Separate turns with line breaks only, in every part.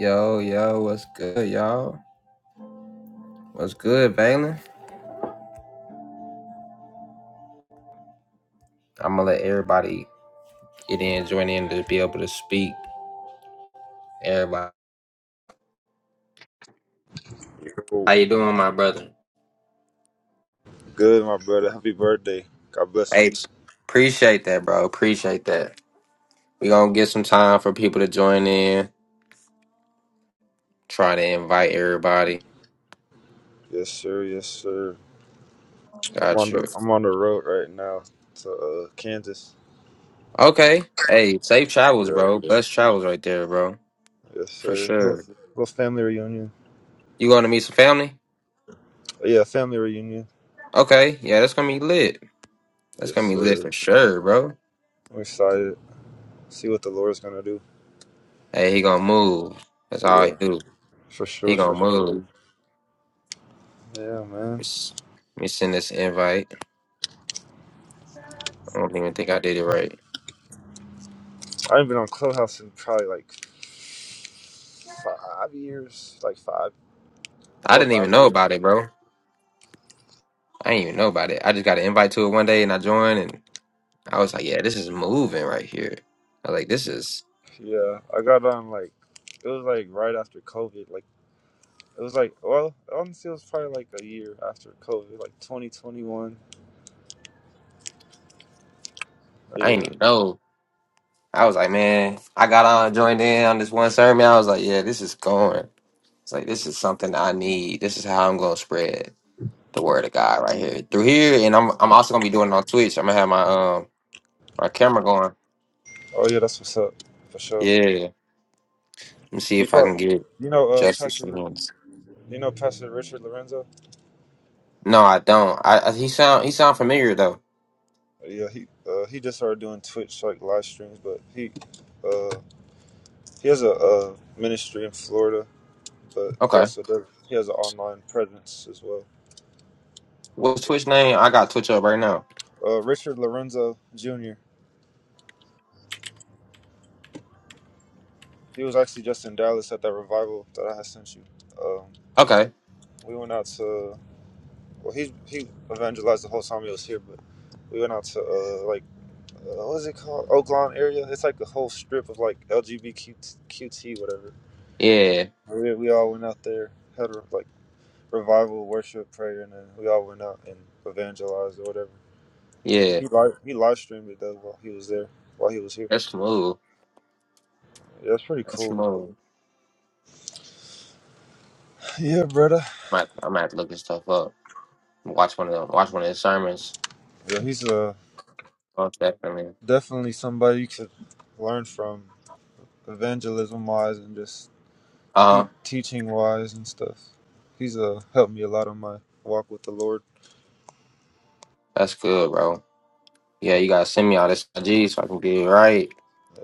Yo, yo, what's good, y'all? What's good, Valen? I'm gonna let everybody get in, join in to be able to speak. Everybody,
Oh,
how you doing, my brother?
good, my brother. Happy birthday. God bless you.
Hey, appreciate that, bro. Appreciate that. we gonna get some time for people to join in. Try to invite everybody.
Yes, sir. Yes, sir. I'm
Got
on
you.
the I'm on the road right now to uh, Kansas.
Okay. Hey, safe travels,
Yeah.
bro. Best travels right there, bro.
Yes,
For
sir. Little,
sure.
little family reunion.
You going to meet some family?
Yeah, family reunion.
Okay. Yeah, that's gonna be lit. That's
Yes,
gonna be lit
sir.
for sure, bro.
I'm excited. See what the Lord's gonna do.
Hey, he gonna move. That's all
Yeah,
he do.
for
He
sure,
gonna
for sure.
move.
Yeah, man.
Let's- Let me send this invite. I don't even think I did it right.
I haven't been on Clubhouse in probably like five years, like five,
I
four or
didn't
five
even know
years.
about it, bro. I didn't even know about it. I just got an invite to it one day and I joined and I was like, yeah, this is moving right here. I was like, this is,
Yeah, I got on like it was like right after COVID, like. It was like, well, honestly, it was probably like a year after COVID, like 2021. Oh,
I
yeah.
didn't even know. I was like, man, I got on, joined in on this one sermon. I was like, yeah, this is going. It's like, this is something I need. This is how I'm going to spread the word of God right here through here. And I'm, I'm also going to be doing it on Twitch. I'm going to have my, um, my camera going.
Oh, yeah, that's what's up, for sure.
Yeah. Let me see
You,
if I
pro-
can get
you know, uh,
justice for
Pastor,
him.
you know, Pastor Richard Lorenzo?
No, I don't. I, I he sound, he sound familiar though.
Oh, Yeah, he uh, he just started doing Twitch, like live streams, but he uh, he has a, uh ministry in Florida, but he
Okay.
also does, he has an online presence as well.
What's Twitch name? I got Twitch up right now.
Uh, Richard Lorenzo Jr., he was actually just in Dallas at that revival that I had sent you. Um,
Okay.
we went out to. Well, he he evangelized the whole time he was here, but we went out to uh, like uh, what is it called, Oaklawn area. It's like a whole strip of like LGBTQT whatever.
Yeah.
And We we all went out there, had a, like revival, worship, prayer, and then we all went out and evangelized or whatever.
Yeah.
He live he live streamed it though while he was there, while he was here.
That's smooth.
Yeah, it's pretty
That's
cool.
smooth.
Yeah, brother.
I'm at, I'm at looking stuff up. Watch one of them. Watch one of his sermons.
Yeah, he's uh
Oh, definitely.
definitely somebody you could learn from evangelism wise and just
Uh,
teaching wise and stuff. He's uh helped me a lot on my walk with the Lord.
that's good, bro. Yeah, you gotta send me all this IG so I can get it right.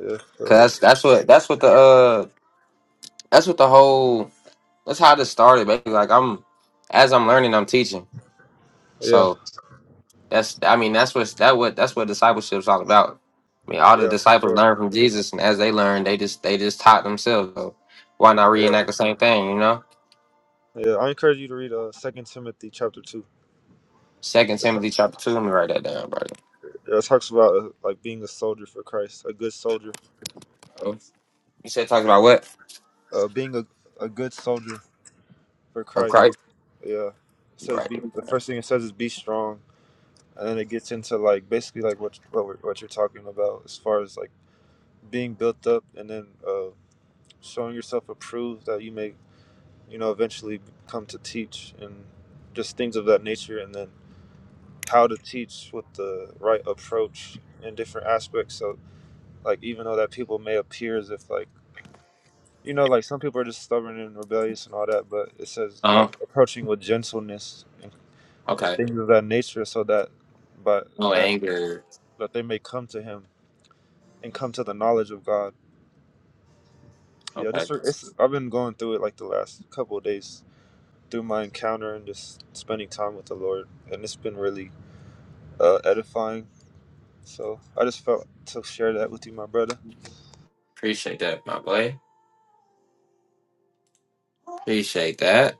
Yeah, uh,
Cause that's that's what that's what the uh that's what the whole that's how this started, basically. Like I'm as I'm learning, I'm teaching.
yeah,
So that's I mean that's what that what that's what discipleship's all about. I mean, all the
yeah, for
disciples
sure.
learned from Jesus, and as they learned, they just they just taught themselves. So why not
Yeah.
reenact the same thing? You know,
Yeah, I encourage you to read uh Second Timothy chapter two.
Second
It ta-
Timothy chapter two. Let me write that down, bro.
it talks about uh, like being a soldier for Christ, a good soldier,
Oh, you said talking about what?
uh, being a, a good soldier for
Of
Christ.
Christ.
Yeah, it
You're
says
right.
be the first thing it says is be strong, and then it gets into like basically like what what, we're, what you're talking about as far as like being built up, and then uh, showing yourself approved that you may you know, eventually come to teach and just things of that nature, and then how to teach with the right approach in different aspects. So, like, even though that people may appear as if, like, you know, like some people are just stubborn and rebellious and all that, but it says,
Uh
like,
huh.
approaching with gentleness and, and
Okay.
things of that nature, so that, but
No
that,
anger.
that they may come to Him and come to the knowledge of God. Yeah,
Okay.
just for, it's, I've been going through it like the last couple of days through my encounter and just spending time with the Lord, and it's been really uh, edifying. So I just felt to share that with you, my brother.
Appreciate that, my boy. Appreciate that.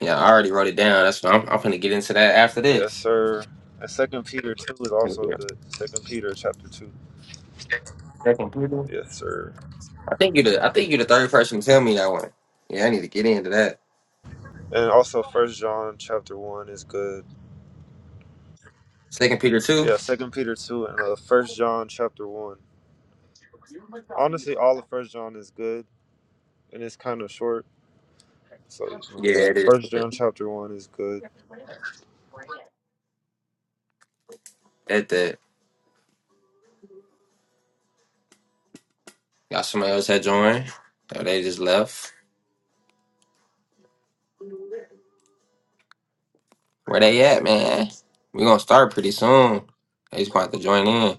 Yeah, I already wrote it down. That's what I'm. I'm gonna get into that after
Yes,
this.
sir. And Second Peter two is
Thank
also
you.
good. Second Peter chapter two.
Second Peter.
Yes, sir.
I think you the. I think you the third person to tell me that one. Yeah, I need to get into that.
And also First John chapter one is good.
Second Peter two.
Yeah, Second Peter two and uh, First John chapter one. Honestly, all of First John is good, and it's kind of short. So
Yeah,
yeah,
it is.
First John chapter one is good.
At that. Got somebody else had joined. Oh, they just left. Where they at, man? We're gonna start pretty soon. They just want to join in.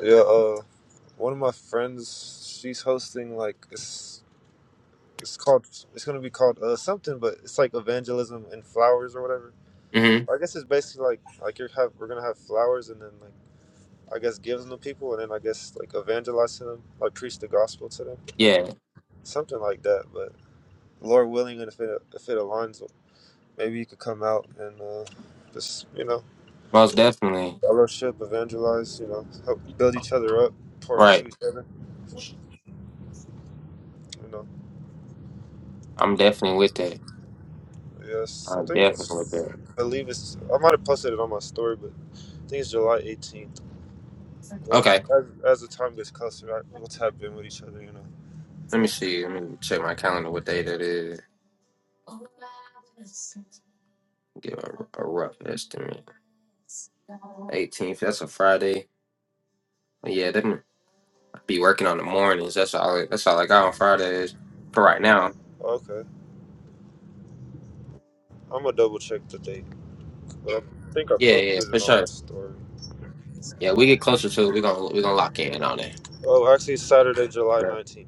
Yeah. Uh, one of my friends, she's hosting like it's. It's called. It's gonna be called uh something, but it's like evangelism and flowers or whatever.
Mm-hmm.
I guess it's basically like like you're have we're gonna have flowers and then like I guess give them to people and then I guess like evangelize to them, like preach the gospel to them,
Yeah,
something like that. But Lord willing, and if it if it aligns, maybe you could come out and uh just you know
most definitely.
fellowship, evangelize, you know, help build each other up, pour into
Right.
each other, you know.
I'm definitely with that.
Yes, I
I'm
think
definitely with that.
I believe it's. I might have posted it on my story, but I think it's July 18th. But
Okay.
as as the time gets closer, I, we'll tap in with each other, you know.
Let me see. Let me check my calendar what day that is. Give a, a rough estimate. 18th. That's a Friday. But yeah, then I'll be working on the mornings. That's all. I- That's all I got on Fridays for right now.
Oh, Okay, I'm gonna double check the date, but I think I
Yeah, yeah,
posted
for
it on
sure.
my story.
Yeah, we get closer to it. We're gonna we're gonna lock in on it.
Oh, actually, it's Saturday, July
Right.
19th.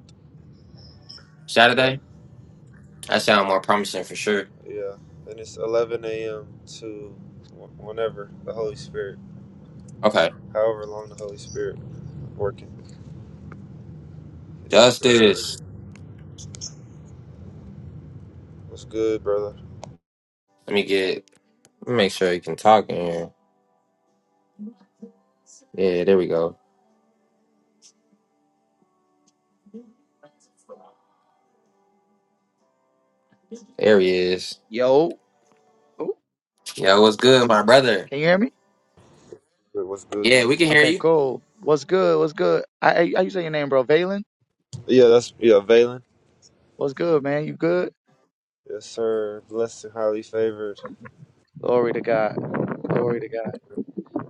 Yeah,
Saturday. That sound more promising for sure.
yeah, and it's 11 a.m. to wh- whenever the Holy Spirit,
Okay,
however long the Holy Spirit working. Yes, sir.
justice.
What's good, brother?
Let me get Make sure you can talk in here. Yeah, there we go. There he is.
Yo, Ooh,
Yo, what's good, my brother?
can you hear me?
Good, What's good?
Yeah, we can hear
Okay,
you.
cool. What's good? What's good? I, I how you say your name, bro? Valen.
Yeah, that's yeah, Valen.
What's good, man? You good?
Yes, sir. Blessed and highly favored.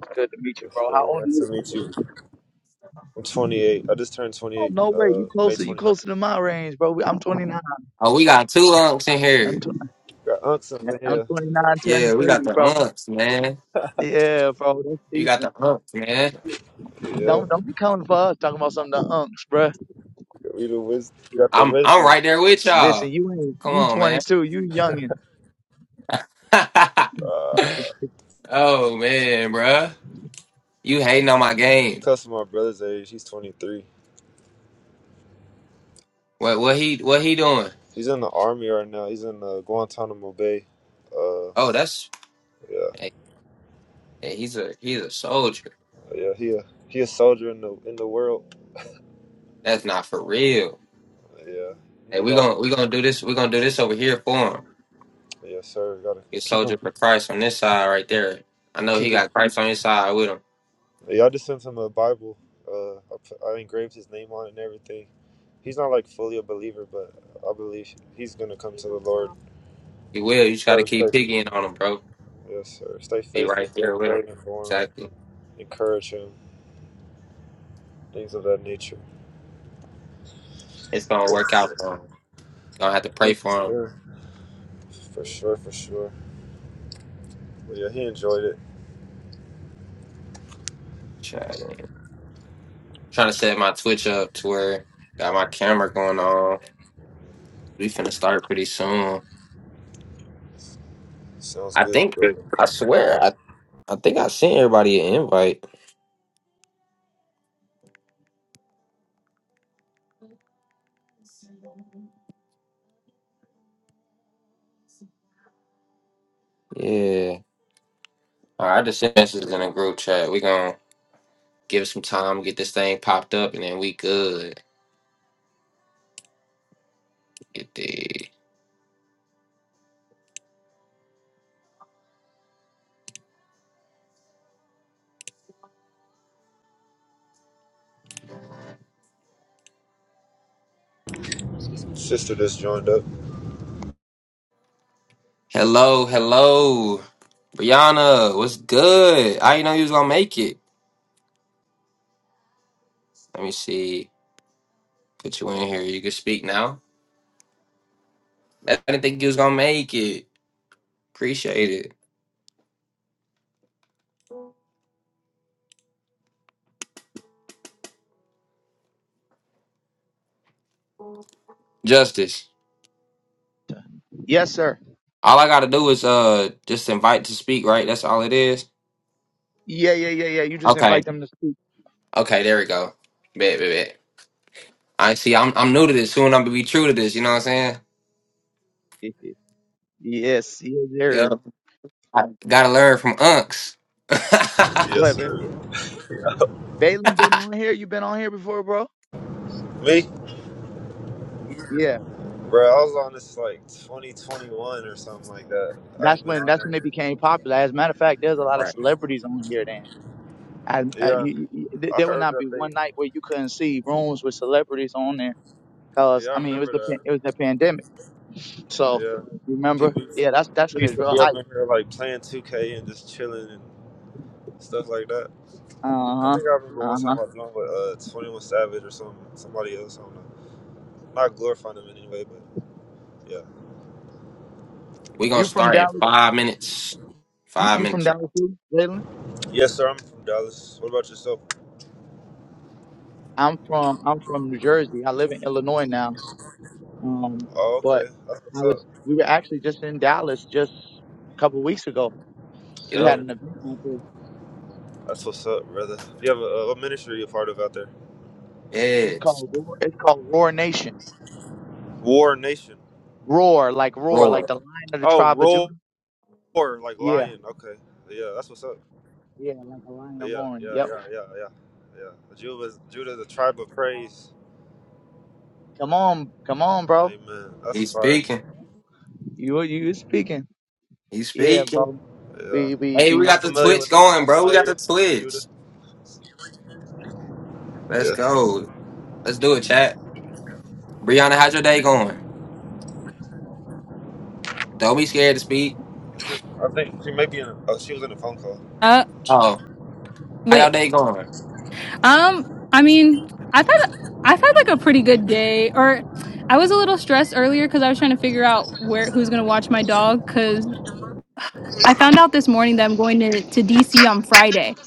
Good to meet you,
Yes,
bro. How
sir.
old are
Nice to
you?
meet you. I'm 28. I just turned
Oh,
28,
no
uh,
way. You
May
closer. You
29th.
closer to my range, bro. I'm 29.
Oh, we got two unks in
I'm,
here.
tw-
Got unks up
yeah,
in
I'm
here.
29, turning
Yeah, we got
30,
the
bro.
unks, man.
Yeah, bro. That's
You got the
decent.
unks, man.
Yeah.
Don't don't be coming for us talking about something to unks, bro.
We the wis- got the
I'm I'm
wisdom.
right there with
Listen,
y'all.
you ain't
Come
you
on, man.
22. You youngin.
Uh,
oh man, bruh. You hating on my game.
close my brother's age. He's 23.
What what he what he doing?
He's in the army right now. He's in uh, Guantanamo Bay. Uh,
Oh, that's
yeah,
hey, hey, he's a he's a soldier.
yeah. He a he a soldier in the in the world.
That's not for real.
Yeah. You
Hey,
need
we
all the.
gonna we gonna do this. We gonna do this over here for him.
Yeah, sir. Gotta
You
keep him.
soldier for Christ on this side right there. I know he
Keep him.
got Christ on his side with him.
Yeah, I just sent him a Bible. Uh, I, put, I engraved his name on it and everything. He's not like fully a believer, but I believe he's gonna come to the Lord.
He will. You
Just
just got to
gotta
keep
stay.
piggying on him, bro.
Yes, sir. Stay
Be
faithful.
right
Stay
there with him.
praying for him.
Exactly.
Encourage him. Things of that nature.
It's gonna
Yeah.
work out. for him. gonna have to
Yeah.
pray for him.
For sure, for sure. Well, yeah, he enjoyed it.
Trying, trying to set my Twitch up to where got my camera going on. We finna start pretty soon.
Sounds
I
good,
think.
bro.
I swear. I I think I sent everybody an invite. Yeah. All right, I just sent messages in a group chat. We gonna give it some time, get this thing popped up, and then we good. Get this.
Sister just joined up.
Hello, hello. Brianna, what's good? I didn't know you was gonna make it. Let me see. Put you in here. You can speak now. I didn't think you was gonna make it. Appreciate it. Justice.
Yes, sir.
All I gotta do is uh just invite to speak, right? That's all it is.
Yeah, yeah, yeah, yeah. You just
Okay.
invite them to speak.
Okay, there we go. Bet, bet, bet. I see I'm I'm new to this. Soon I'm gonna be true to this, you know what I'm saying?
yes, yes,
Yeah.
sir.
I gotta learn from Unks.
Yes,
What?
sir.
Valen been on here. You been on here before, bro?
Me?
Yeah.
Bro, I was on this like 2021 or something like that. I
That's
ain't been
when
on
that's when they
there.
became popular. As a matter of fact, there's a lot of
right.
celebrities on here then. I, I, you,
Yeah,
you, you- th-
I
there would
heard
not be
that they.
one night where you couldn't see rooms with celebrities on there. Cause
Yeah,
I
I
mean, it was
remember
the
that.
pan- it was the pandemic. So
Yeah.
remember,
People,
yeah, that's that's
people
when it
used
was
to
real
be up
hype.
in here like playing 2K and just chilling and stuff like that.
Uh
I
huh.
think I remember one
Uh
time
huh.
I joined with uh, 21 Savage or some somebody else. I don't know. Not glorifying them anyway, but yeah.
we gonna
You from
start in
Dallas?
five minutes.
You
Five
you from
minutes.
Dallas too, Jalen?
Yes, sir. I'm from Dallas. What about yourself?
I'm from I'm from New Jersey. I live in Illinois now. Um,
Oh,
but
okay. That's what's
I
up.
was we were actually just in Dallas just a couple weeks ago We
Hey,
had
Yup.
an event out there.
that's what's up, brother. Do You have a, uh, what ministry you're part of out there?
Yeah,
It's
it's
called Roar. It's called Roar Nation.
War Nation.
Roar like roar
Roy.
like the lion of the
Oh,
tribe of Judah.
roar like
Yeah,
lion. Okay. Yeah, that's what's up.
yeah, like a lion
Yeah,
roaring.
yeah,
Yep.
yeah, yeah, yeah, yeah. Judah, is- Judah, the tribe of praise.
Come on, come on, bro.
Amen. That's
He's
fire.
speaking.
You you speaking?
He's
Yeah,
speaking.
bro.
Yeah,
We we
Hey, we
I'm
got the
we.
familiar
Twitch
with it. I'm
going, bro. We got
familiar
the
with Judah.
Twitch.
Yeah.
Let's go. Let's do it, chat. Brianna, how's your day going? Don't be scared to speak.
I think she may be in. A, oh, she was in a phone call.
Uh,
Oh, how y'all
wait.
day going?
Um, I mean, I've had I've had like a pretty good day, or I was a little stressed earlier because I was trying to figure out where who's gonna watch my dog. Because I found out this morning that I'm going to to DC on Friday.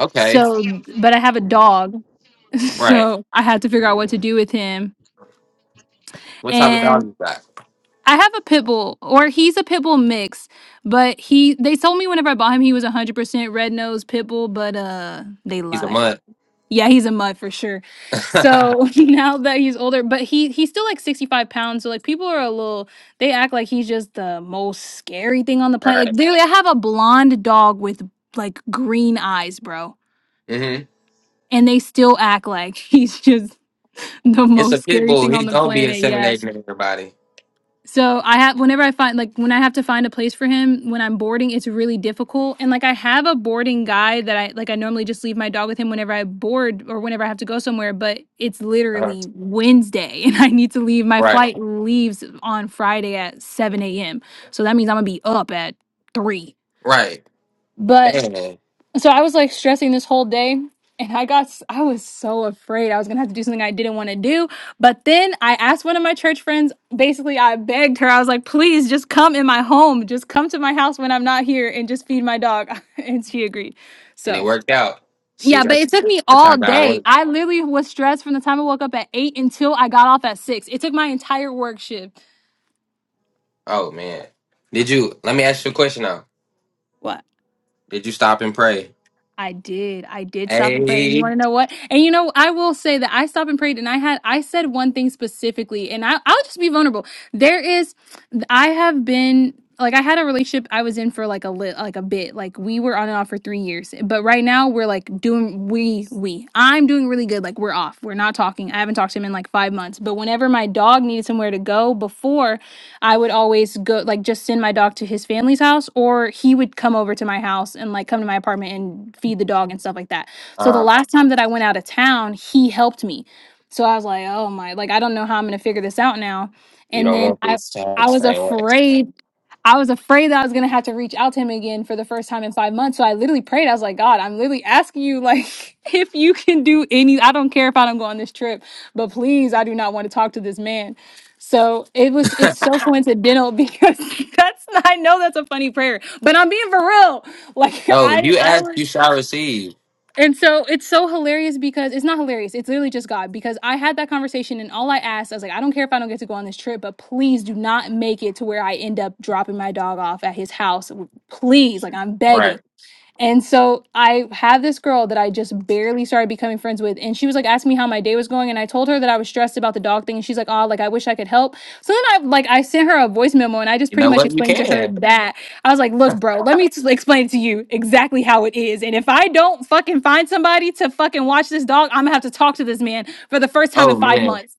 Okay.
So, but I have a dog,
Right.
so I had to figure out what to do with him.
What type of dog
And
you got?
I have a pit bull, or he's a pit bull mix, but he they told me whenever I bought him he was 100% red nose pit bull, but uh, they
He's a
lied.
mutt.
Yeah, he's a mud for sure. So now that he's older, but he he's still like 65 pounds. So like people are a little they act like he's just the most scary thing on the planet.
right.
Like literally I have a blonde dog with like green eyes, bro.
Mm-hmm.
And they still act like he's just the
It's
most
a pit
scary
bull.
thing on
He's
the
gonna be
planet. Yeah.
inseminating everybody.
So I have whenever I find like when I have to find a place for him when I'm boarding, it's really difficult. And like I have a boarding guy that I like I normally just leave my dog with him whenever I board or whenever I have to go somewhere, but it's
Uh-huh.
literally Wednesday and I need to leave. My
Right.
flight leaves on Friday at 7 a.m. So that means I'm gonna be up at three.
Right.
But
Man.
so I was like stressing this whole day and I got s- I was so afraid I was going to have to do something I didn't want to do, but then I asked one of my church friends, basically I begged her. I was like, "Please just come in my home. Just come to my house when I'm not here and just feed my dog." and she agreed.
And it
So,
worked out. See,
yeah, but
that's
it took me
that's how
all
God
day.
works.
I literally was stressed from the time I woke up at 8 until I got off at 6. It took my entire work shift.
Oh man. Did you let me ask you a question now.
What?
Did you stop and pray?
I did. I did stop and pray. And you
Hey.
want to know what? And you know, I will say that I stopped and prayed and I had, I said one thing specifically and I, I'll just be vulnerable. There is, I have been, like I had a relationship I was in for like a lit, like a bit, like we were on and off for three years, but right now we're like doing, we, we, I'm doing really good. Like we're off. We're not talking. I haven't talked to him in like five months, but whenever my dog needed somewhere to go before, I would always go like just send my dog to his family's house or he would come over to my house and like come to my apartment and feed the dog and stuff like that. So the
Uh
last time that I went out of town, he helped me. So I was like, "Oh my, like I don't know how I'm going to figure this out now."
you
And
don't
then
want
I
this tag
I
the
was
same way.
afraid I was afraid that I was gonna have to reach out to him again for the first time in five months. So I literally prayed. I was like, God, I'm literally asking you, like, if you can do any. I don't care if I don't go on this trip, but please, I do not want to talk to this man. So it was it's so coincidental because that's I know that's a funny prayer, but I'm being for real. Like
no, if
I
you
I
ask,
was
you shall receive.
and so it's so hilarious because it's not hilarious, it's literally just God. Because I had that conversation and all I asked, I was like, I don't care if I don't get to go on this trip, but please do not make it to where I end up dropping my dog off at his house. Please, like I'm begging.
Right.
And so I had this girl that I just barely started becoming friends with. And she was like asking me how my day was going. And I told her that I was stressed about the dog thing. And she's like, oh, like I wish I could help. So then I like I sent her a voice memo and I just
You
pretty
know
much
what? You
explained to her
can.
that I was like, look, bro, let me just explain to you exactly how it is. And if I don't fucking find somebody to fucking watch this dog, I'm gonna have to talk to this man for the first time in
Oh
five
man.
months.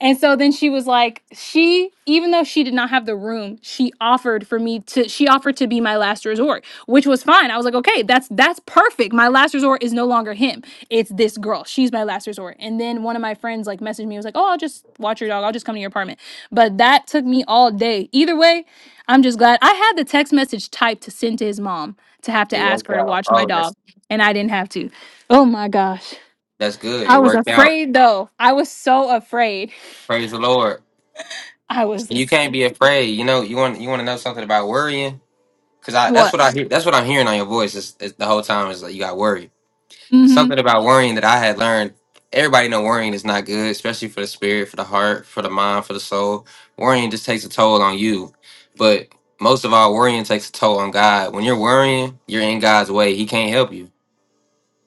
And so then she was like, she, even though she did not have the room, she offered for me to, she offered to be my last resort, which was fine. I was like, okay, that's, that's perfect. My last resort is no longer him. It's this girl. She's my last resort. And then one of my friends like messaged me, was like, oh, I'll just watch your dog. I'll just come to your apartment. But that took me all day. Either way, I'm just glad I had the text message typed to send to his mom to have to
It
ask
worked
her to
out.
watch my
Oh,
dog.
that's
And I didn't have to. Oh my gosh.
that's good.
I
It
was
worked out.
afraid though. I was so afraid.
Praise the Lord.
I was
You
this.
can't be afraid. You know, you want you want to know something about worrying? Cause I that's
What?
what I hear that's what I'm hearing on your voice is, is the whole time is like you got worried.
Mm-hmm.
something about worrying that I had learned. Everybody know worrying is not good, especially for the spirit, for the heart, for the mind, for the soul. Worrying just takes a toll on you. But most of all, worrying takes a toll on God. When you're worrying, you're in God's way. He can't help you.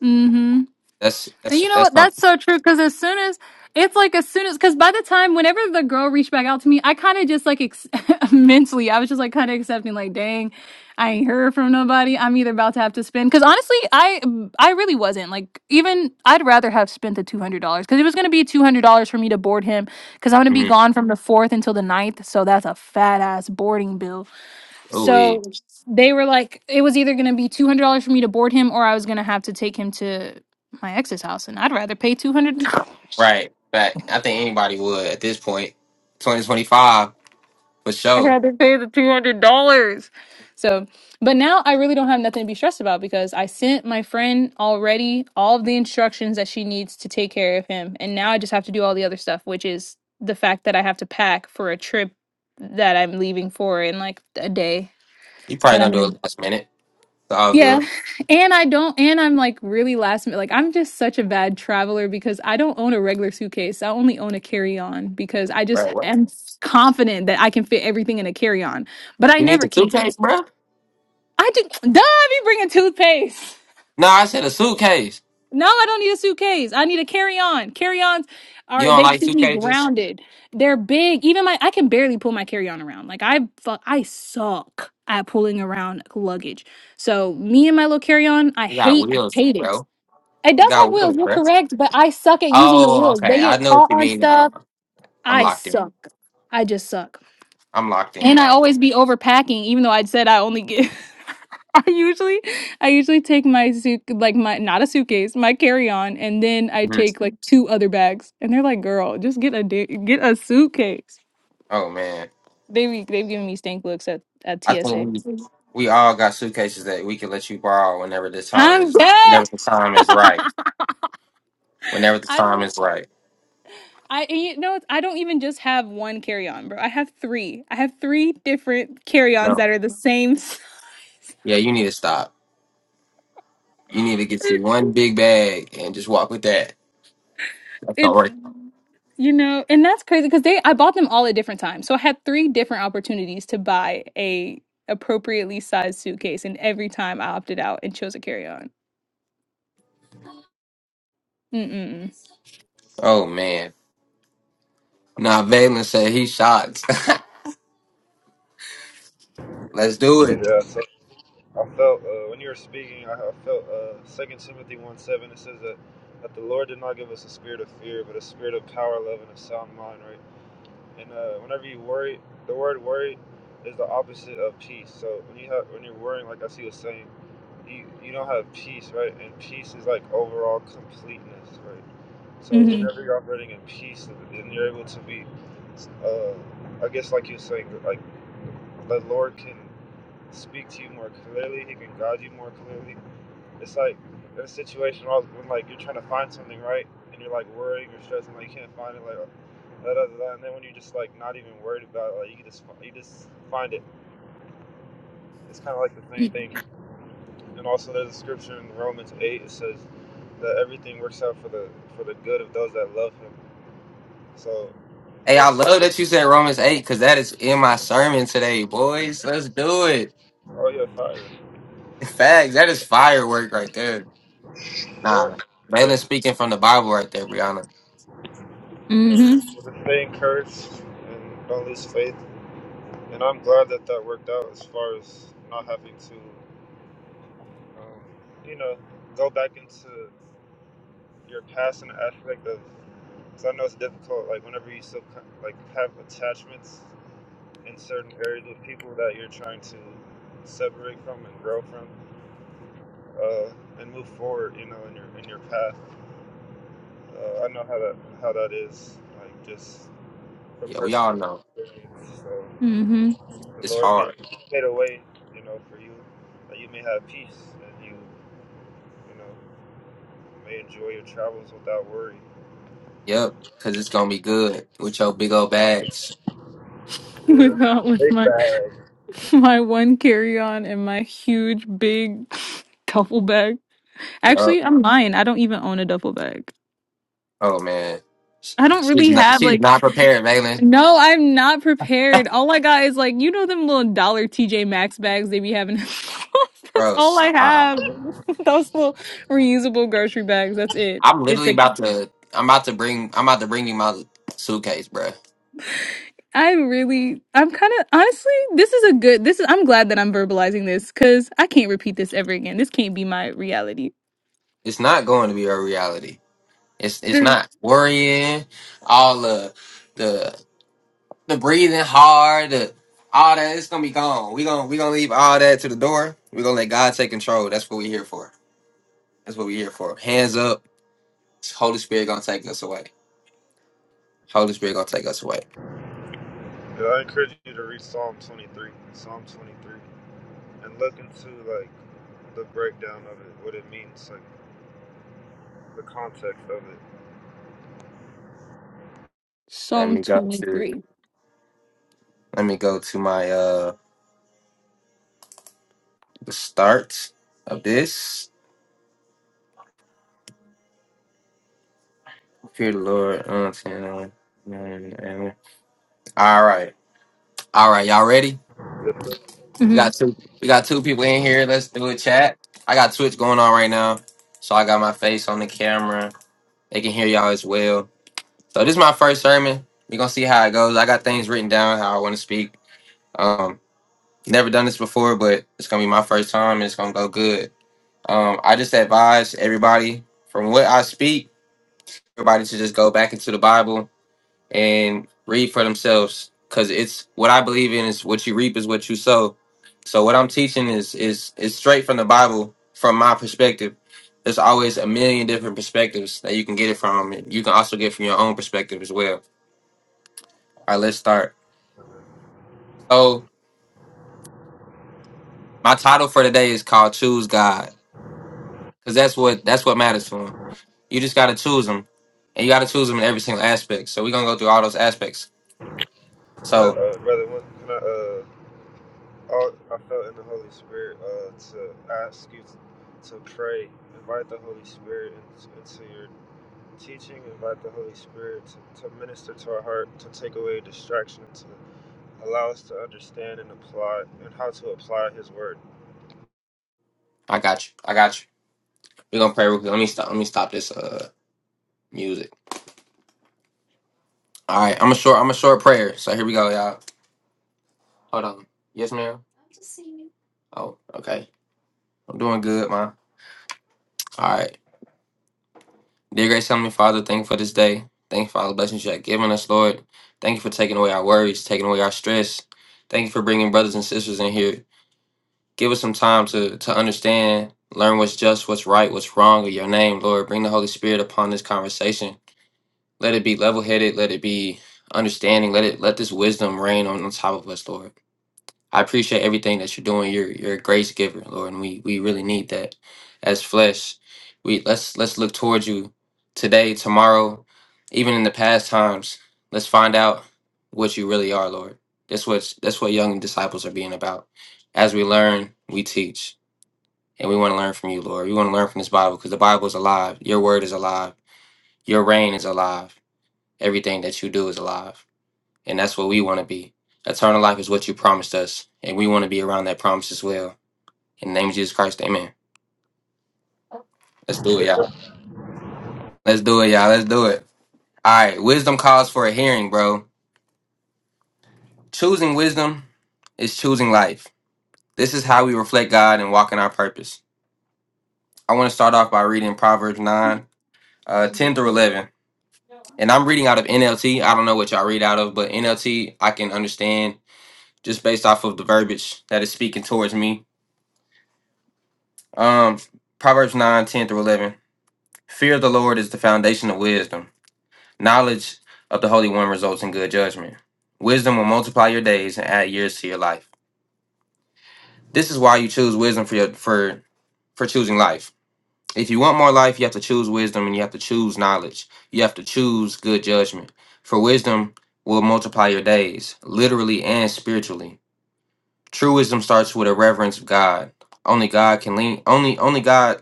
Mm-hmm.
That's
And
that's
you know
that's
what? That's
something.
so true. Cause as soon as it's like as soon as cause by the time whenever the girl reached back out to me, I kind of just like ex- mentally, I was just like kind of accepting, like, dang, I ain't heard from nobody. I'm either about to have to spend because honestly, I I really wasn't. Like even I'd rather have spent the two hundred dollars because it was gonna be two hundred dollars for me to board him because I'm gonna be
Mm-hmm.
gone from the fourth until the ninth. So that's a fat ass boarding bill.
Ooh, wee.
So they were like, it was either going to be two hundred dollars for me to board him, or I was going to have to take him to my ex's house, and I'd rather pay two hundred dollars.
right. But I think anybody would at this point, 2025 for
I'd
sure.
rather pay the two hundred dollars. So, but now I really don't have nothing to be stressed about because I sent my friend already all of the instructions that she needs to take care of him, and now I just have to do all the other stuff, which is the fact that I have to pack for a trip that I'm leaving for in like a day
You probably
That I'm
gonna do
gonna.
it last minute. It's all
Yeah.
good.
And I don't, and I'm like really last minute. Like, I'm just such a bad traveler because I don't own a regular suitcase. I only own a carry on because I just
Right. What?
am confident that I can fit everything in a carry on, but I
You need
never
a
can.
suitcase, bro?
I do, duh, I be bringing toothpaste.
No, I said a suitcase.
No, I don't need a suitcase. I need a carry on. Carry ons
You
are,
don't
they
like
keep me
suitcases?
grounded. They're big. Even my, I can barely pull my carry on around. Like, I, fuck, I suck at pulling around luggage. So, me and my little carry on, I
It got
hate, I
wheels,
hate it.
bro.
It
It
does have
got
wheels,
wheels,
you're
bro.
correct, but I suck at using the
Oh,
wheels. They
okay. I
get
know what
caught
you
on
mean now.
stuff.
I'm
I
locked in.
suck. I just suck.
I'm locked in
And I
now.
always be overpacking, even though I said I only get I usually I usually take my suit like my not a suitcase, my carry-on, and then I
hmm
take like two other bags. And they're like, girl, just get a da- get a suitcase.
Oh man,
They be they've given me stank looks at, at
I think
TSA.
we we all got suitcases that we can let you borrow whenever the time
I'm
is whenever
dead.
the time is right. Whenever the
I
time
don't.
is right.
I and you know it's- I don't even just have one carry on, bro. I have three. I have three different carry ons
No,
that are the same size.
yeah, you need to stop. You need to get you one big bag and just walk with that. That's not
It's
right.
you know, and that's crazy because they I bought them all at different times, so I had three different opportunities to buy a appropriately sized suitcase, and every time I opted out and chose a carry on. Mm mm
Oh man. Nah, Valen said he shot. Let's do it.
Yeah, so I felt uh, when you were speaking, I, I felt uh, Second Timothy one seven. It says that that the Lord did not give us a spirit of fear, but a spirit of power, love, and a sound mind. Right. And uh, whenever you worry, the word worry is the opposite of peace. So when you have when you're worrying, like I see was saying, you you don't have peace, right? And peace is like overall completeness, right? So
mm
whenever you're operating in peace, and you're able to be, uh, I guess like you're saying, like. the Lord can speak to you more clearly. He can guide you more clearly. It's like in a situation where when like you're trying to find something, right? And you're like worrying or stressing, like you can't find it, like da da da. da. And then when you're just like not even worried about it, like you just you just find it. It's kind of like the same thing. And also, there's a scripture in Romans eight. It says that everything works out for the for the good of those that love Him. So
Hey, I
just
love that you said Romans 8 because that is in my sermon today, boys. Let's do it.
oh yeah, fire,
Facts. That is firework right there.
Lord.
Nah, Valen
praise
speaking from the Bible right there, Brianna.
Yeah,
mm mm
well, just stay encouraged and don't lose faith. And I'm glad that that worked out as far as not having to, um, you know, go back into your past and aspect of. Because I know it's difficult, like whenever you still kind of, like have attachments in certain areas with people that you're trying to separate from and grow from, uh, and move forward, you know, in your in your path. Uh, I know how that how that is, like just a
Yeah, we all
personal
know.
experience. So.
mm.
The
It's
Lord may
hard.
pave a way, you know, for you that you may have peace and you, you know, may enjoy your travels without worry.
Yep. Because it's going to be good with your big old bags.
Yeah,
Without with
big
my
bag.
my one carry on and my huge big duffel bag.
Yep.
Actually, I'm lying. I don't even own a duffel bag.
Oh, man.
I don't
She's
really
not,
have
she's
like
not prepared, Valen.
no, I'm not prepared. All I got is like you know them little dollar TJ Maxx bags they be having. That's
Bro,
all I
stop.
have. Those little reusable grocery bags. That's it.
I'm
It's
literally
like
about to, I'm about to bring, I'm about to bring you my suitcase, bro.
I really I'm kind of honestly this is a good this is I'm glad that I'm verbalizing this cuz I can't repeat this ever again. This can't be my reality.
It's not going to be a reality. It's it's
The
not worrying, all the the the breathing hard, the all that it's gonna be gone. We gonna we gonna leave all that to the door. We are gonna let God take control. That's what we here for. That's what we here for. Hands up. Holy Spirit gonna take us away. Holy Spirit gonna take us away.
Yeah, I encourage you to read Psalm 23, Psalm 23, and look into like the breakdown of it, what it means, like the context of it.
Let
Psalm
me go to
23.
let me go to my uh the start of this. Fear the Lord. uh, ten, uh, amen. All right, all right. Y'all ready?
Can
We
Mhm.
got two. We got two people in here. Let's do a chat. I got Twitch going on right now, so I got my face on the camera. They can hear y'all as well. So this is my first sermon. We're gonna see how it goes. I got things written down how I want to speak. Um, never done this before, but it's gonna be my first time, and it's gonna go good. Um, I just advise everybody from what I speak, everybody to just go back into the Bible and read for themselves because it's what i believe in is what you reap is what you sow so what i'm teaching is is is straight from the bible from my perspective there's always a million different perspectives that you can get it from and you can also get from your own perspective as well all right let's start so my title for today is called choose god because that's what that's what matters to him you just gotta choose him and you gotta choose him in every single aspect so we're gonna go through all those aspects
I,
so
uh, brother, what- can I, uh, I, I felt in the Holy Spirit uh, to ask you to pray, invite the Holy Spirit in, into your teaching invite the Holy Spirit to, to minister to our heart, to take away distraction, to allow us to understand and apply, and how to apply His Word.
i got you i got you we're gonna pray real quick. Let me stop. Let me stop this. Uh. Music. All right, I'm a short. I'm a short prayer. So here we go, y'all. Hold on. Yes, ma'am. Oh, okay. I'm doing good, ma. All right. Dear grace heavenly Father, thank you for this day. Thank you for all the blessings you have given us, Lord. Thank you for taking away our worries, taking away our stress. Thank you for bringing brothers and sisters in here. Give us some time to to understand, learn what's just, what's right, what's wrong in your name, Lord. Bring the Holy Spirit upon this conversation. Let it be level headed. Let it be understanding. Let it let this wisdom reign on, on top of us, Lord. I appreciate everything that you're doing. You're you're a grace giver, Lord, and we we really need that as flesh. We let's let's look towards you today, tomorrow, even in the past times. Let's find out what you really are, Lord. That's what that's what young disciples are being about. As we learn, we teach, and we want to learn from you, Lord. We want to learn from this Bible because the Bible is alive. Your word is alive. Your reign is alive. Everything that you do is alive. And that's what we want to be. Eternal life is what you promised us. And we want to be around that promise as well. In the name of Jesus Christ, amen. Let's do it, y'all. Let's do it, y'all. Let's do it. All right. Wisdom calls for a hearing, bro. Choosing wisdom is choosing life. This is how we reflect God and walk in our purpose. I want to start off by reading Proverbs 9, uh, 10 through 11. And I'm reading out of NLT. I don't know what y'all read out of, but NLT, I can understand just based off of the verbiage that is speaking towards me. Um, Proverbs 9:10 through 11. Fear of the Lord is the foundation of wisdom. Knowledge of the Holy One results in good judgment. Wisdom will multiply your days and add years to your life. This is why you choose wisdom for your, for for choosing life. If you want more life, you have to choose wisdom and you have to choose knowledge. You have to choose good judgment. For wisdom will multiply your days, literally and spiritually. True wisdom starts with a reverence of God. Only God can lean only only God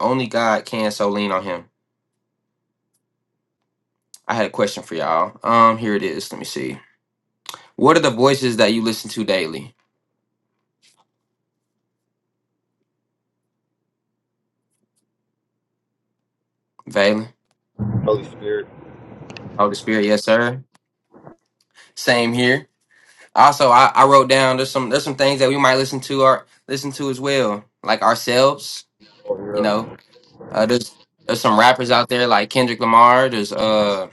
only God can so lean on him. I had a question for y'all. Um here it is. Let me see. What are the voices that you listen to daily, Valen?
Holy Spirit.
Holy Spirit, yes, sir. Same here. Also, I, I wrote down there's some there's some things that we might listen to or listen to as well, like ourselves.
Oh,
You
yeah.
know, uh, there's there's some rappers out there like Kendrick Lamar. There's uh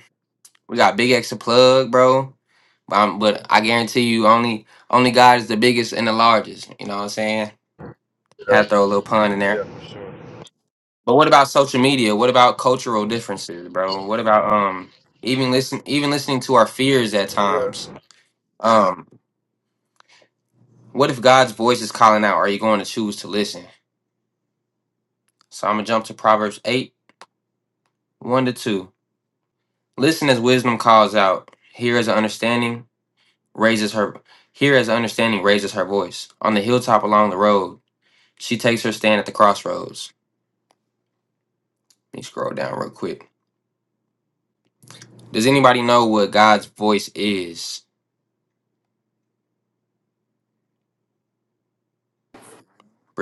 we got Big X to plug, bro. Um, but I guarantee you, only only God is the biggest and the largest. You know what I'm saying?
Yeah,
Had to throw a little pun in
yeah,
there.
for
But what about social media? What about cultural differences, bro? What about um even listen even listening to our fears at
sure. Yeah.
times? Um, what if God's voice is calling out? Are you going to choose to listen? So I'm gonna jump to Proverbs eight, one to two. Listen as wisdom calls out. Here is understanding raises her here as understanding raises her voice. On the hilltop along the road, she takes her stand at the crossroads. Let me scroll down real quick. Does anybody know what God's voice is?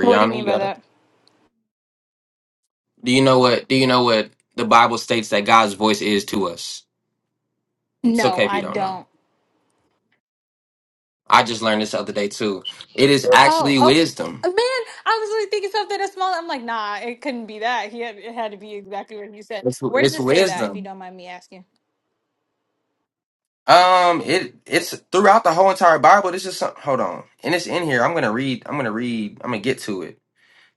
What do you mean
you
by
gotta
that?
Do you know what? Do you know what the Bible states that God's voice is to us? It's
No,
okay if you
I
don't know.
don't.
I just learned this the other day too. It is
Oh,
actually
oh,
wisdom.
man! I was really thinking something as small. I'm like, nah, it couldn't be that. He had, it had to be exactly what you said.
It's,
Where does
it's
it say that? If you
wisdom.
don't mind me asking,
Um, it it's throughout the whole entire Bible. This is some, hold on, and it's in here. I'm gonna read. I'm gonna read. I'm gonna get to it.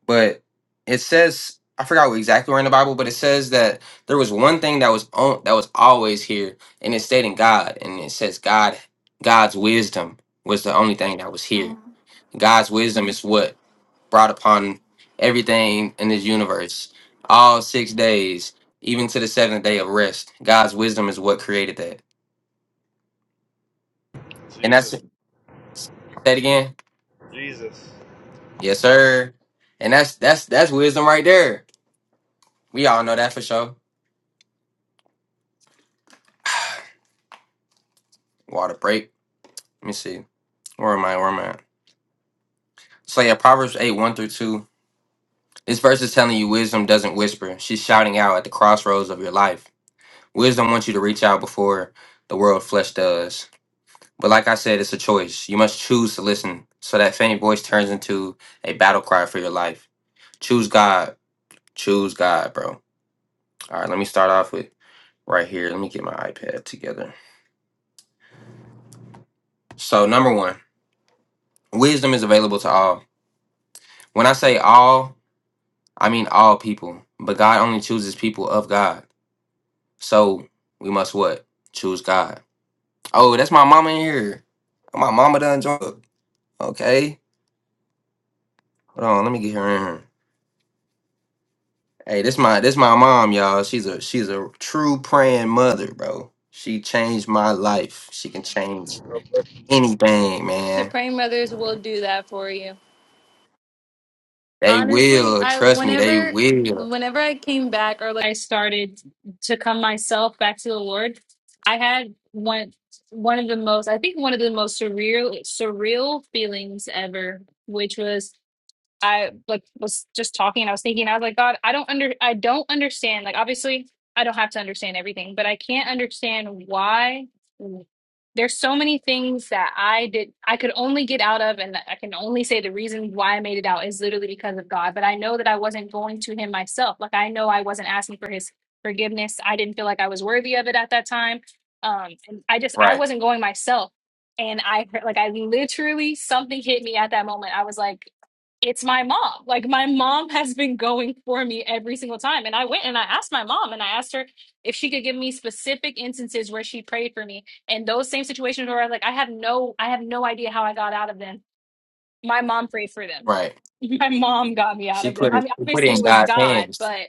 But it says I forgot what exactly where in the Bible, but it says that there was one thing that was on that was always here, and it's stating God, and it says God, God's wisdom was the only thing that was here
Um,
God's wisdom is what brought upon everything in this universe. All six days, even to the seventh day of rest. God's wisdom is what created that. And that's
Jesus.
say it again.
Jesus.
Yes, sir. And that's that's that's wisdom right there. We all know that for sure. Water break. Let me see. Where am I? Where am I? So yeah, Proverbs 8, 1 through 2. This verse is telling you wisdom doesn't whisper. She's shouting out at the crossroads of your life. Wisdom wants you to reach out before the world flesh does. But like I said, it's a choice. You must choose to listen so that faint voice turns into a battle cry for your life. Choose God. Choose God, bro. All right, let me start off with right here. Let me get my iPad together. So, number one, wisdom is available to all. When I say all, I mean all people, but God only chooses people of God. So, we must what? Choose God. Oh, that's my mama in here. My mama done drunk. Okay. Hold on, let me get her in here. Hey, this my this my mom, y'all. She's a she's a true praying mother, bro. She changed my life. She can change anything,
The
man.
praying mothers will do that for you.
They
Honestly,
will
I
trust me. They
whenever
will.
whenever I came back or like I started to come myself back to the Lord, I had one one of the most I think one of the most surreal surreal feelings ever, which was I like was just talking. I was thinking. I was like, God, I don't under. I don't understand. Like, obviously, I don't have to understand everything, but I can't understand why there's so many things that I did. I could only get out of, and I can only say the reason why I made it out is literally because of God. But I know that I wasn't going to Him myself. Like, I know I wasn't asking for His forgiveness. I didn't feel like I was worthy of it at that time. Um, and I just I
Right,
wasn't going myself. And I like I literally something hit me at that moment. I was like it's my mom. Like my mom has been going for me every single time. And I went and I asked my mom and I asked her if she could give me specific instances where she prayed for me. And those same situations where I like I have no I have no idea how I got out of them. My mom prayed for them.
right.
My mom got me out
She
of them.
put
I
it
mean
she put
obviously
it in
it was
God's
God,
hands.
but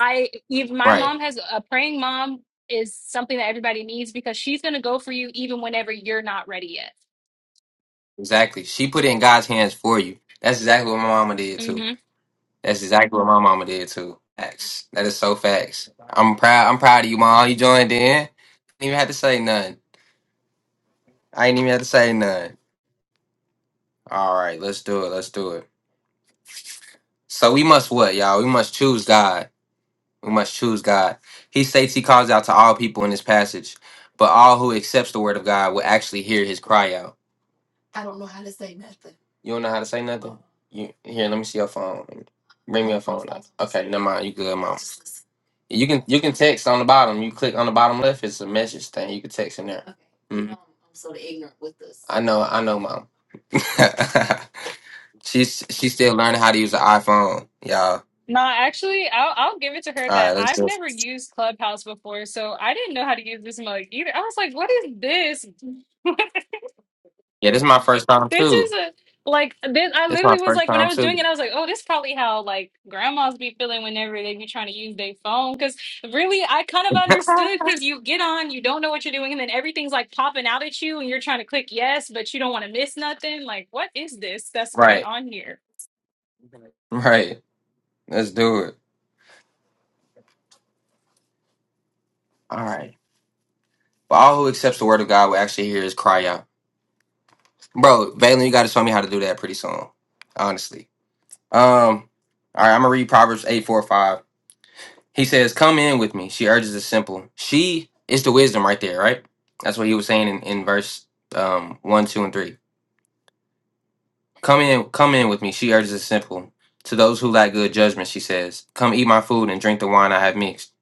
I even my
Right,
mom has a praying mom is something that everybody needs because she's gonna go for you even whenever you're not ready yet.
exactly. She put it in God's hands for you. That's exactly what my mama did
Mm-hmm.
too. That's exactly what my mama did too. Facts. That is so facts. I'm proud. I'm proud of you, mom. You joined in. Didn't even have to say nothing. I ain't even have to say nothing. All right, let's do it. Let's do it. So we must what, y'all? We must choose God. We must choose God. He states he calls out to all people in this passage, but all who accepts the word of God will actually hear his cry out. You don't know how to say nothing? You here, let me see your phone. Bring me your phone out. Okay, never mind. You good, mom. You can you can text on the bottom. You click on the bottom left, it's a message thing. You can text in there. Mhm. I know, I know, mom. She's she's still learning how to use the iPhone, y'all.
No, actually, I'll I'll give it to her
All
that
right, let's
I've
do it.
never used Clubhouse before, so I didn't know how to use this mug either. I was like, "What is this?
Yeah, this is my first time
This is
too.
a like this." I
This is my
literally was
first
like, when I
time
was doing
too.
it, I was like, "Oh, this is probably how like grandmas be feeling whenever they be trying to use their phone." Because really, I kind of understood because you get on, you don't know what you're doing, and then everything's like popping out at you, and you're trying to click yes, but you don't want to miss nothing. Like, what is this that's going
Right,
on here?
right. Let's do it. All right. But all who accepts the word of God will actually hear his cry out. Bro, Valen, you got to show me how to do that pretty soon, honestly. Um, all right, I'm going to read Proverbs 8 4 5. He says, Come in with me. She urges the simple. She is the wisdom right there, right? That's what he was saying in, in verse um, 1, 2, and 3. Come in, come in with me. She urges the simple. To those who lack good judgment, she says, "Come eat my food and drink the wine I have mixed."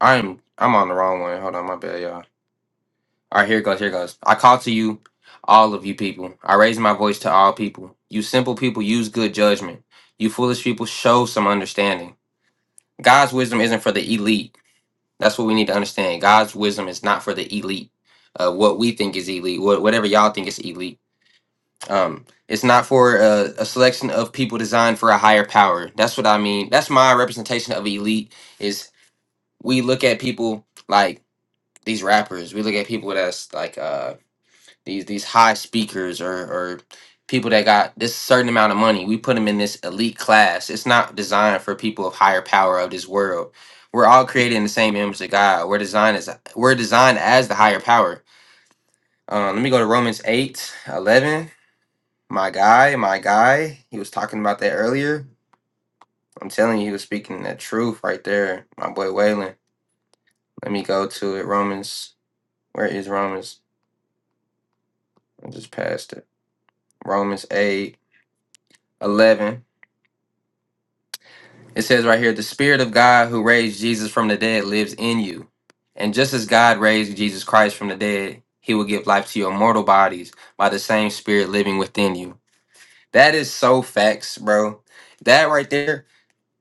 I'm, I'm on the wrong one. Hold on, my bad, y'all. All right, here it goes. Here it goes. I call to you, all of you people. I raise my voice to all people. You simple people use good judgment. You foolish people show some understanding. God's wisdom isn't for the elite. That's what we need to understand. God's wisdom is not for the elite. Uh, what we think is elite, wha- whatever y'all think is elite. Um, it's not for a, a selection of people designed for a higher power. That's what I mean. That's my representation of elite. Is we look at people like these rappers. We look at people that's like uh, these these high speakers or or people that got this certain amount of money. We put them in this elite class. It's not designed for people of higher power of this world. We're all created in the same image of God. We're designed as we're designed as the higher power. Um, let me go to Romans 8 11. My guy, my guy. He was talking about that earlier. I'm telling you, he was speaking the truth right there. My boy Waylon. Let me go to it. Romans. Where is Romans? I just passed it. Romans 8 11. It says right here, the Spirit of God who raised Jesus from the dead lives in you. And just as God raised Jesus Christ from the dead, he will give life to your mortal bodies by the same Spirit living within you. That is so facts, bro. That right there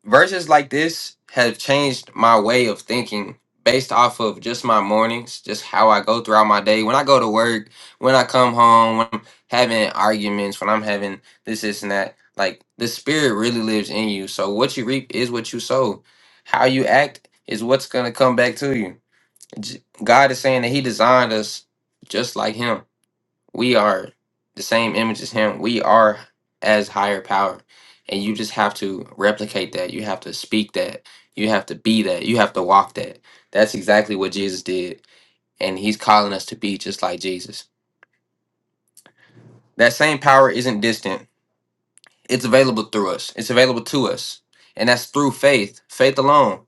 verses like this have changed my way of thinking based off of just my mornings, just how I go throughout my day. When I go to work, when I come home, when I'm having arguments, when I'm having this, this, and that. Like the spirit really lives in you. So what you reap is what you sow. How you act is what's going to come back to you. J- God is saying that He designed us just like Him we are the same image as him we are as higher power and you just have to replicate that you have to speak that you have to be that you have to walk that that's exactly what jesus did and he's calling us to be just like jesus that same power isn't distant it's available through us it's available to us and that's through faith faith alone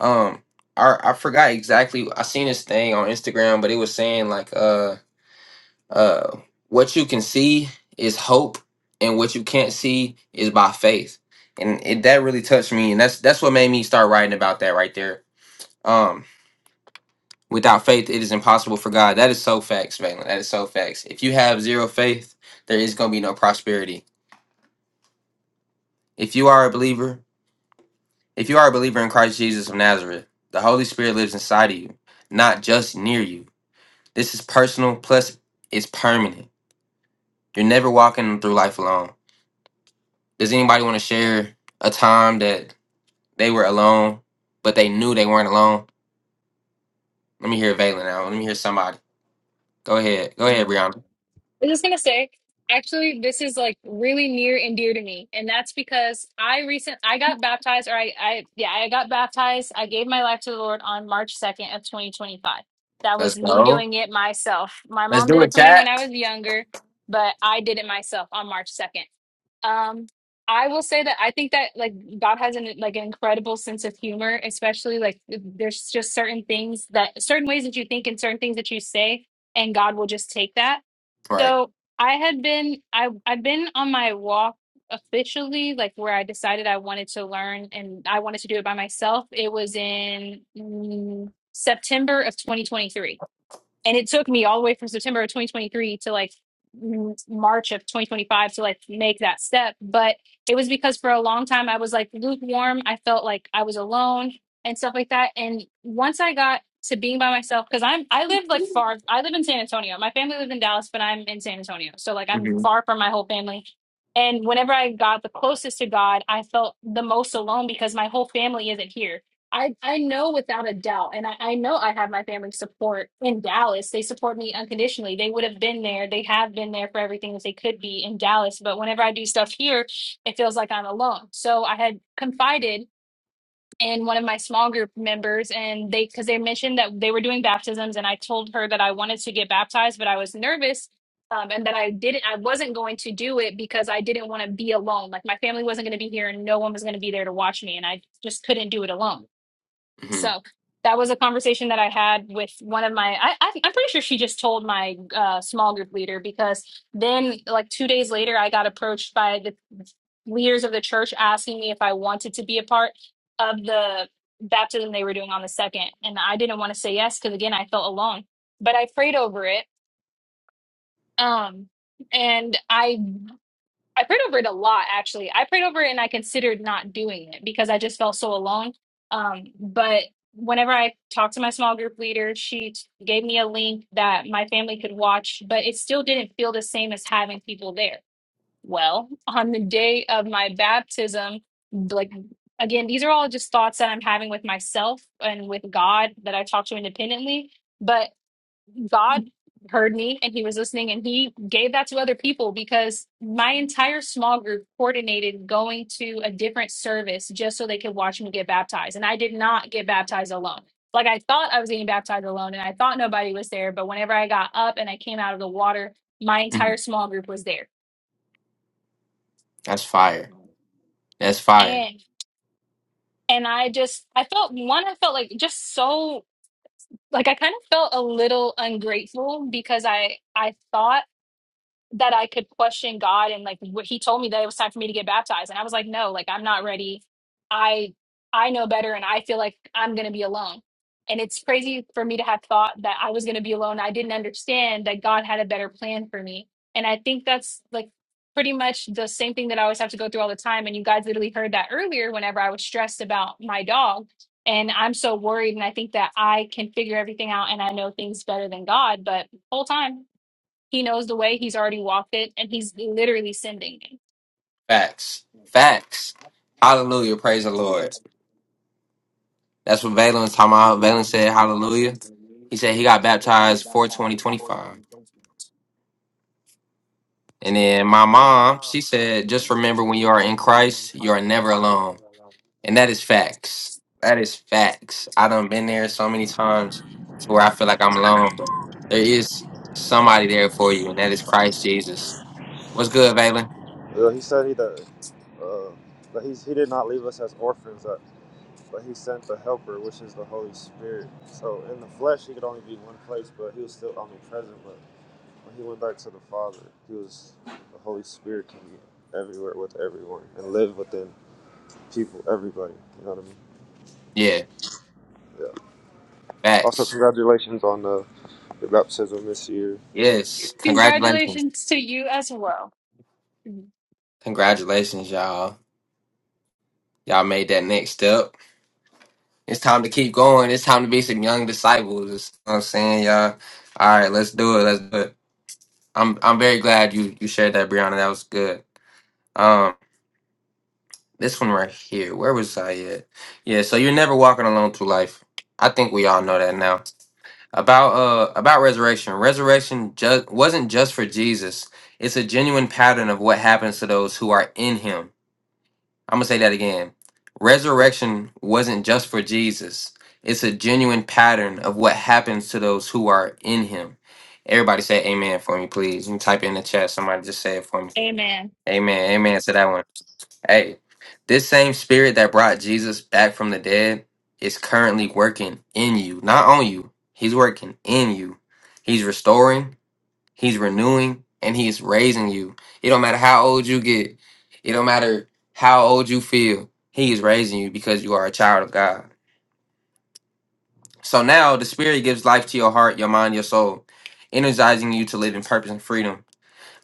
um i, I forgot exactly i seen this thing on instagram but it was saying like uh. Uh, what you can see is hope, and what you can't see is by faith. And it, that really touched me, and that's that's what made me start writing about that right there. Um, without faith, it is impossible for God. That is so facts, Valen. That is so facts. If you have zero faith, there is going to be no prosperity. If you are a believer, if you are a believer in Christ Jesus of Nazareth, the Holy Spirit lives inside of you, not just near you. This is personal, plus it's permanent. You're never walking through life alone. Does anybody want to share a time that they were alone, but they knew they weren't alone? Let me hear Valen now. Let me hear somebody. Go ahead. Go ahead, Brianna.
I was just gonna say, actually, this is like really near and dear to me, and that's because I recent I got baptized, or I, I yeah, I got baptized. I gave my life to the Lord on March second of twenty twenty five. That
Let's
was me
go.
doing it myself. My
Let's
mom
do
did it
it,
for me when
chat.
I was younger, but I did it myself on March second. Um, I will say that I think that like God has an like an incredible sense of humor, especially like there's just certain things that certain ways that you think and certain things that you say, and God will just take that.
Right.
So I had been I I'd been on my walk officially, like where I decided I wanted to learn and I wanted to do it by myself. It was in mm, September of 2023 and it took me all the way from September of 2023 to like m- March of 2025 to like make that step. But it was because for a long time I was like lukewarm. I felt like I was alone and stuff like that. And once I got to being by myself, because I'm I live like far. I live in San Antonio. My family lives in Dallas, but I'm in San Antonio, so like I'm
hmm
far from my whole family. And whenever I got the closest to God, I felt the most alone because my whole family isn't here I I know without a doubt, and I, I know I have my family support in Dallas. They support me unconditionally. They would have been there. They have been there for everything that they could be in Dallas. But whenever I do stuff here, it feels like I'm alone. So I had confided in one of my small group members, and they because they mentioned that they were doing baptisms, and I told her that I wanted to get baptized, but I was nervous. Um, and that I didn't, I wasn't going to do it because I didn't want to be alone. Like my family wasn't going to be here and no one was going to be there to watch me. And I just couldn't do it alone.
hmm
So that was a conversation that I had with one of my, I, I, I'm pretty sure she just told my uh, small group leader because then, like, two days later, I got approached by the leaders of the church asking me if I wanted to be a part of the baptism they were doing on the second. And I didn't want to say yes because, again, I felt alone, but I prayed over it. Um, and I I prayed over it a lot, actually. I prayed over it and I considered not doing it because I just felt so alone. Um, but whenever I talked to my small group leader, she t- gave me a link that my family could watch, but it still didn't feel the same as having people there. Well, on the day of my baptism, like again, these are all just thoughts that I'm having with myself and with God that I talk to independently. but. God heard me and he was listening and he gave that to other people because my entire small group coordinated going to a different service just so they could watch me get baptized. And I did not get baptized alone. Like I thought I was getting baptized alone and I thought nobody was there. But whenever I got up and I came out of the water, my
hmm
entire small group was there.
That's fire. That's fire.
And and I just I felt one, I felt like just so like I kind of felt a little ungrateful because I I thought that I could question God and like what he told me that it was time for me to get baptized. And I was like, no, like I'm not ready. I I know better and I feel like I'm gonna be alone. And it's crazy for me to have thought that I was gonna be alone. I didn't understand that God had a better plan for me. And I think that's like pretty much the same thing that I always have to go through all the time. And you guys literally heard that earlier whenever I was stressed about my dog. And I'm so worried and I think that I can figure everything out and I know things better than God, but whole time he knows the way. He's already walked it, and he's literally sending it.
Facts. Facts. Hallelujah. Praise the Lord. That's what Valen was talking about. Valen said hallelujah. He said he got baptized 42025. And then my mom, she said, just remember when you are in Christ, you are never alone. And that is facts. That is facts. I done been there so many times to where I feel like I'm alone, but there is somebody there for you, and that is Christ Jesus. What's good, Valen?
Yeah, he said he that, uh, that he's, he did not leave us as orphans, uh, but he sent the Helper, which is the Holy Spirit. So in the flesh, he could only be one place, but he was still omnipresent. But When he went back to the Father, he was the Holy Spirit can be everywhere with everyone and live within people, everybody. You know what I mean?
Yeah,
Yeah. Also,
facts.
congratulations on the your baptism this year.
Yes. Congratulations.
Congratulations to you as well.
Congratulations, y'all. Y'all made that next step. It's time to keep going. It's time to be some young disciples. You know what I'm saying, y'all. All right, let's do it. Let's do it. I'm I'm very glad you you shared that, Brianna. That was good. Um, This one right here. Where was I at? Yeah, so you're never walking alone through life. I think we all know that now. About uh about resurrection. Resurrection just wasn't just for Jesus. It's a genuine pattern of what happens to those who are in him. I'm gonna say that again. Resurrection wasn't just for Jesus. It's a genuine pattern of what happens to those who are in him. Everybody say amen for me, please. You can type it in the chat. Somebody just say it for me.
Amen.
Amen. Amen to that one. Hey, this same spirit that brought Jesus back from the dead is currently working in you, not on you. He's working in you. He's restoring, he's renewing, and he's raising you. It don't matter how old you get. It don't matter how old you feel. He is raising you because you are a child of God. So now the spirit gives life to your heart, your mind, your soul, energizing you to live in purpose and freedom.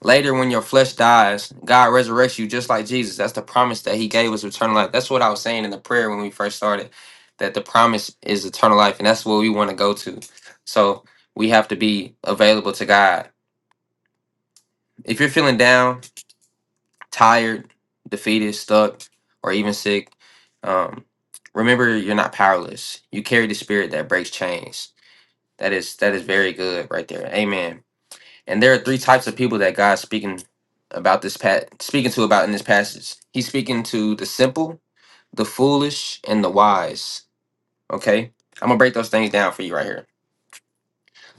Later, when your flesh dies, God resurrects you just like Jesus. That's the promise that He gave us eternal life. That's what I was saying in the prayer when we first started, that the promise is eternal life, and that's what we want to go to. So we have to be available to God. If you're feeling down, tired, defeated, stuck, or even sick, um, remember you're not powerless. You carry the spirit that breaks chains. That is that is very good right there. Amen. And there are three types of people that God's speaking about this pat speaking to about in this passage. He's speaking to the simple, the foolish, and the wise. Okay? I'm gonna break those things down for you right here.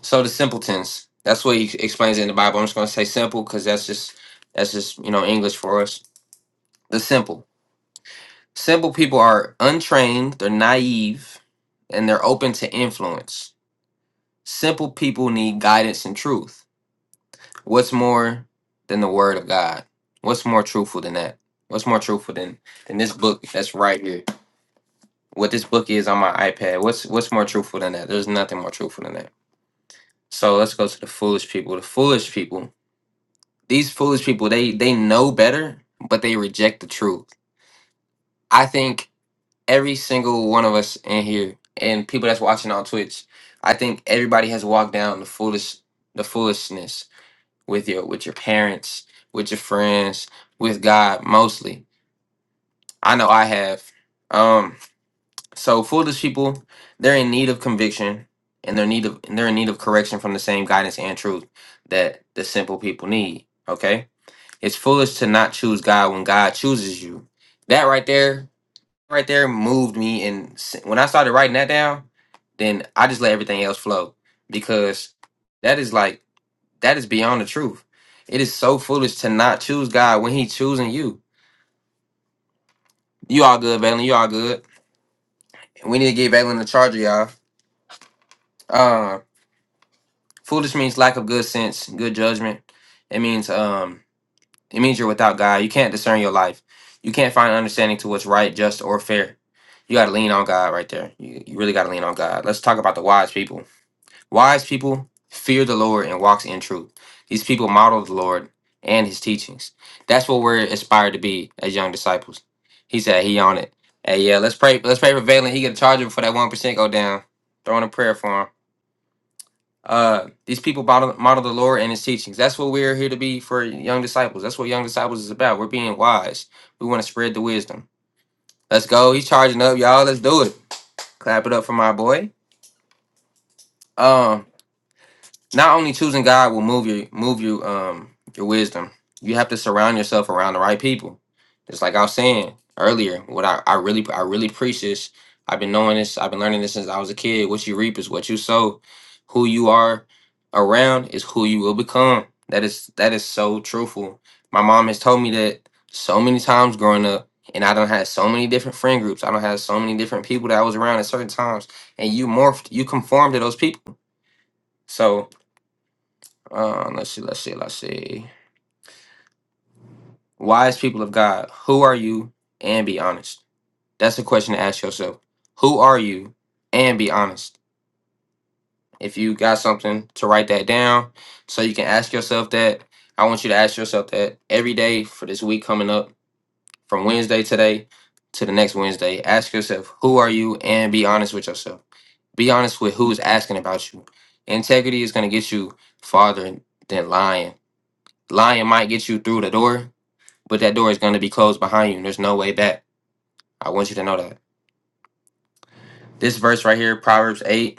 So the simpletons, that's what he explains in the Bible. I'm just gonna say simple because that's just that's just you know English for us. The simple. Simple people are untrained, they're naive, and they're open to influence. Simple people need guidance and truth What's more than the word of God? What's more truthful than that? What's more truthful than than this book that's right here? What this book is on my iPad. What's what's more truthful than that? There's nothing more truthful than that. So let's go to the foolish people. The foolish people. These foolish people, they they know better, but they reject the truth. I think every single one of us in here and people that's watching on Twitch, I think everybody has walked down the foolish the foolishness with your with your parents, with your friends, with God mostly. I know I have. Um, so foolish people, they're in need of conviction and they're need of and they're in need of correction from the same guidance and truth that the simple people need. Okay? It's foolish to not choose God when God chooses you. That right there, right there moved me and s- when I started writing that down, then I just let everything else flow because that is like that is beyond the truth. It is so foolish to not choose God when He choosing you. You all good, Valen. You all good. We need to give Valen the charger, y'all. Uh, foolish means lack of good sense, good judgment. It means um, it means you're without God. You can't discern your life. You can't find understanding to what's right, just, or fair. You got to lean on God right there. You, you really got to lean on God. Let's talk about the wise people. Wise people fear the Lord and walks in truth. These people model the Lord and his teachings. That's what we're inspired to be as young disciples. He said he on it. Hey, yeah, let's pray. Let's pray for Valen. He get to charge him that one percent go down. Throwing a prayer for him. Uh, these people model, model the Lord and his teachings. That's what we're here to be for young disciples. That's what young disciples is about. We're being wise. We want to spread the wisdom. Let's go. He's charging up, y'all. Let's do it. Clap it up for my boy. Um, Not only choosing God will move your move you um your wisdom. You have to surround yourself around the right people. Just like I was saying earlier, what I, I really I really preach this. I've been knowing this, I've been learning this since I was a kid. What you reap is what you sow. Who you are around is who you will become. That is that is so truthful. My mom has told me that so many times growing up, and I don't have so many different friend groups. I don't have so many different people that I was around at certain times. And you morphed, you conformed to those people. So um, let's see, let's see, let's see. Wise people of God, who are you and be honest? That's a question to ask yourself. Who are you and be honest? If you got something to write that down so you can ask yourself that, I want you to ask yourself that every day for this week coming up from Wednesday today to the next Wednesday. Ask yourself, who are you and be honest with yourself. Be honest with who's asking about you. Integrity is going to get you farther than lying. Lying might get you through the door, but that door is going to be closed behind you and there's no way back. I want you to know that. This verse right here, Proverbs 8,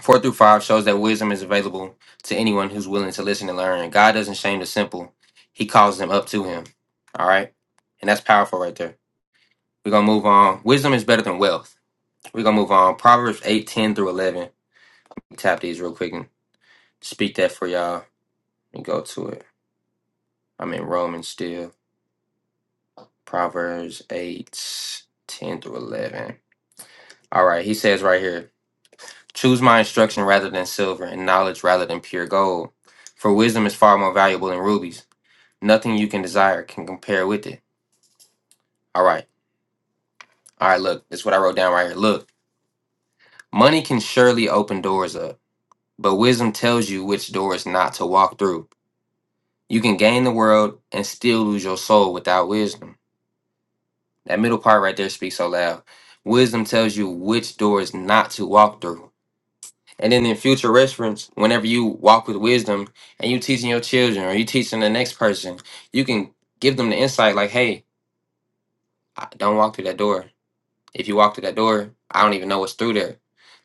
4 through 5, shows that wisdom is available to anyone who's willing to listen and learn. God doesn't shame the simple, He calls them up to Him. All right? And that's powerful right there. We're going to move on. Wisdom is better than wealth. We're going to move on. Proverbs 8 10 through 11. Tap these real quick and speak that for y'all and go to it. I'm in Romans still. Proverbs 8 10 through 11. All right, he says right here. Choose my instruction rather than silver, and knowledge rather than pure gold. For wisdom is far more valuable than rubies. Nothing you can desire can compare with it. All right. All right, look, this is what I wrote down right here. Look, money can surely open doors up, but wisdom tells you which doors not to walk through. You can gain the world and still lose your soul without wisdom. That middle part right there speaks so loud. Wisdom tells you which doors not to walk through. And then in future reference, whenever you walk with wisdom and you teaching your children or you teaching the next person, you can give them the insight like, hey, I- don't walk through that door. If you walk through that door, I don't even know what's through there.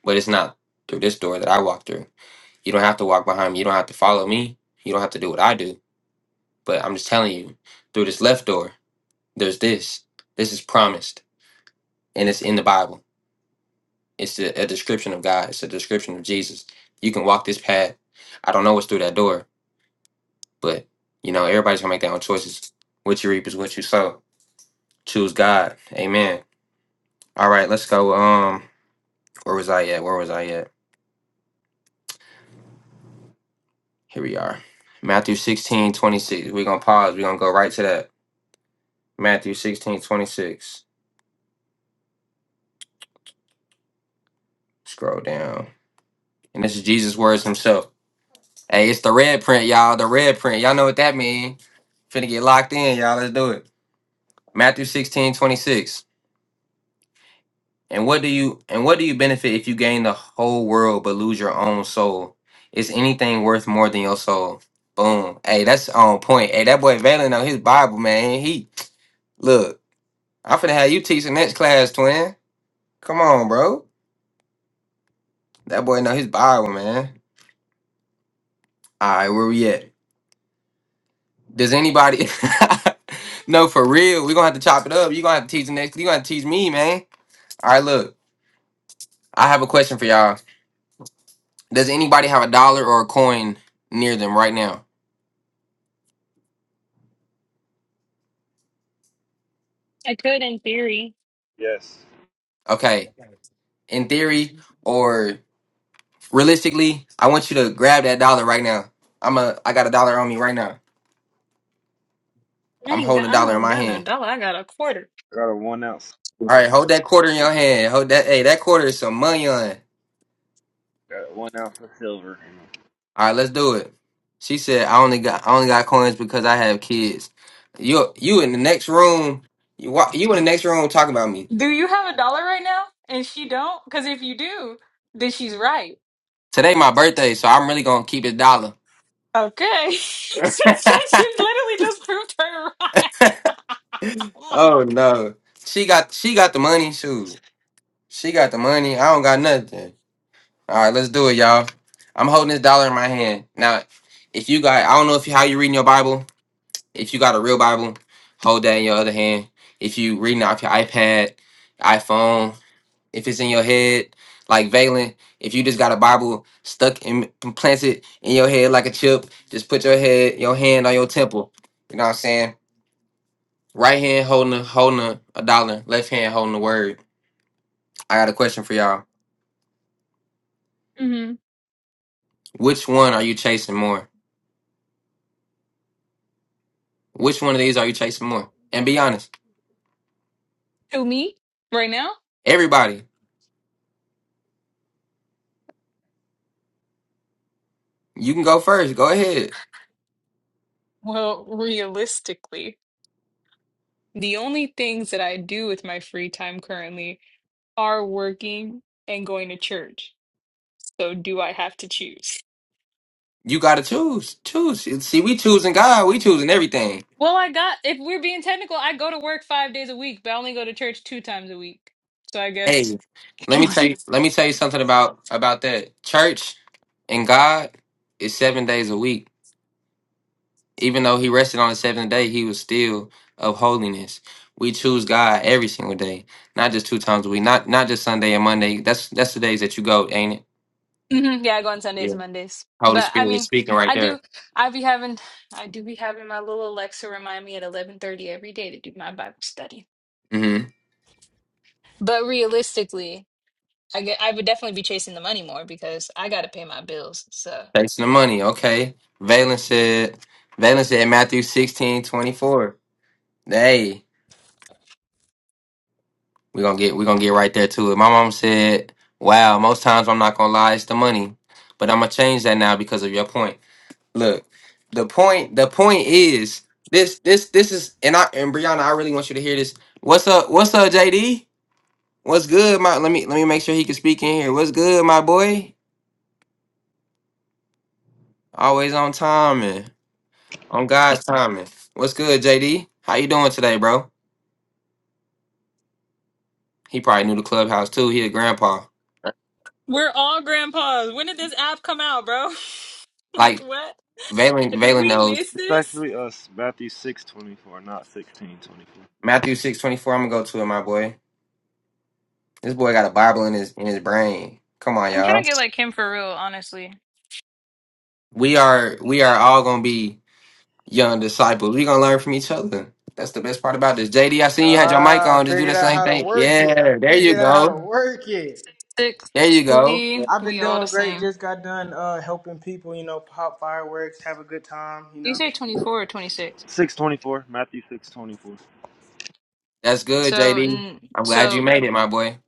But it's not through this door that I walk through. You don't have to walk behind me. You don't have to follow me. You don't have to do what I do. But I'm just telling you, through this left door, there's this. This is promised. And it's in the Bible. It's a, a description of God. It's a description of Jesus. You can walk this path. I don't know what's through that door But you know, everybody's gonna make their own choices. What you reap is what you sow. Choose God. Amen. All right, let's go. Um, where was I at? Where was I at? Here we are. Matthew 16 26. We're gonna pause. We're gonna go right to that. Matthew 16 26. Scroll down. And this is Jesus' words himself. Hey, it's the red print, y'all. The red print. Y'all know what that means. Finna get locked in, y'all. Let's do it. Matthew 16 26. And what do you and what do you benefit if you gain the whole world but lose your own soul? Is anything worth more than your soul? Boom. Hey, that's on point. Hey, that boy Valen on his Bible, man. He look, I'm finna have you teach the next class, twin. Come on, bro. That boy know his Bible, man. Alright, where we at? Does anybody No, for real. we gonna have to chop it up. you gonna have to teach the next you gonna have to teach me, man. Alright, look. I have a question for y'all. Does anybody have a dollar or a coin near them right now?
I could in theory.
Yes.
Okay. in theory or realistically, I want you to grab that dollar right now. I'm a I got a dollar on me right now.
I
I'm
ain't got.
holding a
I
dollar in
don't
my
got no
hand.
dollar. I got a quarter.
I got a one ounce.
All right, hold that quarter in your hand. Hold that hey, that quarter is some money on. it. All right, let's do it. She said, I only got I only got coins because I have kids. You you in the next room, you wa- you in the next room talking about me.
Do you have a dollar right now? And she don't, because if you do, then she's right.
Today my birthday, so I'm really gonna keep it dollar.
Okay. she said she literally just proved her right. I'm
oh
like,
no. She got she got the money, shoot. She got the money. I don't got nothing. All right, let's do it, y'all. I'm holding this dollar in my hand. Now, if you got, I don't know if you, how you reading your Bible. If you got a real Bible, hold that in your other hand. If you reading off your iPad, iPhone, if it's in your head, like Valen, if you just got a Bible stuck and planted in your head like a chip, just put your head, your hand on your temple. You know what I'm saying? Right hand holding a, holding a, a dollar, left hand holding the word. I got a question for y'all.
mhm.
Which one are you chasing more? Which one of these are you chasing more? And be honest.
who me right now?
Everybody, you can go first. Go ahead.
Well, realistically. The only things that I do with my free time currently are working and going to church. So do I have to choose?
You gotta choose. Choose. See, we choosing God. We choosing everything.
Well, I got, if we're being technical, I go to work five days a week, but I only go to church two times a week. So I
Hey,
guess,
let me tell you. Let me tell you something about about that. Church and God is seven days a week. Even though He rested on the seventh day, He was still of holiness. We choose God every single day, not just two times a week. Not not just Sunday and Monday. That's that's the days that you go, ain't it?
Mhm, yeah, I go on Sundays
Yeah.
and Mondays.
Holy
But I
Spirit is
mean,
speaking right
I
there.
do, I be having, I do be having my little Alexa remind me at 11:30 every day to do my Bible study.
Mm-hmm.
But realistically, I get, I would definitely be chasing the money more because I got to pay my bills. So.
Takes the money, okay. Valen said Valen said Matthew 16, 24. Hey, we're gonna get we're gonna get right there to it. My mom said, Wow, most times I'm not gonna lie, it's the money. But I'm gonna change that now because of your point. Look, the point the point is this this this is and I and Brianna, I really want you to hear this. What's up, what's up, JD? What's good, my let me let me make sure he can speak in here. What's good, my boy? Always on time man. On God's timing. What's good, JD? How you doing today, bro? He probably knew the clubhouse too. He a grandpa.
We're all grandpas. When did this app come out, bro? like
Like
what?
Valen
Did
Valen
we
knows.
miss
It's
this?
actually us, Matthew six twenty four, not sixteen twenty four.
Matthew six twenty four, I'm gonna go to it, my boy. This boy got a Bible in his in his brain. Come on,
I'm trying
y'all.
to get like him for real, honestly.
We are we are all gonna be young disciples. We gonna learn from each other. That's the best part about this. JD, I seen you had your mic
Ah, I
on. Just do
figured
the
out
same
how to
thing.
work it. I
Yeah, there you
figured out how to
go.
work it.
There you go.
Sixty,
I've
we
been
all the
doing great.
same.
Just got done uh, helping people, you know, pop fireworks, have a good time, you
Do you
know.
say twenty four or twenty six?
Six twenty four, Matthew six twenty four.
That's good,
So,
JD.
mm,
I'm glad you
so
made it, my boy.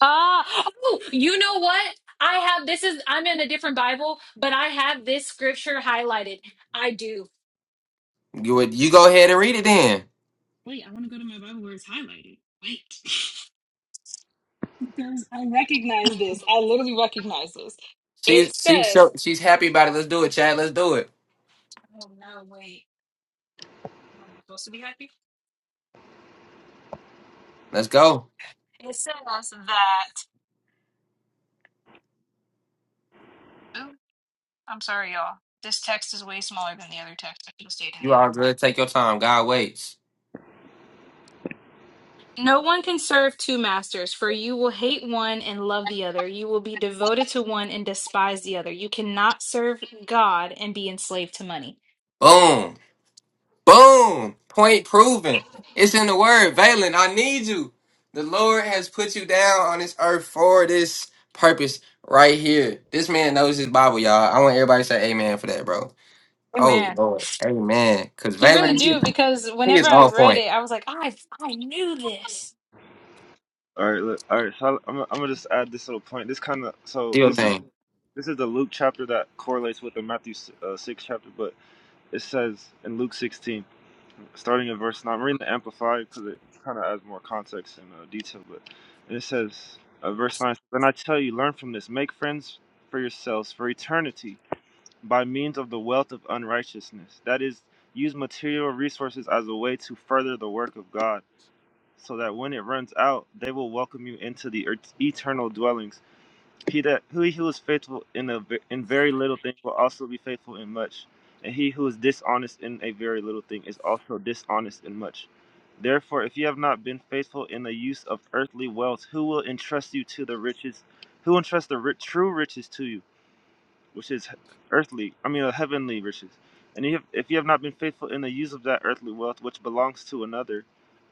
ah, Oh, you know what? I have this is I'm in a different Bible, but I have this scripture highlighted. I do.
You would you go ahead and read it then.
wait, I want to go to my Bible where it's highlighted. Wait, because I recognize this. I literally recognize this. It
She's she's
says.
so she's happy about it. Let's do it, Chad. Let's do it.
Oh no, wait. Am I not supposed to be happy?
Let's go.
It says that. Oh, I'm sorry, y'all. This text is way smaller than the other text. I should have stayed in
You
the
all
other.
good. Take your time. God waits.
No one can serve two masters, for you will hate one and love the other. You will be devoted to one and despise the other. You cannot serve God and be enslaved to money.
Boom. Boom. Point proven. It's in the word. Valen, I need you. The Lord has put you down on this earth for this purpose right here. This man knows his Bible, y'all. I want everybody to say amen for that, bro. Oh
Amen.
Lord. Amen. Cause
You really
Valen he,
do, because
he
whenever
is
I
on
read
point.
it, I was like, I I knew this.
All right, look, all right. So I'm, I'm gonna just add this little point. This kind of so
Deal
this is
thing.
this is the Luke chapter that correlates with the Matthew uh, six chapter, but it says in Luke 16. starting in verse 9. I'm reading the Amplified because it kind of adds more context and uh, detail. But and it says, uh, verse 9, Then I tell you, learn from this, make friends for yourselves for eternity by means of the wealth of unrighteousness. That is, use material resources as a way to further the work of God, so that when it runs out, they will welcome you into the er- eternal dwellings. He that who he who is faithful in a in very little thing will also be faithful in much, and he who is dishonest in a very little thing is also dishonest in much. Therefore, if you have not been faithful in the use of earthly wealth, who will entrust you to the riches? Who will entrust the ri- true riches to you? which is earthly, I mean, uh, heavenly riches. And you have, if you have not been faithful in the use of that earthly wealth which belongs to another,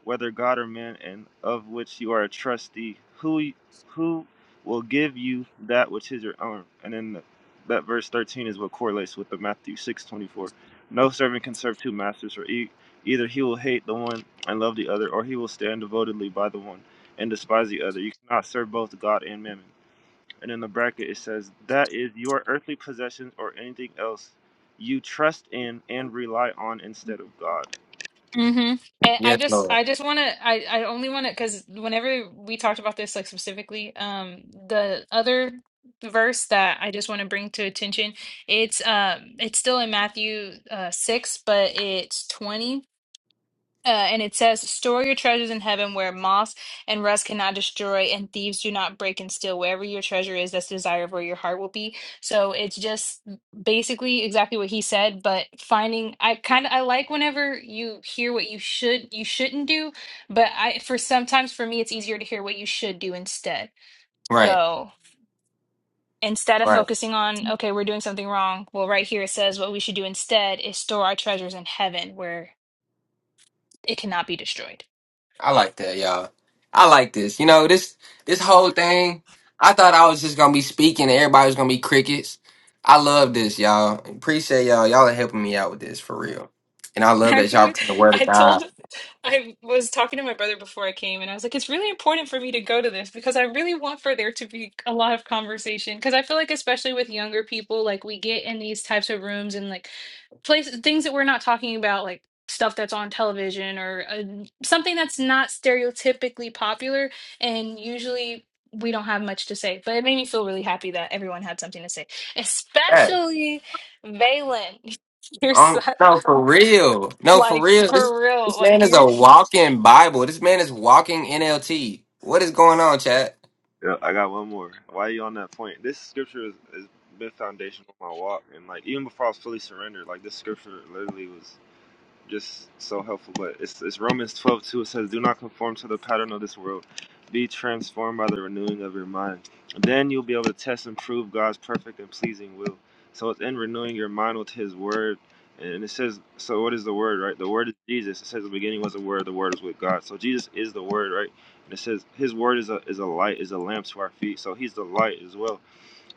whether God or man, and of which you are a trustee, who who will give you that which is your own? And then that verse 13 is what correlates with the Matthew 6:24. No servant can serve two masters, for e- either he will hate the one and love the other, or he will stand devotedly by the one and despise the other. You cannot serve both God and mammon and in the bracket it says that is your earthly possessions or anything else you trust in and rely on instead of God.
Mhm.
Yes, Lord.
other verse that I just want to bring to attention. It's um it's still in Matthew uh 6, but it's 20. Uh, and it says, "Store your treasures in heaven, where moss and rust cannot destroy, and thieves do not break and steal. Wherever your treasure is, that's the desire of where your heart will be." So it's just basically exactly what he said. But finding, I kind of I like whenever you hear what you should you shouldn't do, but I for sometimes for me it's easier to hear what you should do instead.
Right.
So instead of
Right.
focusing on, okay, we're doing something wrong, well, right here it says what we should do instead is store our treasures in heaven where it cannot be destroyed.
I like that, y'all. I like this. You know, this this whole thing, I thought I was just gonna be speaking and everybody was gonna be crickets. I love this, y'all. Appreciate y'all. Y'all are helping me out with this for real. And I love that y'all
Actually,
bring the word of
I
God.
told, I was talking to my brother before I came, and I was like, it's really important for me to go to this because I really want for there to be a lot of conversation. Because I feel like, especially with younger people, like we get in these types of rooms and like places, things that we're not talking about, like stuff that's on television or uh, something that's not stereotypically popular. And usually we don't have much to say, but it made me feel really happy that everyone had something to say,
Hey.
especially Valen. You're
Um,
so
no, for real. No, for
like
real. This
for real,
this
like
man is
you're
a walking Bible. This man is walking NLT. What is going on, chat?
Yeah, I got one more. Why are you on that point? This scripture has, has been foundational to my walk, and like even before I was fully surrendered, like this scripture literally was. just so helpful. But it's, it's Romans 12:2. It says, Do not conform to the pattern of this world. Be transformed by the renewing of your mind. Then you'll be able to test and prove God's perfect and pleasing will. So it's in renewing your mind with His Word. And it says, So what is the Word, right? The Word is Jesus. It says, The beginning was the Word, the Word is with God. So Jesus is the Word, right? And it says, His Word is a, is a light, is a lamp to our feet. So He's the light as well.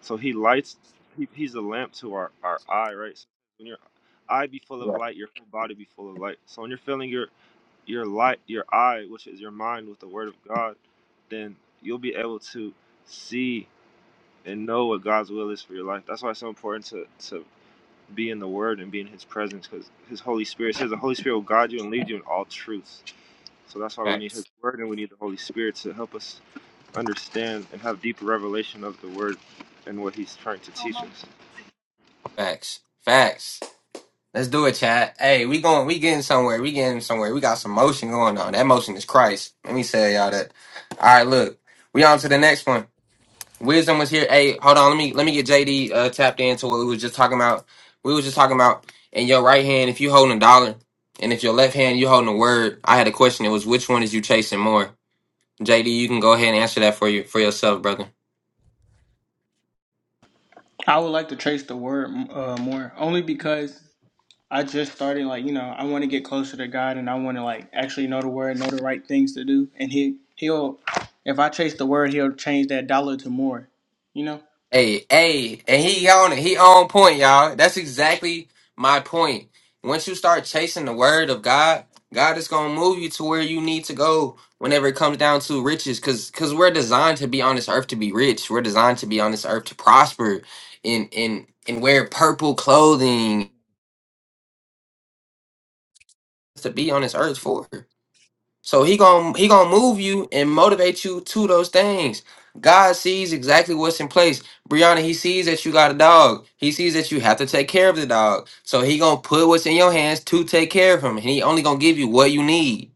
So he lights. He, he's a lamp to our our eye, right? So when your eye be full of
Yeah.
light, your whole body be full of light. So when you're filling your your light, your eye, which is your mind, with the Word of God, then you'll be able to see and know what God's will is for your life. That's why it's so important to to be in the Word and be in His presence, because His Holy Spirit says the Holy Spirit will guide you and lead you in all truths. So that's why we need His
Facts.
Word and we need the Holy Spirit to help us understand and have deeper revelation of the Word and what He's trying to teach us.
Facts. Facts. Let's do it, chat. Hey, we going we getting somewhere. We getting somewhere. We got some motion going on. That motion is Christ. Let me tell y'all that. All right, look. We on to the next one. Wisdom was here. Hey, hold on. Let me let me get JD uh, tapped into what we was just talking about. We was just talking about in your right hand if you holding a dollar, and if your left hand you holding a word. I had a question. It was which one is you chasing more? JD, you can go ahead and answer that for you for yourself, brother.
I would like to trace the word uh, more, only because I just started, like, you know, I want to get closer to God and I want to, like, actually know the word, know the right things to do. And he, he'll, if I trace the word, he'll change that dollar to more, you know.
Hey, hey, and he on it. He on point, y'all. That's exactly my point. Once you start chasing the word of God, God is gonna move you to where you need to go whenever it comes down to riches. Cause cause we're designed to be on this earth to be rich. We're designed to be on this earth to prosper in in and wear purple clothing to be on this earth for. So he going to he gonna move you and motivate you to those things. God sees exactly what's in place. Brianna, he sees that you got a dog. He sees that you have to take care of the dog. So he gonna put what's in your hands to take care of him. And he only gonna give you what you need.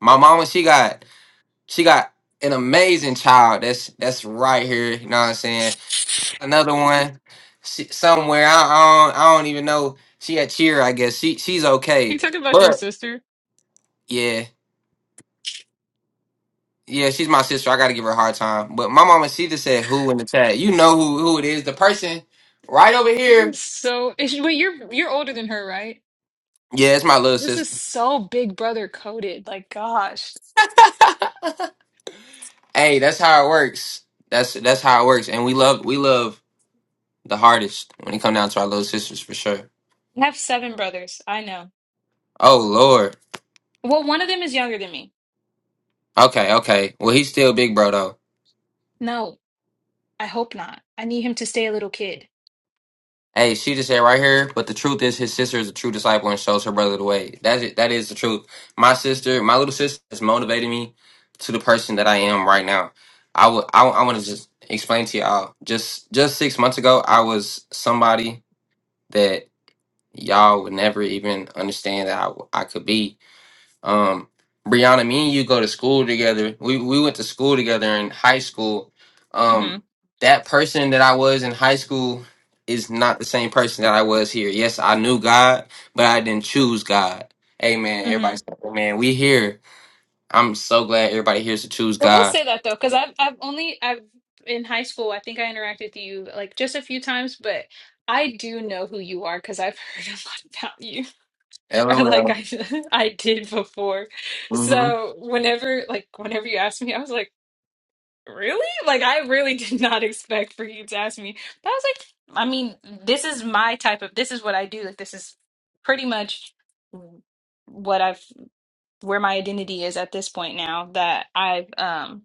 My mama, she got she got an amazing child. That's that's right here. You know what I'm saying? Another one she, somewhere. I, I don't I don't even know. She had cheer, I guess. She she's
you
okay.
talking about your
But
sister?
yeah. Yeah, she's my sister. I gotta give her a hard time. But my mama Sita said who in the chat. You know who who it is. The person right over
This is
here.
so. Is she, wait, you're you're older than her, right?
Yeah, it's my little
This is
sister.
so Big Brother coded. Like, gosh,
Hey, that's how it works. That's that's how it works. And we love we love the hardest when it come down to our little sisters for sure.
I have seven brothers. I know.
Oh Lord.
Well, one of them is younger than me.
Okay, okay. Well he's still big bro though.
No, I hope not. I need him to stay a little kid.
Hey, she just said right here, but the truth is his sister is a true disciple and shows her brother the way. That is, it. that is the truth. My sister, my little sister has motivated me to the person that I am right now. I would I, I want to just explain to y'all. Just just 6 months ago, I was somebody that y'all would never even understand that I, I could be. Um, Brianna, me and you go to school together. We we went to school together in high school.
hmm
Um, that person that I was in high school is not the same person that I was here. Yes, I knew God, but I didn't choose God. Amen.
hmm
Everybody, say, "Hey, man, we here. I'm so glad everybody here is to choose
But we'll
God.
say that though, because I've I've only I've in high school. I think I interacted with you like just a few times, but I do know who you are because I've heard a lot about you. or like
LOL.
I I did before.
hmm
So whenever like whenever you asked me, I was like, really? Like I really did not expect for you to ask me. But I was like, I mean, this is my type of this is what I do. Like this is pretty much what I've where my identity is at this point now that I've um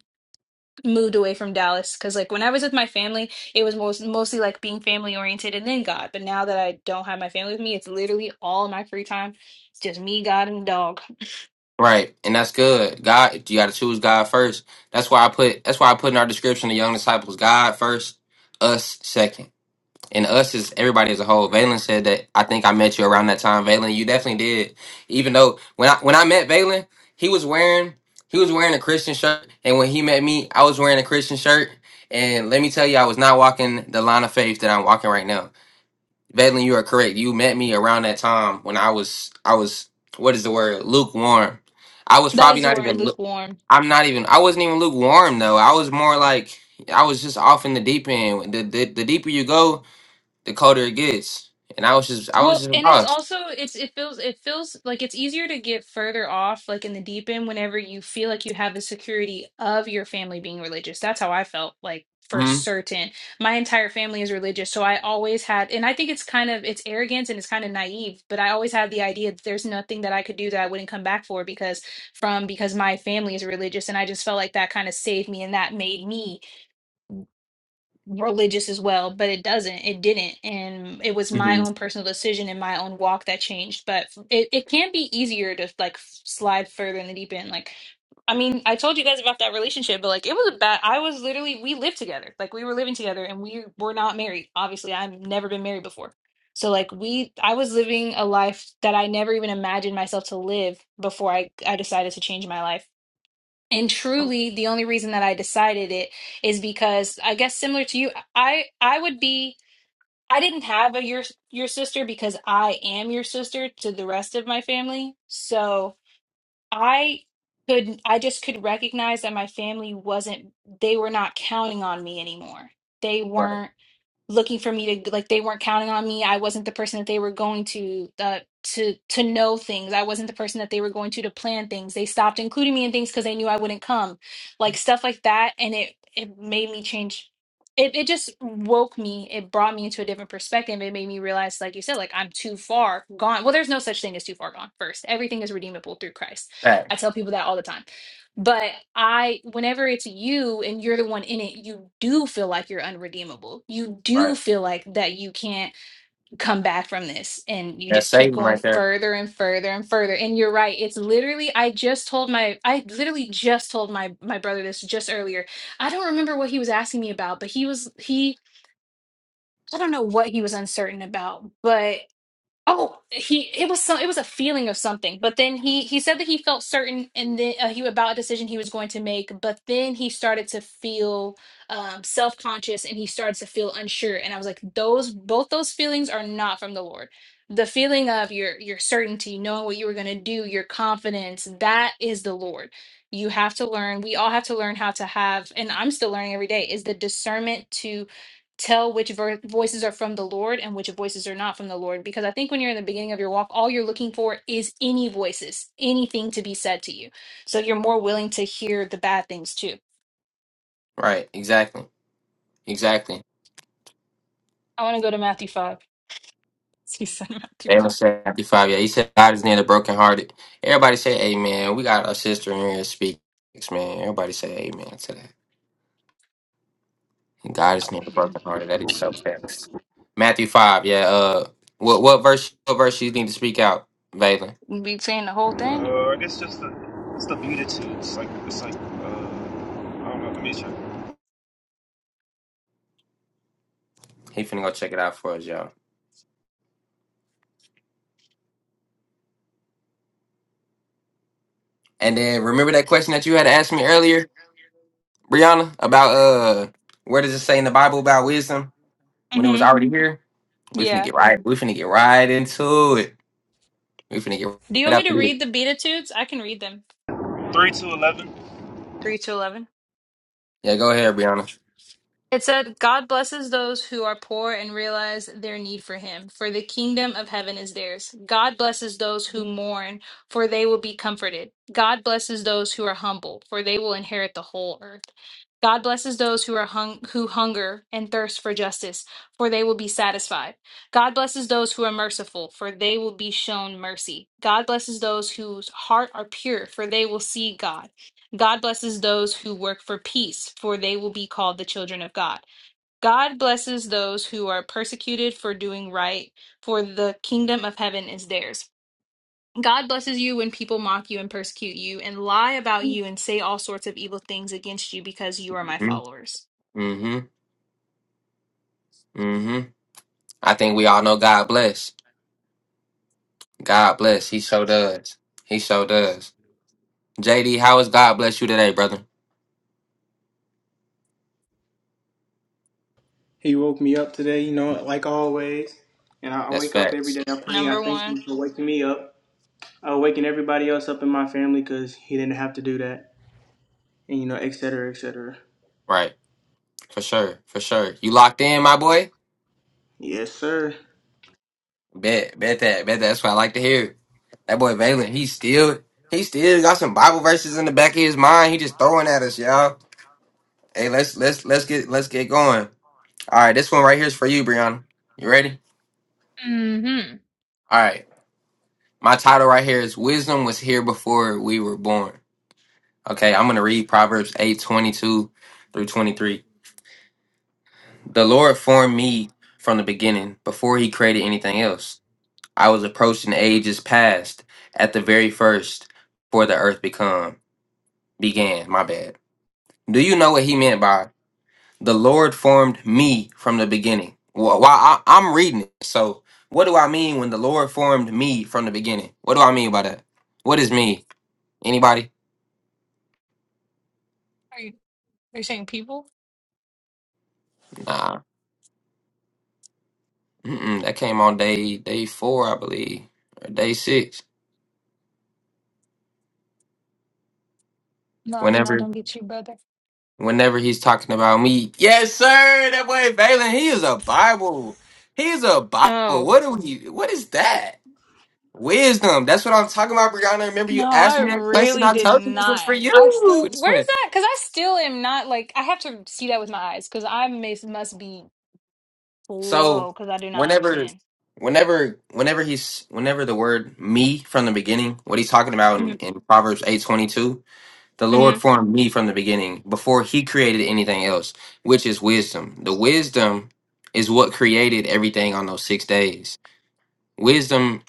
moved away from Dallas because like when I was with my family it was most, mostly like being family oriented and then God but now that I don't have my family with me it's literally all my free time it's just me God and the dog
Right, and that's good. God, you got to choose God first. That's why I put. That's why I put in our description the young disciples God first, us second. and us is everybody as a whole. Valen said that I think I met you around that time. Valen, you definitely did. Even though when I when I met Valen, he was wearing he was wearing a Christian shirt, and when he met me, I was wearing a Christian shirt. And let me tell you, I was not walking the line of faith that I'm walking right now. Valen, you are correct. You met me around that time when I was I was what is the word lukewarm. I was
That
probably
is the
not
word
even. lu-
lukewarm.
I'm not even. I wasn't even lukewarm though. I was more like I was just off in the deep end. The the, the deeper you go, the colder it gets. And I was just I was
Well,
just
and it's
lost.
also it's it feels it feels like it's easier to get further off like in the deep end whenever you feel like you have the security of your family being religious. That's how I felt like for
Mm-hmm.
certain. My entire family is religious, so I always had and I think it's kind of it's arrogance and it's kind of naive, but I always had the idea that there's nothing that I could do that I wouldn't come back for because from because my family is religious and I just felt like that kind of saved me and that made me religious as well, but it doesn't. It didn't. And it was my own
mm-hmm.
personal decision and my own walk that changed. But f- it, it can be easier to like f- slide further in the deep end. Like, I mean, I told you guys about that relationship, but like it was a bad, I was literally, we lived together. Like we were living together and we were not married. Obviously, I've never been married before. So like we, I was living a life that I never even imagined myself to live before I, I decided to change my life and truly the only reason that i decided it is because i guess similar to you i i would be i didn't have a your your sister because i am your sister to the rest of my family so i could i just could recognize that my family wasn't they were not counting on me anymore they
Right.
weren't looking for me to like they weren't counting on me i wasn't the person that they were going to uh, to to know things i wasn't the person that they were going to to plan things they stopped including me in things because they knew i wouldn't come like stuff like that and it it made me change it, it just woke me it brought me into a different perspective it made me realize like you said like i'm too far gone well there's no such thing as too far gone first everything is redeemable through christ
Right.
i tell people that all the time but I, whenever it's you and you're the one in it, you do feel like you're unredeemable. You do
Right.
feel like that you can't come back from this. And you
That's
just keep
Satan
going
right there.
further and further and further. And you're right. It's literally, I just told my, I literally just told my my brother this just earlier. I don't remember what he was asking me about, but he was, he, I don't know what he was uncertain about, but Oh, he it was some it was a feeling of something, but then he he said that he felt certain and then uh, he about a decision he was going to make, but then he started to feel um self-conscious and he started to feel unsure and I was like those both those feelings are not from the Lord. The feeling of your your certainty, knowing what you were going to do, your confidence, that is the Lord. You have to learn, we all have to learn how to have and I'm still learning every day is the discernment tell which ver- voices are from the Lord and which voices are not from the Lord. Because I think when you're in the beginning of your walk, all you're looking for is any voices, anything to be said to you. So you're more willing to hear the bad things too.
Right. Exactly. Exactly.
I want to go to Matthew 5. He said Matthew
Daniel
5.
said fifty five. Yeah, he said God is near the brokenhearted. Everybody say Amen. We got a sister in here that speaks, man. Everybody say Amen to that. And God is near the brokenhearted. That is so fixed. Matthew five, yeah. Uh what what verse what verse you need to speak out, Valen?
You Be saying the whole thing?
Uh, I guess just the it's the beatitudes. It's Like it's like uh, I don't know. Let me check.
He finna go check it out for us, y'all. And then remember that question that you had asked me earlier? Brianna, about uh, where does it say in the Bible about wisdom when it was
Mm-hmm.
already here? We finna
Yeah.
get right. We finna get right into it. We finna get
Do you
right
want me
up
to
to it.
read the Beatitudes? I can read them.
Three to eleven.
3 to 11.
Yeah, go ahead, Brianna.
It said, God blesses those who are poor and realize their need for Him, for the kingdom of heaven is theirs. God blesses those who mourn, for they will be comforted. God blesses those who are humble, for they will inherit the whole earth. God blesses those who are hung- who hunger and thirst for justice, for they will be satisfied. God blesses those who are merciful, for they will be shown mercy. God blesses those whose heart are pure, for they will see God. God blesses those who work for peace, for they will be called the children of God. God blesses those who are persecuted for doing right, for the kingdom of heaven is theirs. God blesses you when people mock you and persecute you and lie about you and say all sorts of evil things against you because you are my
Mm-hmm.
followers.
Mm-hmm. Mm-hmm. I think we all know God bless. God bless. He so does. He so does. JD, how is God bless you today, brother?
He woke me up today, you know, like always. And I I
That's
wake up every
facts.
day. I pray. I
Number
thank
one.
him for waking me up. uh, waking everybody else up in my family because he didn't have to do that, and you know, et cetera, et cetera.
Right. For sure. For sure. You locked in, my boy?
Yes, sir.
Bet, bet that, bet that. That's what I like to hear. That boy Valen, he still, he still got some Bible verses in the back of his mind. He just throwing at us, y'all. Hey, let's let's let's get let's get going. All right, this one right here is for you, Brianna. You ready?
Mm-hmm.
All right, my title right here is "Wisdom Was Here Before We Were Born." Okay, I'm gonna read Proverbs eight twenty two through twenty three. The Lord formed me from the beginning, before He created anything else. I was approaching ages past at the very first, before the earth become. began. My bad. Do you know what he meant by the Lord formed me from the beginning? Well, why I, I'm reading it. So, what do I mean when the Lord formed me from the beginning? What do I mean by that? What is me? Anybody?
Are you, are you saying people?
Nah. Mm-mm, that came on day day four, I believe, or day six.
No, I did not.
Whenever
Don't get you, brother.
whenever he's talking about me, yes, sir. That boy Valen, he is a Bible. He's a Bible.
Oh.
What do we? What is that? Wisdom. That's what I'm talking about, Brianna. Remember you
No,
asked
I
me that question.
really
I
did
told you this was
not.
for you.
I still,
It
where's
went.
that? Because I still am not like, I have to see that with my eyes because I may, must be
So
slow because I do not
whenever
understand.
whenever whenever he's whenever the word me from the beginning, what he's talking about in,
Mm-hmm.
in Proverbs eight twenty two, the Lord formed me from the beginning before he created anything else, which is wisdom. The wisdom is what created everything on those six days. Wisdom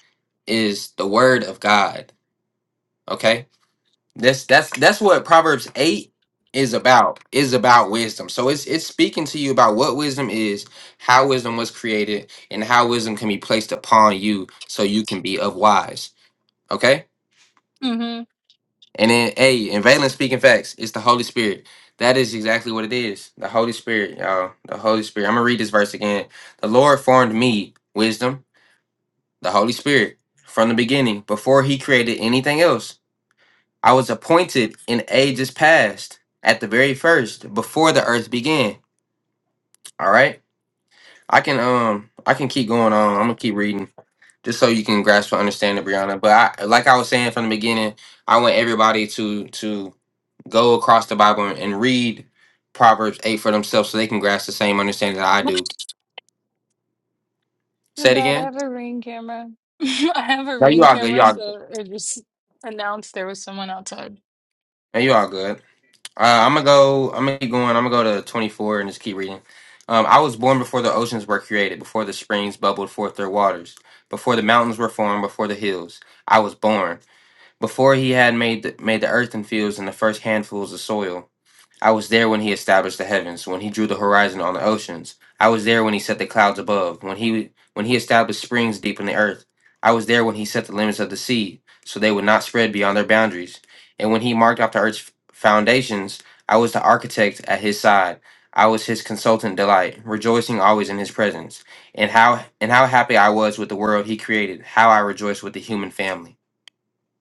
is the word of God. Okay? That's that's that's what Proverbs eight is about. Is about wisdom. So it's it's speaking to you about what wisdom is, how wisdom was created, and how wisdom can be placed upon you so you can be of wise. Okay.
Mm-hmm.
And then A, in Valen speaking facts, it's the Holy Spirit. That is exactly what it is. The Holy Spirit, y'all. The Holy Spirit. I'm gonna read this verse again. The Lord formed me, wisdom, the Holy Spirit, from the beginning, before he created anything else. I was appointed in ages past at the very first before the earth began. All right. I can um I can keep going on. I'm gonna keep reading just so you can grasp and understand it, Brianna. But I like I was saying from the beginning, I want everybody to to go across the Bible and, and read Proverbs eight for themselves so they can grasp the same understanding that I do. Say it again.
I have
No, you
been
all good. You
camera,
all good.
so it just announced there was someone outside.
No, you all good. Uh, I'm gonna go. I'm gonna keep going. I'm gonna go to 24 and just keep reading. Um, I was born before the oceans were created, before the springs bubbled forth their waters, before the mountains were formed, before the hills. I was born before He had made the, made the earth and fields and the first handfuls of soil. I was there when he established the heavens, when he drew the horizon on the oceans. I was there when he set the clouds above, when he when he established springs deep in the earth. I was there when he set the limits of the sea, so they would not spread beyond their boundaries. And when he marked out the earth's foundations, I was the architect at his side. I was his consultant delight, rejoicing always in his presence. And how and how happy I was with the world he created, how I rejoiced with the human family.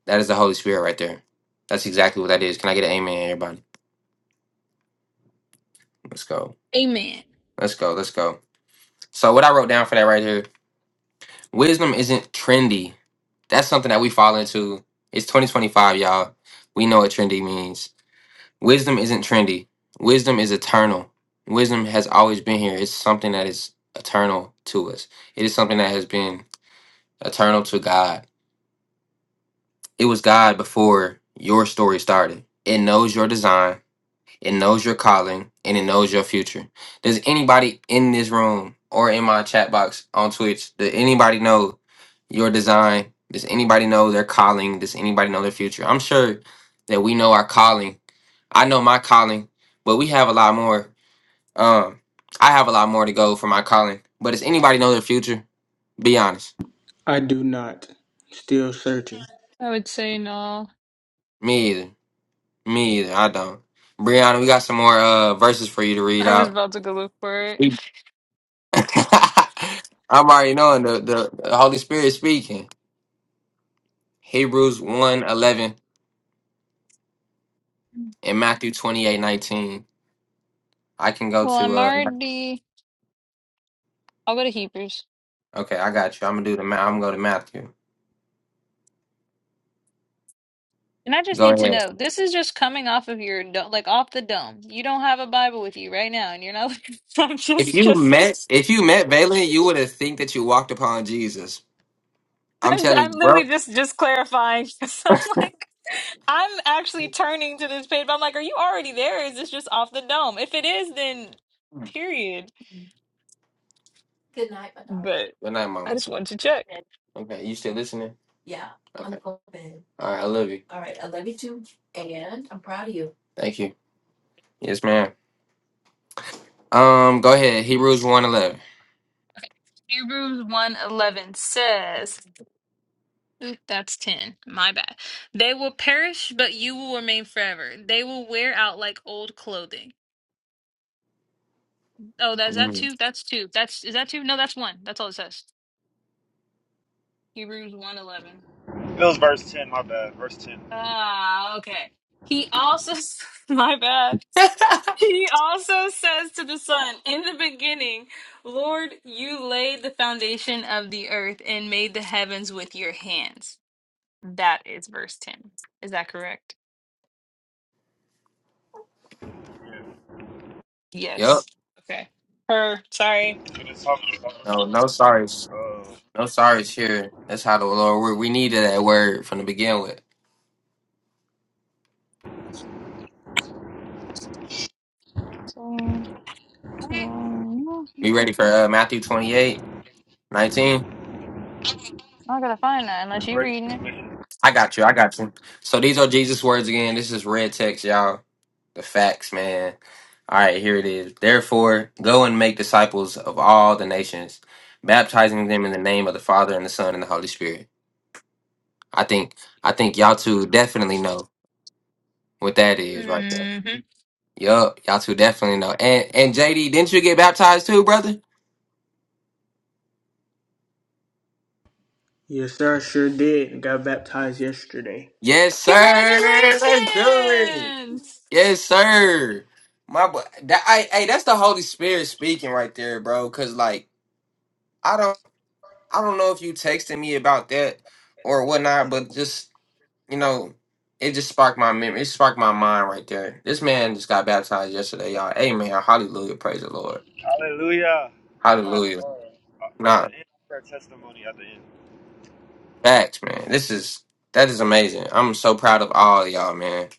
That is the Holy Spirit right there. That's exactly what that is. Can I get an amen, everybody? Let's go.
Amen.
Let's go. Let's go. So what I wrote down for that right here, wisdom isn't trendy. That's something that we fall into. It's 2025, y'all. We know what trendy means. Wisdom isn't trendy. Wisdom is eternal. Wisdom has always been here. It's something that is eternal to us. It is something that has been eternal to God. It was God before your story started. It knows your design. It knows your calling and it knows your future. Does anybody in this room or in my chat box on Twitch, does anybody know your design? Does anybody know their calling? Does anybody know their future? I'm sure that we know our calling. I know my calling, but we have a lot more. Um, I have a lot more to go for my calling. But does anybody know their future? Be honest.
I do not. Still searching.
I would say no.
Me either. Me either. I don't. Brianna, we got some more uh verses for you to read
I was
out.
about to go look for it.
I'm already knowing the, the, the Holy Spirit speaking. Hebrews one eleven and Matthew twenty eight nineteen. I can go
Well,
to
I'm
uh
already, I'll go to Hebrews.
okay, I got you. I'm gonna do the ma- I'm gonna go to Matthew.
And I just
Go
need to
ahead.
know, this is just coming off of your do- like off the dome. You don't have a Bible with you right now, and you're not. I'm
If
just,
you
just,
met if you met Valen, you would have think that you walked upon Jesus. I'm
I'm,
telling
I'm
you,
literally
bro.
just, just clarifying. 'cause I'm like, I'm actually turning to this page. But I'm like, are you already there? Or is this just off the dome? If it is, then period. But
Good night, mama. Okay, you still listening? Okay. All right, I love you. Thank you. Yes, ma'am. Um, go ahead. Hebrews one eleven.
Hebrews one eleven says, Oop, that's 10. My bad. They will perish, but you will remain forever. They will wear out like old clothing. Oh, that is that
11.
two? That's two. That's is that two? No, that's one. That's all it says. Hebrews one eleven.
It was verse ten. My bad. Verse ten.
Ah, okay. He also s- my bad. He also says to the Son, In the beginning, Lord, you laid the foundation of the earth and made the heavens with your hands. That is verse ten. Is that correct?
Yeah.
Yep.
Yes. Okay. Her, sorry.
And it's talking about
No, no, sorry.
uh,
No sorry, sure. That's how the Lord work. We needed that word from the begin with.
I
Be ready for uh, Matthew 28, 19.
gotta find that unless you're
great
reading
commission.
I got you. I got you. So these are Jesus' words again. This is red text, y'all. The facts, man. All right, here it is. Therefore, go and make disciples of all the nations, baptizing them in the name of the Father and the Son and the Holy Spirit. I think I think y'all two definitely know what that is right there.
it.
Yup, y'all two definitely know. And and JD, didn't you get baptized too, brother?
Yes, sir, I sure did. Got baptized yesterday.
Yes, sir. Let's do it.
Congratulations!
Yes, sir. My boy, that I, hey, that's the Holy Spirit speaking right there, bro. Cause like I don't, I don't know if you texted me about that or whatnot, but just you know, it just sparked my memory. It sparked my mind right there. This man just got baptized yesterday, y'all. Amen. Hallelujah. Praise the Lord.
Hallelujah. I'm gonna have to
Hallelujah.
uh, uh, at the
Nah,
end of their testimony. At the end.
facts, man. This is that is amazing. I'm so proud of all y'all, man.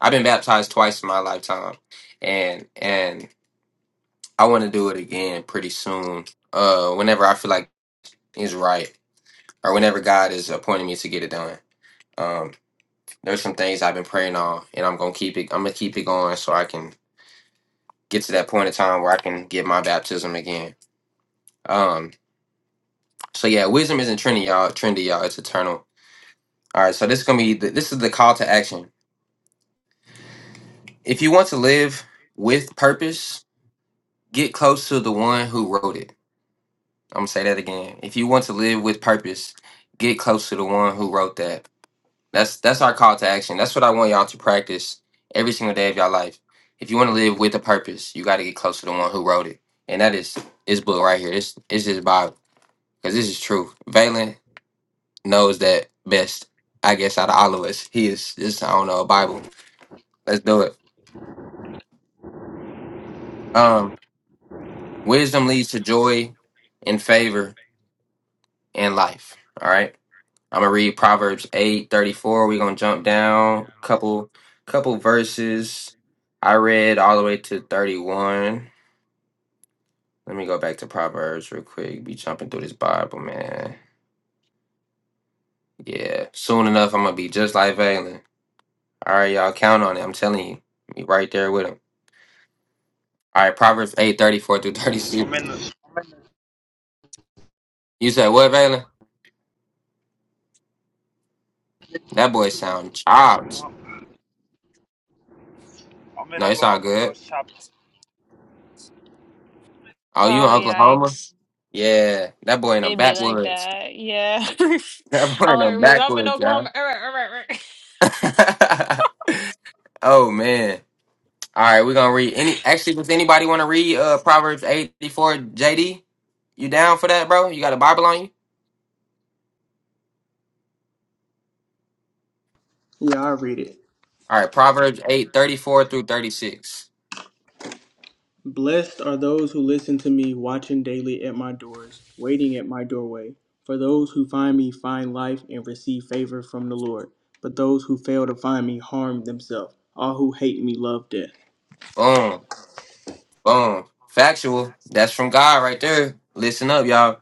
I've been baptized twice in my lifetime and and I want to do it again pretty soon. Uh, whenever I feel like it's right, or whenever God is appointing me to get it done. Um, there's some things I've been praying on, and I'm gonna keep it. I'm gonna keep it going so I can get to that point in time where I can get my baptism again. Um, so yeah, wisdom isn't trendy, y'all. Trendy, y'all. It's eternal. All right. So this is gonna be. The, this is the call to action. If you want to live with purpose, get close to the one who wrote it. I'm gonna say that again. If you want to live with purpose, get close to the one who wrote that. That's that's our call to action. That's what I want y'all to practice every single day of your life. If you want to live with a purpose, you got to get close to the one who wrote it, and that is this book right here. This this is Bible because this is true. Valen knows that best, I guess, out of all of us. He is this I don't know a Bible. Let's do it. Um, wisdom leads to joy, and favor in life. All right. I'm gonna read Proverbs eight thirty four. we We're gonna jump down couple couple verses. I read all the way to 31. Let me go back to Proverbs real quick. Be jumping through this Bible, man. Yeah. Soon enough, I'm gonna be just like Valen. All right, y'all count on it. I'm telling you, be right there with him. All right, Proverbs eight thirty four through
I'm
36.
in the. I'm in,
You said what, Valen? That boy sound chopped.
the, I'm in
No, it's all
Oklahoma, so
good.
it's choppy.
Oh, you in
Oh,
Oklahoma?
yikes.
Yeah, that boy in the
It'd be like
backwoods.
that. Yeah.
That boy
All
in
I
the
heard was, I'm in
backwoods, y'all.
Oklahoma. Er, er, er, er.
oh man. All right, we're gonna read any actually does anybody wanna read uh Proverbs eight thirty four JD? You down for that, bro? You got a Bible on you?
Yeah, I'll read it.
All right, Proverbs eight thirty four through thirty six.
Blessed are those who listen to me, watching daily at my doors, waiting at my doorway. For those who find me find life and receive favor from the Lord. But those who fail to find me harm themselves. All who hate me love death.
Boom, boom. Factual. That's from God right there. Listen up, y'all.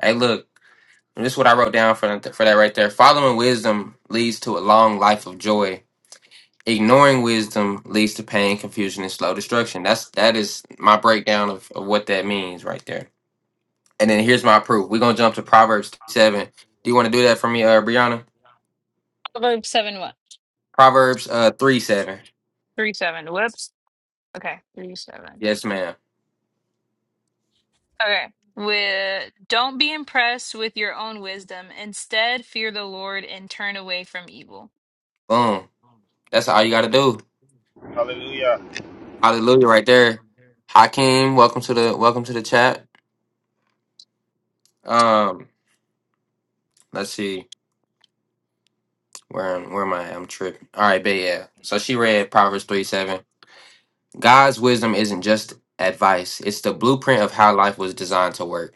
Hey, look, this is what I wrote down for that, for that right there. Following wisdom leads to a long life of joy. Ignoring wisdom leads to pain, confusion, and slow destruction. That's that is my breakdown of, of what that means right there. And then here's my proof. We're gonna jump to Proverbs seven. Do you want to do that for me, uh, Brianna?
About seven, what?
Proverbs uh three seven.
Three, seven. Whoops. Okay. Three, seven.
Yes, ma'am.
Okay. With, don't be impressed with your own wisdom. Instead, fear the Lord and turn away from evil.
Boom. That's all you gotta do.
Hallelujah.
Hallelujah, right there. Hakeem, welcome to the welcome to the chat. Um, let's see where I'm, where am I? I'm tripping. All right, but yeah. So she read Proverbs three seven. God's wisdom isn't just advice; it's the blueprint of how life was designed to work.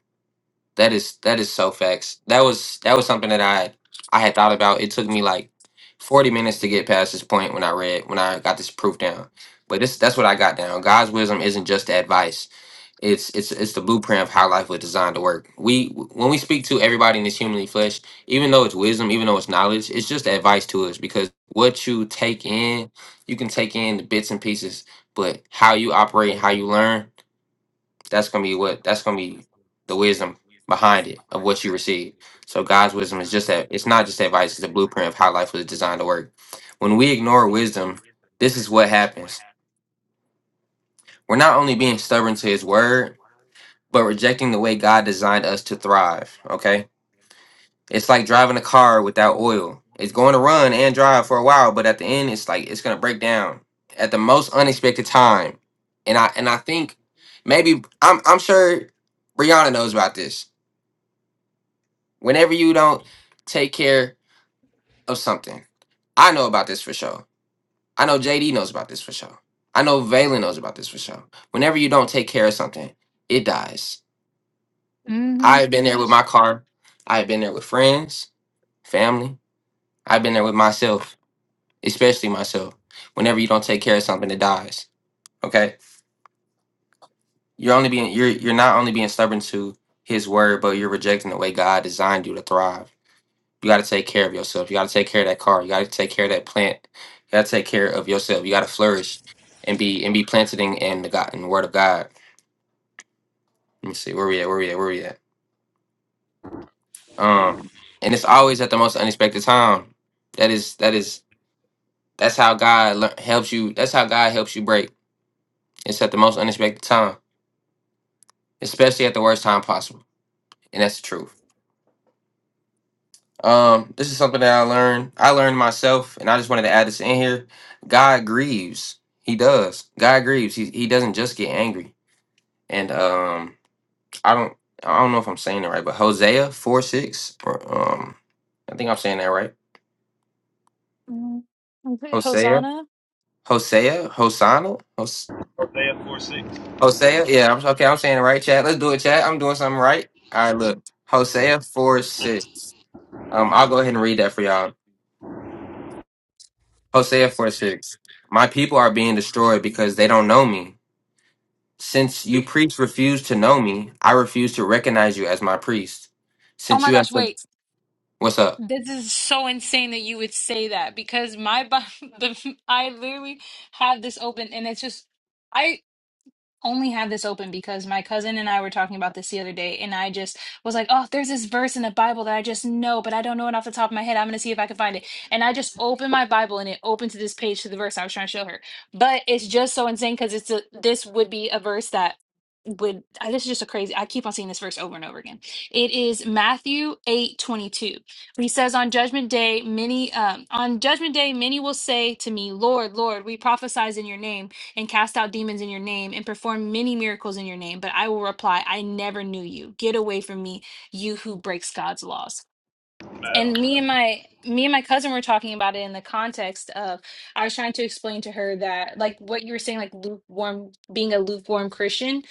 That is that is so facts. That was that was something that I I had thought about. It took me like forty minutes to get past this point when I read when I got this proof down. But this that's what I got down. God's wisdom isn't just the advice. It's it's it's the blueprint of how life was designed to work. We when we speak to everybody in this humanly flesh, even though it's wisdom, even though it's knowledge, it's just advice to us because what you take in, you can take in the bits and pieces, but how you operate, how you learn, that's gonna be what that's gonna be the wisdom behind it of what you receive. So God's wisdom is just that it's not just advice, it's a blueprint of how life was designed to work. When we ignore wisdom, this is what happens. We're not only being stubborn to his word, but rejecting the way God designed us to thrive. Okay? It's like driving a car without oil. It's going to run and drive for a while, but at the end it's like it's gonna break down at the most unexpected time. And I and I think maybe I'm I'm sure Brianna knows about this Whenever you don't take care of something, I know about this for sure. I know JD knows about this for sure. I know Valen knows about this for sure. Whenever you don't take care of something, it dies.
Mm
I've been there with my car. I've been there with friends, family. I've been there with myself, especially myself. Whenever you don't take care of something, it dies. Okay, you're only being you're you're not only being stubborn to His word, but you're rejecting the way God designed you to thrive. You got to take care of yourself. You got to take care of that car. You got to take care of that plant. You got to take care of yourself. You got to flourish and be and be planted in, in the God in the Word of God. Let me see where we at. Where we at? Where we at? Um, and it's always at the most unexpected time. That is that is that's how God lear- helps you. That's how God helps you break. It's at the most unexpected time, especially at the worst time possible. And that's the truth. Um, this is something that I learned. I learned myself, and I just wanted to add this in here. God grieves. He does. God grieves. He he doesn't just get angry. And um, I don't I don't know if I'm saying it right, but Hosea four six. Or, um, I think I'm saying that right.
hmm.
Hosea,
Hosanna?
Hosea, Hosanna, Hos-
Hosea 4 6.
Hosea. Yeah, I'm okay. I'm saying it right, chat. Let's do it, chat. I'm doing something right. All right, look, Hosea four six. Um, I'll go ahead and read that for y'all. Hosea 4 6. My people are being destroyed because they don't know me. Since you priests refuse to know me, I refuse to recognize you as my priest.
Oh
Since
my
you have
gosh,
said,
wait.
What's up?
This is so insane that you would say that because my bu- the I literally have this open and it's just I only have this open because my cousin and I were talking about this the other day, and I just was like, "Oh, there's this verse in the Bible that I just know, but I don't know it off the top of my head. I'm gonna see if I can find it." And I just opened my Bible, and it opened to this page to the verse I was trying to show her. But it's just so insane because it's a, this would be a verse that would I, this is just a crazy. I keep on seeing this verse over and over again. It is Matthew eight twenty two. He says, "On judgment day, many um, on judgment day, many will say to me, Lord, Lord, we prophesied in your name." and cast out demons in your name and perform many miracles in your name. But I will reply, I never knew you. Get away from me, you who breaks God's laws
Nah, i don't.
and me and my me and my cousin were talking about it in the context of I was trying to explain to her that like what you were saying like lukewarm being a lukewarm Christian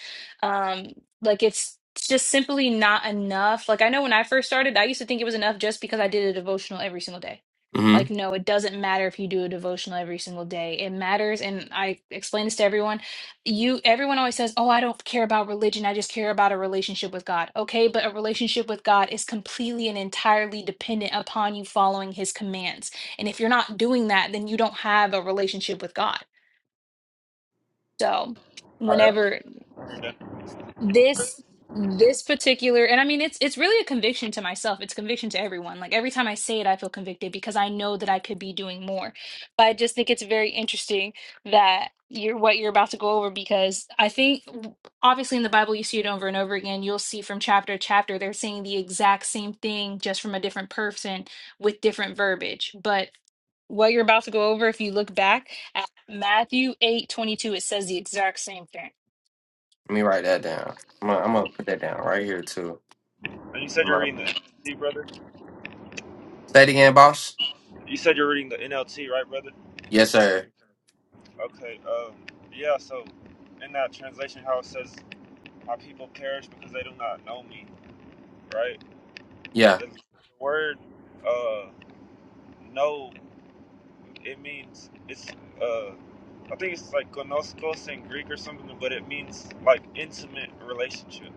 um like it's it's just simply not enough like I know when I first started I used to think it was enough just because I did a devotional every single day
Mm-hmm.
like no it doesn't matter if you do a devotional every single day it matters and I explain this to everyone you everyone always says oh i don't care about religion i just care about a relationship with god okay but a relationship with god is completely and entirely dependent upon you following his commands and if you're not doing that then you don't have a relationship with god so
I don't read that.
whenever
that.
this this particular and i mean it's it's really a conviction to myself it's conviction to everyone like every time i say it i feel convicted because i know that i could be doing more but i just think it's very interesting that you're what you're about to go over because i think w- obviously in the bible you see it over and over again you'll see from chapter to chapter they're saying the exact same thing just from a different person with different verbiage but what you're about to go over if you look back at matthew eight twenty two, it says the exact same thing
Let me write that down. I'm gonna, I'm gonna put that down right here too.
And you said
I'm
you're
gonna-
reading the NLT, brother?
Say it again, boss.
You said you're reading the NLT, right, brother?
Yes, sir.
Okay, um, yeah, so in that translation, how it says, My people perish because they do not know me, right?
Yeah,
The word, uh, know, it means, it's, uh, I think it's like konoskos in Greek or something, but it means like intimate relationship.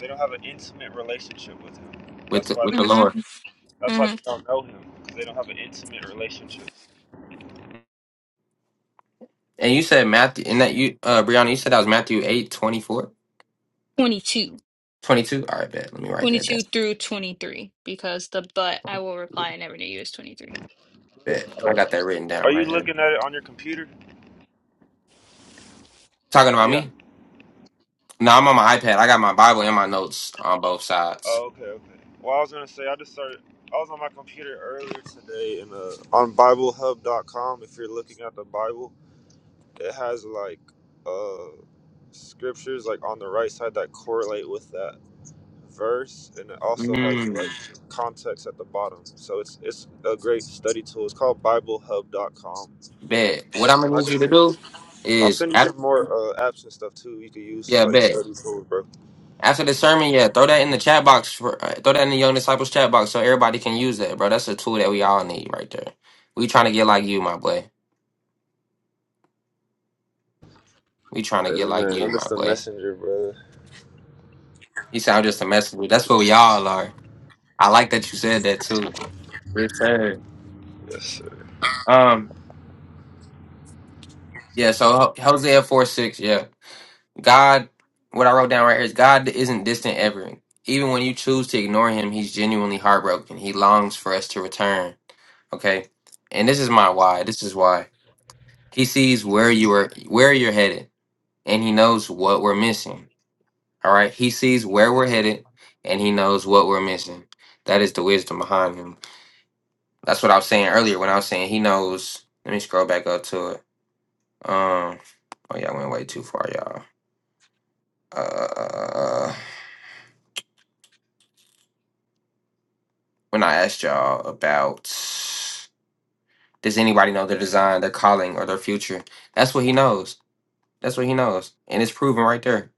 They don't have an intimate relationship with him.
with
That's
the,
why they,
with the
Mm-hmm.
Lord.
that's why they
Mm-hmm.
don't know him, because they don't have an intimate relationship.
And you said Matthew, and that you, uh, Brianna, you said that was Matthew eight twenty four
22.
twenty two. All right, bet. Let me write that down.
22 through 23, because the but I will reply I never knew you was 23.
Bet. I
Uh,
got that written
are
down
you
right here.
looking at it on your computer?
Talking about
Yeah.
me? No, I'm on my iPad. I got my Bible and my notes on both sides.
Oh, okay, okay. Well, I was gonna say I just started. I was on my computer earlier today, and uh, on Bible Hub dot com. if you're looking at the Bible, it has like uh scriptures like on the right side that correlate with that verse, and it also has
Mm,
like context at the bottom. So it's it's a great study tool. It's called Bible Hub dot com,
bet. What I'm
and
gonna
I
need
can
you to
send,
do
I'll
is,
send you
after,
some more uh, apps and stuff too. You can use
yeah,
like
bet.
study tools, bro.
After the sermon, yeah, throw that in the chat box. For, uh, throw that in the Young Disciples chat box so everybody can use that, bro. That's a tool that we all need right there. We trying to get like you, my boy. We trying to get like
Amen.
you,
I'm
my
just a
boy.
messenger, brother.
You sound just a messenger." That's what we all are. I like that you said that too. Yes, sir.
Yes, sir.
Um, Yeah, so Ho- Hosea 4 6, yeah. God, what I wrote down right here is God isn't distant ever. Even when you choose to ignore him, he's genuinely heartbroken. He longs for us to return. Okay? And this is my why. This is why. He sees where you are where you're headed and he knows what we're missing. All right? He sees where we're headed and he knows what we're missing. That is the wisdom behind him. That's what I was saying earlier when I was saying he knows. Let me scroll back up to it. Um oh yeah, I went way too far, y'all. uh when I asked y'all about does anybody know their design, their calling, or their future? That's what he knows. That's what he knows. And it's proven right there.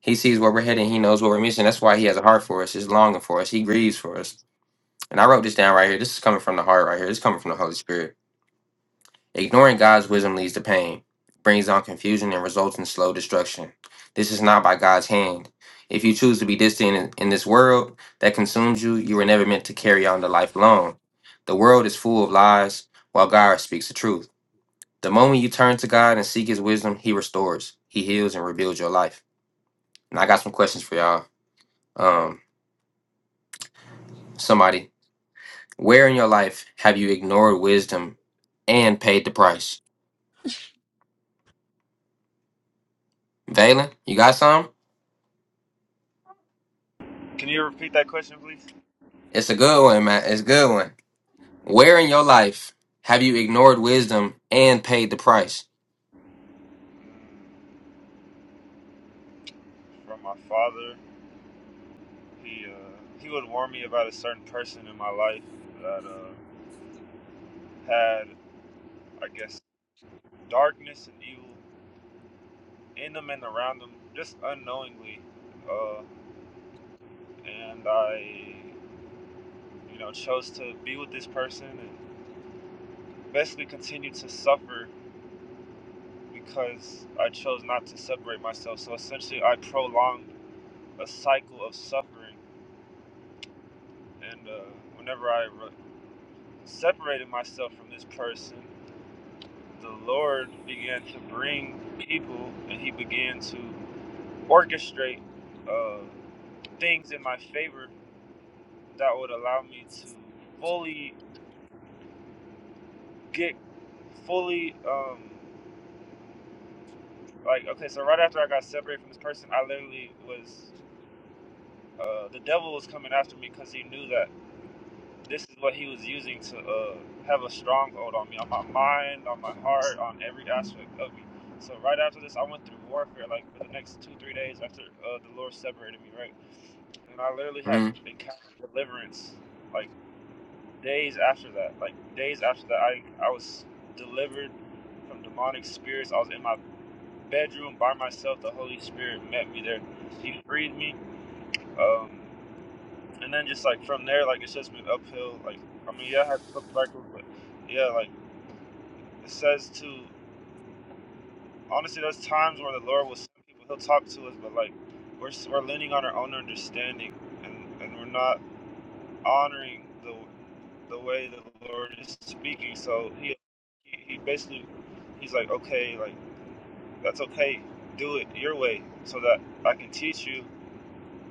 He sees where we're heading, he knows what we're missing. That's why he has a heart for us. He's longing for us. He grieves for us. And I wrote this down right here. This is coming from the heart right here. This is coming from the Holy Spirit. Ignoring God's wisdom leads to pain, brings on confusion, and results in slow destruction. This is not by God's hand. If you choose to be distant in, in this world that consumes you, you were never meant to carry on the life alone. The world is full of lies, while God speaks the truth. The moment you turn to God and seek His wisdom, He restores, He heals, and rebuilds your life. And I got some questions for y'all. Um, somebody, where in your life have you ignored wisdom and paid the price? Valen, you got some?
Can you repeat that question, please?
It's a good one, man. It's a good one. Where in your life have you ignored wisdom and paid the price?
From my father, he uh, he would warn me about a certain person in my life that uh, had, I guess, darkness and evil in them and around them, just unknowingly. Uh, and I, you know, chose to be with this person and basically continued to suffer because I chose not to separate myself. So essentially, I prolonged a cycle of suffering. And uh, whenever I re- separated myself from this person, the Lord began to bring people and he began to orchestrate uh, things in my favor that would allow me to fully get fully um, like okay so right after I got separated from this person I literally was uh, the devil was coming after me because he knew that this is what he was using to uh, have a stronghold on me, on my mind, on my heart, on every aspect of me. So right after this, I went through warfare, like for the next two, three days after uh, the Lord separated me, right? And I literally had
hmm
encountered deliverance, like days after that, like days after that, I I was delivered from demonic spirits. I was in my bedroom by myself. The Holy Spirit met me there. He freed me. Um, and then just like from there, like it says been uphill. Like I mean, yeah, I had a couple cycles, but yeah, like it says to. Honestly, there's times where the Lord will send people. He'll talk to us, but like we're we're leaning on our own understanding, and and we're not honoring the the way the Lord is speaking. So he he basically he's like, okay, like that's okay. Do it your way, so that I can teach you.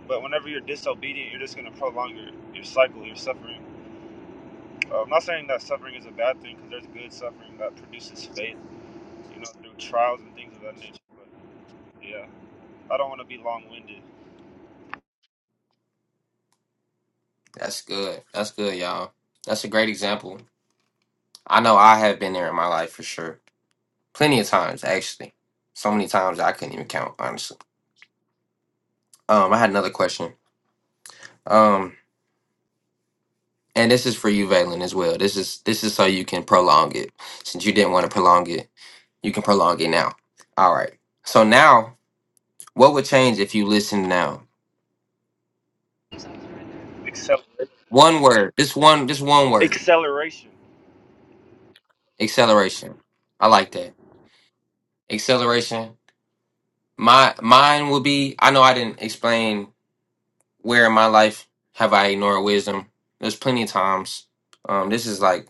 But whenever you're disobedient, you're just gonna prolong your your cycle, your suffering. Uh, I'm not saying that suffering is a bad thing because there's good suffering that produces faith, you know, through trials and things of that nature. But yeah, I don't want to be long winded.
That's good. That's good, y'all. That's a great example. I know I have been there in my life for sure. Plenty of times, actually. So many times I couldn't even count, honestly. Um, I had another question. Um, and this is for you, Valen, as well. This is this is so you can prolong it. Since you didn't want to prolong it, you can prolong it now. All right. So now, what would change if you listened now?
Accelerate.
One word. Just one. Just one word.
Acceleration.
Acceleration. I like that. Acceleration. My mine will be. I know I didn't explain where in my life have I ignored wisdom. There's plenty of times. Um, this is like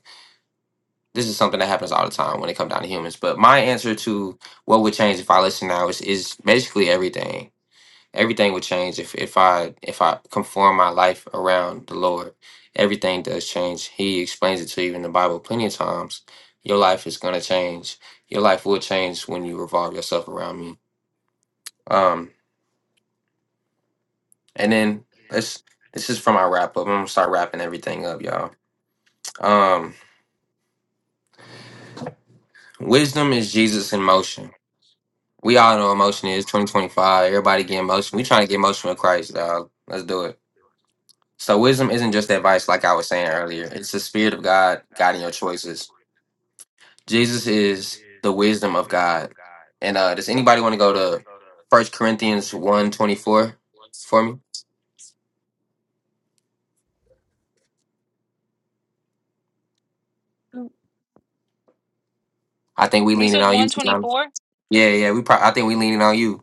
this is something that happens all the time when it comes down to humans. But my answer to what would change if I listen now is is basically everything. everything would change if if I if I conform my life around the Lord. Everything does change. He explains it to you in the Bible plenty of times. Your life is gonna change. Your life will change when you revolve yourself around me. Um, and then let's this is from my wrap up. I'm gonna start wrapping everything up, y'all. Um, wisdom is Jesus in motion. We all know emotion is 2025. Everybody get emotion. We trying to get emotion with Christ, dog. Let's do it. So wisdom isn't just advice, like I was saying earlier. It's the spirit of God guiding your choices. Jesus is the wisdom of God. And uh, does anybody want to go to First Corinthians one 24 for me? I think we
You
leaning
said
on you.
124?
Yeah, yeah. We probably I think we leaning on you.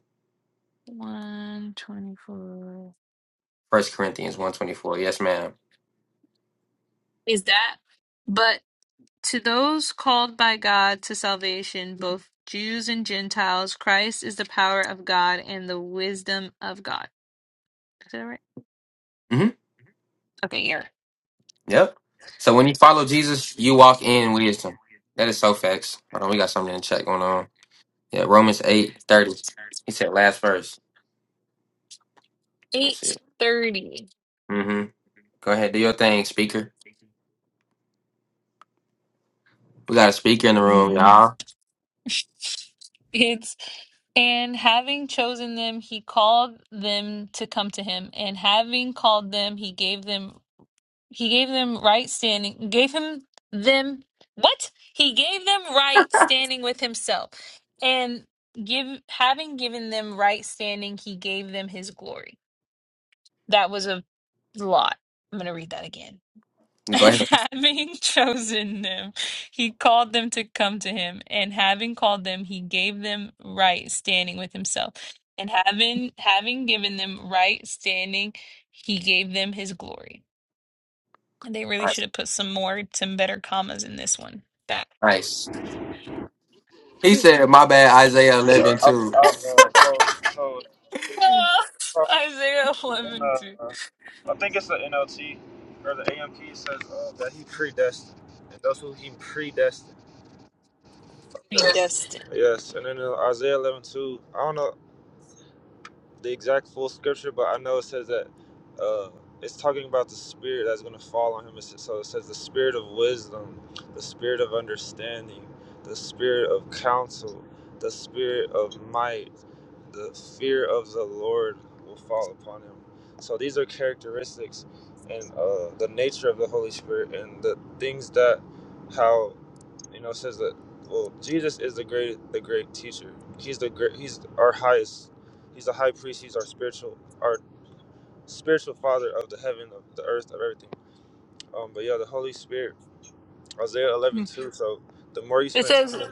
124.
First Corinthians one 24. Yes, ma'am.
Is that? But to those called by God to salvation, both Jews and Gentiles, Christ is the power of God and the wisdom of God. Is that right?
Mm-hmm.
Okay, here.
Yep. So when you follow Jesus, you walk in wisdom. That is so facts. Hold on, we got something to check going on. Yeah, Romans eight thirty. He said last verse. Let me see.
830.
Mm-hmm. Go ahead, do your thing, speaker. We got a speaker in the room, y'all.
It's and having chosen them, he called them to come to him, and having called them, he gave them he gave them right standing, gave him them what? He gave them right standing with himself. And give having given them right standing, he gave them his glory. That was a lot. I'm going to read that again. And
Go ahead.
having chosen them, he called them to come to him. And having called them, he gave them right standing with himself. And having having given them right standing, he gave them his glory. And they really should
Nice.
have put some more, some better commas in this one. That
Nice. He said, "My bad." Isaiah
Sorry,
eleven
I, I,
too.
uh, so, so so
Isaiah
in,
eleven two.
uh, I think it's the NLT or the AMP says uh, that he predestined, and those who he predestined. Yes.
Predestined.
Yes, and then uh, Isaiah 11 2. I don't know. the exact full scripture, but I know it says that uh, it's talking about the spirit that's going to fall on him. It's- So it says the spirit of wisdom, the spirit of understanding, the spirit of counsel, the spirit of might, the fear of the Lord will fall upon him. So these are characteristics and uh, the nature of the Holy Spirit and the things that how you know it says that well Jesus is the great the great teacher. He's the great he's our highest He's the high priest. He's our spiritual, our spiritual father of the heaven, of the earth, of everything. Um, but yeah, the Holy Spirit, Isaiah eleven two. So the more you
It
spend time
says.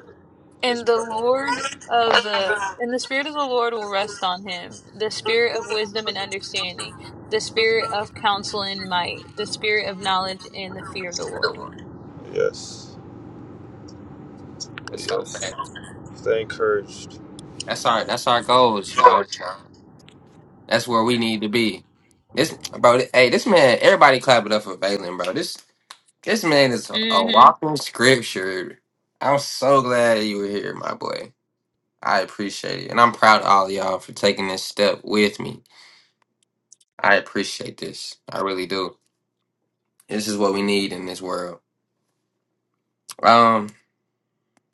in His
And the
presence,
Lord of the and the spirit of the Lord will rest on him, the spirit of wisdom and understanding, the spirit of counsel and might, the spirit of knowledge and the fear of the Lord.
yes,
That's
but
so
yes,
fact.
stay encouraged.
That's our that's our goals, y'all. That's where we need to be. This bro, th- hey, this man. Everybody clap it up for Valen, bro. This this man is a, a
hmm
walking scripture. I'm so glad you were here, my boy. I appreciate it, and I'm proud of all of y'all for taking this step with me. I appreciate this. I really do. This is what we need in this world. Um,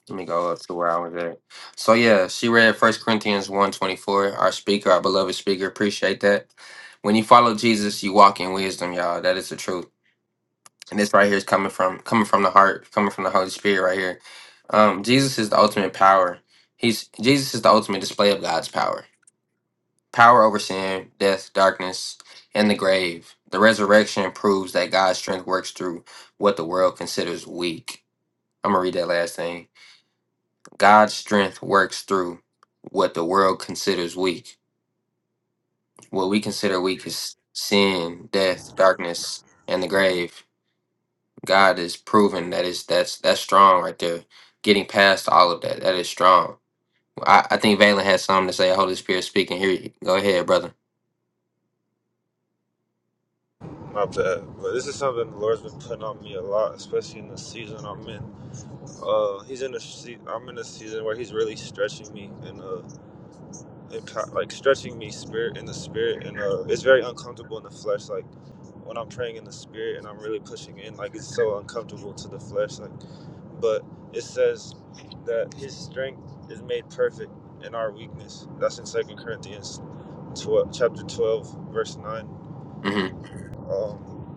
let me go up to where I was at. So yeah, she read First Corinthians 124. Our speaker, our beloved speaker, appreciate that. When you follow Jesus, you walk in wisdom, y'all. That is the truth. And this right here is coming from coming from the heart, coming from the Holy Spirit right here. Um, Jesus is the ultimate power. He's Jesus is the ultimate display of God's power. Power over sin, death, darkness, and the grave. The resurrection proves that God's strength works through what the world considers weak. I'm going to read that last thing. God's strength works through what the world considers weak. What we consider weak is sin, death, darkness, and the grave. God is proven that is that's that's strong right there. Getting past all of that, that is strong. I, I think Valen had something to say. Holy Spirit speaking. Here, you go ahead, brother.
My bad, but this is something the Lord's been putting on me a lot, especially in the season I'm in. Uh, he's in a. se- I'm in a season where he's really stretching me and uh, and co- like stretching me spirit in the spirit, and uh, it's very uncomfortable in the flesh. Like when I'm praying in the spirit and I'm really pushing in, like it's so uncomfortable to the flesh. Like, but it says that his strength is made perfect in our weakness. That's in Second Corinthians 12, chapter 12, verse 9.
hmm
Um,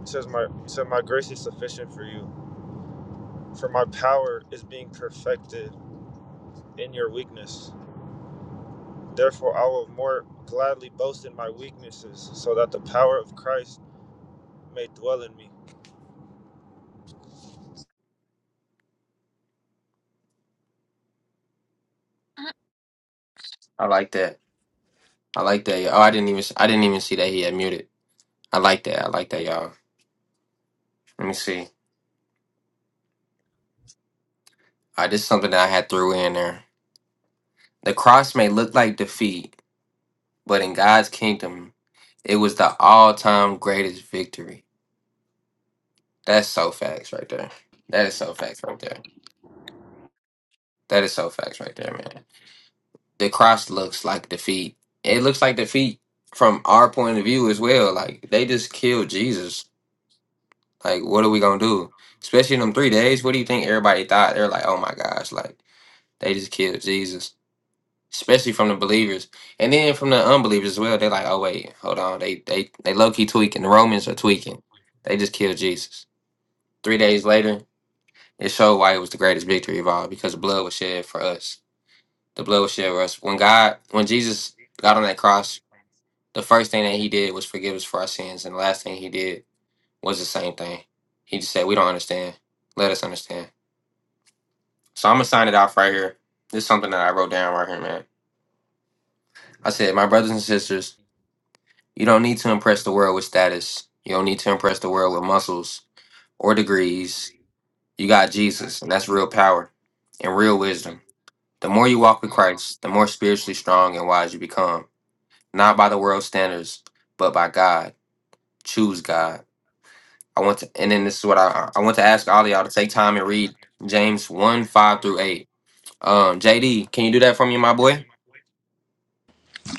it says, my, it says, My grace is sufficient for you, for my power is being perfected in your weakness. Therefore, I will more gladly boast in my weaknesses, so that the power of Christ may dwell in me.
I like that. I like that. y'all. Oh, I didn't even I didn't even see that he had muted. I like that. I like that, y'all. Let me see. All right, this is something that I had threw in there. The cross may look like defeat, but in God's kingdom, it was the all-time greatest victory. That's so facts right there. That is so facts right there. That is so facts right there, man. The cross looks like defeat. It looks like defeat from our point of view as well. Like they just killed Jesus. Like what are we gonna do? Especially in them three days. What do you think everybody thought? They're like, oh my gosh, like. They just killed Jesus, especially from the believers, and then from the unbelievers as well. They're like, "Oh wait, hold on. They they they low key tweaking. The Romans are tweaking. They just killed Jesus." Three days later, it showed why it was the greatest victory of all because the blood was shed for us. The blood was shed for us. When God, when Jesus got on that cross, the first thing that He did was forgive us for our sins, and the last thing He did was the same thing. He just said, "We don't understand. Let us understand." So I'm gonna sign it off right here. This is something that I wrote down right here, man. I said, "My brothers and sisters." You don't need to impress the world with status. You don't need to impress the world with muscles or degrees. You got Jesus, and that's real power and real wisdom. The more you walk with Christ, the more spiritually strong and wise you become. Not by the world's standards, but by God. Choose God. I want to, and then this is what I I want to ask all of y'all to take time and read James one five through eight. Um, JD, can you do that for me, my boy?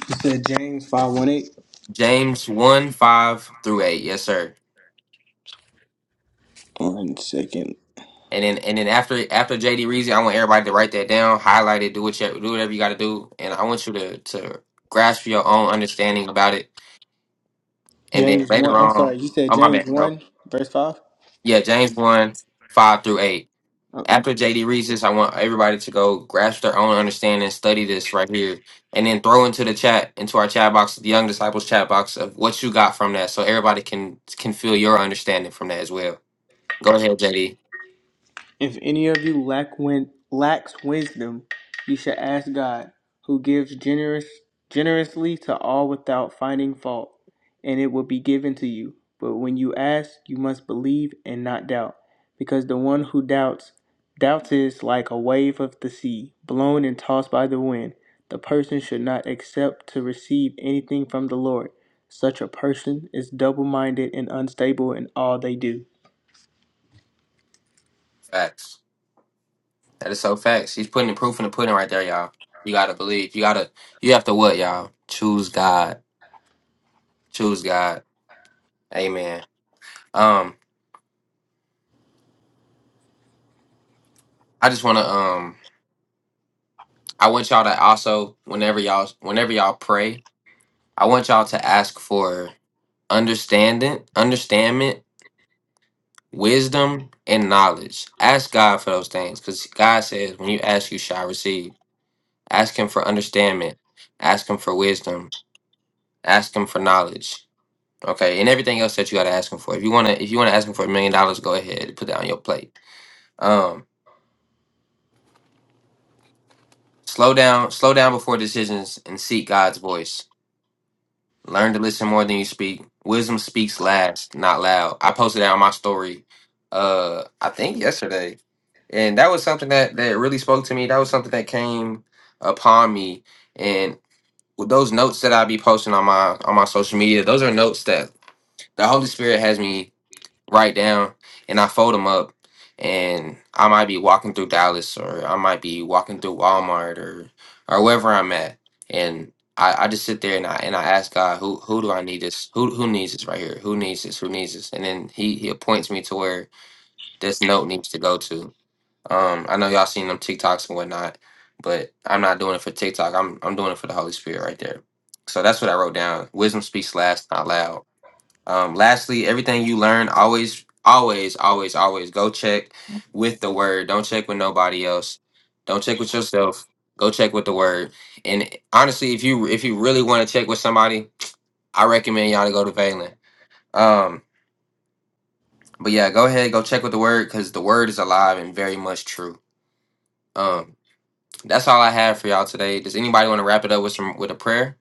It said James 518. One eight.
James one five through eight. Yes, sir.
One second.
And then and then after after JD Reezy, I want everybody to write that down, highlight it, do what you, do whatever you got to do, and I want you to to grasp your own understanding about it. And then
James 1.
later
I'm
on,
sorry. You said
oh my
James
bad, bro.
1, verse 5?
Yeah, James one five through eight.
Okay.
After JD reads this, I want everybody to go grasp their own understanding, study this right here, and then throw into the chat, into our chat box, the Young Disciples chat box, of what you got from that, so everybody can can feel your understanding from that as well. Go ahead, JD.
If any of you lack win- lacks wisdom, you should ask God, who gives generous generously to all without finding fault, and it will be given to you. But when you ask, you must believe and not doubt, because the one who doubts doubts is like a wave of the sea, blown and tossed by the wind. The person should not accept to receive anything from the Lord. Such a person is double minded and unstable in all they do.
Facts. That is so facts. He's putting the proof in the pudding right there, y'all. You gotta believe. You gotta. You have to what, y'all? Choose God. Choose God. Amen. Um, I just wanna um, I want y'all to also whenever y'all whenever y'all pray, I want y'all to ask for understanding, understanding, wisdom, and knowledge. Ask God for those things, because God says when you ask, you shall receive. Ask Him for understanding. Ask Him for wisdom. Ask Him for knowledge Okay, and everything else that you gotta ask him for. If you wanna, if you wanna ask him for a million dollars, go ahead, and put that on your plate. Um, slow down, slow down before decisions, and seek God's voice. Learn to listen more than you speak. Wisdom speaks last, not loud. I posted that on my story, uh, I think yesterday, and that was something that that really spoke to me. That was something that came upon me, and with those notes that I be posting on my on my social media, those are notes that the Holy Spirit has me write down and I fold them up. And I might be walking through Dallas or I might be walking through Walmart or or wherever I'm at. And I, I just sit there and I and I ask God who who do I need this? Who who needs this right here? Who needs this? Who needs this? And then he he appoints me to where this note needs to go to. Um I know y'all seen them TikToks and whatnot, but I'm not doing it for TikTok. I'm I'm doing it for the Holy Spirit right there. So that's what I wrote down. Wisdom speaks last, not loud. Um, lastly, everything you learn, always, always, always, always go check with the word. Don't check with nobody else. Don't check with yourself. Go check with the word. And honestly, if you if you really want to check with somebody, I recommend y'all to go to Valen. Um, but yeah, go ahead, go check with the word because the word is alive and very much true. Um, that's all I have for y'all today. Does anybody want to wrap it up with some with a prayer?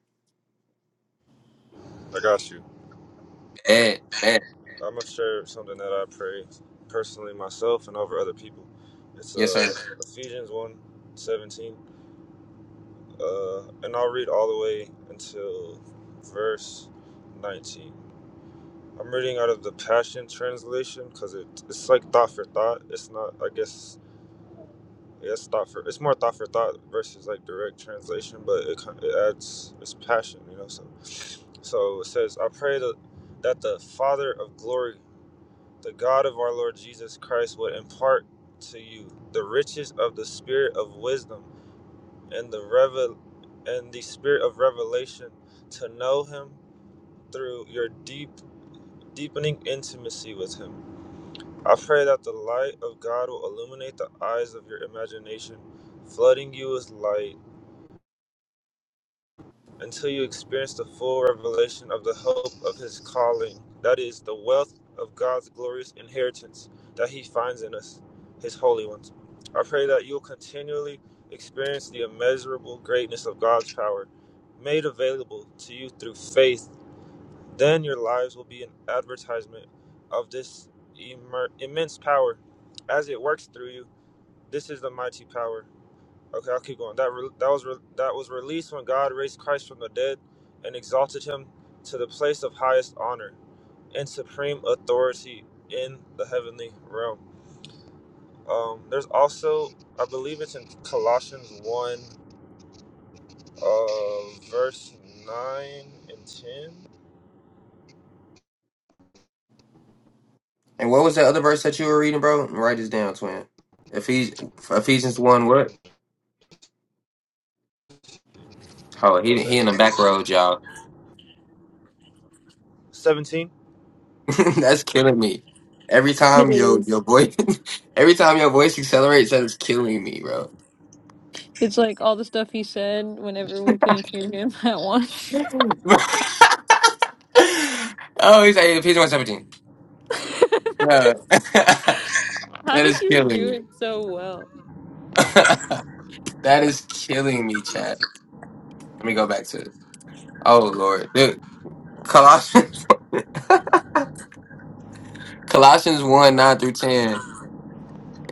I got you.
Bed, bed.
I'm gonna share something that I pray personally myself and over other people. It's
Yes,
uh,
sir.
Yes, Ephesians 1 seventeen, Uh, and I'll read all the way until verse 19. I'm reading out of the Passion Translation because it, it's like thought for thought. It's not, I guess, Yeah, it's thought for it's more thought for thought versus like direct translation, but it kin- it adds it's passion, you know. So, so it says, I pray that that the Father of glory, the God of our Lord Jesus Christ, would impart to you the riches of the Spirit of wisdom and the revel and the Spirit of revelation to know Him through your deep deepening intimacy with Him. I pray that the light of God will illuminate the eyes of your imagination, flooding you with light until you experience the full revelation of the hope of his calling, that is, the wealth of God's glorious inheritance that he finds in us, his holy ones. I pray that you'll continually experience the immeasurable greatness of God's power made available to you through faith. Then your lives will be an advertisement of this immer- immense power as it works through you. This is the mighty power Okay, I'll keep going. That re- that was re- that was released when God raised Christ from the dead and exalted him to the place of highest honor and supreme authority in the heavenly realm. Um, there's also, I believe it's in Colossians one, uh, verse nine and ten.
And what was that other verse that you were reading, bro? Write this down, twin. Ephes- Ephesians 1, what? Oh, he
Okay,
he in the back road, y'all.
seventeen.
That's killing me. Every time your your voice every time your voice accelerates, that is killing me, bro.
It's like all the stuff he said whenever we couldn't hear him at once.
oh, he's like Ephesians one 17, Bro. that
How did
is
you
killing
do
me.
it so well?
that is killing me, chat. Let me go back to it. Oh Lord. Dude. Colossians Colossians 1, 9 through 10.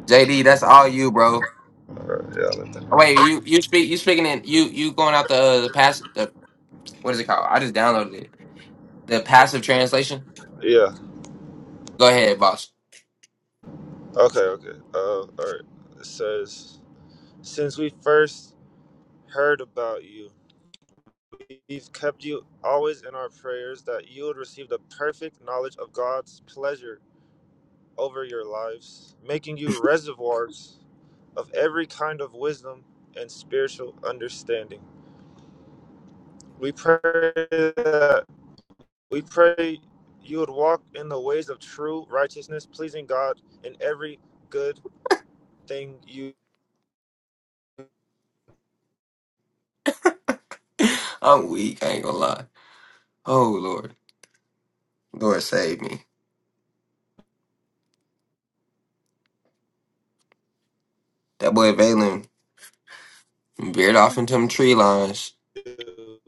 JD, that's all you, bro.
Alright, yeah, I let that
Oh, wait, you you speak you speaking in you you going out the uh, the pass the what is it called? I just downloaded it. The passive translation.
Yeah.
Go ahead, boss.
Okay. Okay. Uh, all right. It says, since we first heard about you. We've kept you always in our prayers that you would receive the perfect knowledge of God's pleasure over your lives, making you reservoirs of every kind of wisdom and spiritual understanding. We pray that we pray you would walk in the ways of true righteousness, pleasing God in every good thing you
I'm weak. I ain't gonna lie. Oh Lord, Lord save me. That boy Valen veered off into them tree lines.
do.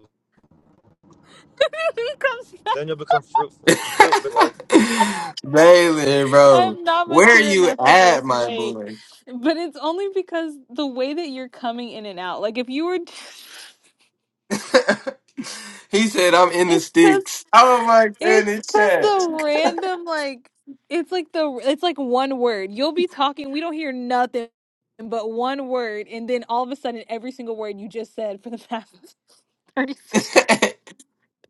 he comes
Then
back.
you'll become fruitful, fruit bearing.
Valen, bro,
I'm not
where are
mature
you
enough for this.
at, my
Wait.
boy?
But it's only because the way that you're coming in and out. Like if you were
he said, "I'm in the
it's cuz
sticks." Oh my
it's
goodness,
cuz
chat.
the random like it's like the it's like one word. You'll be talking, we don't hear nothing but one word and then all of a sudden every single word you just said for the past 30 seconds.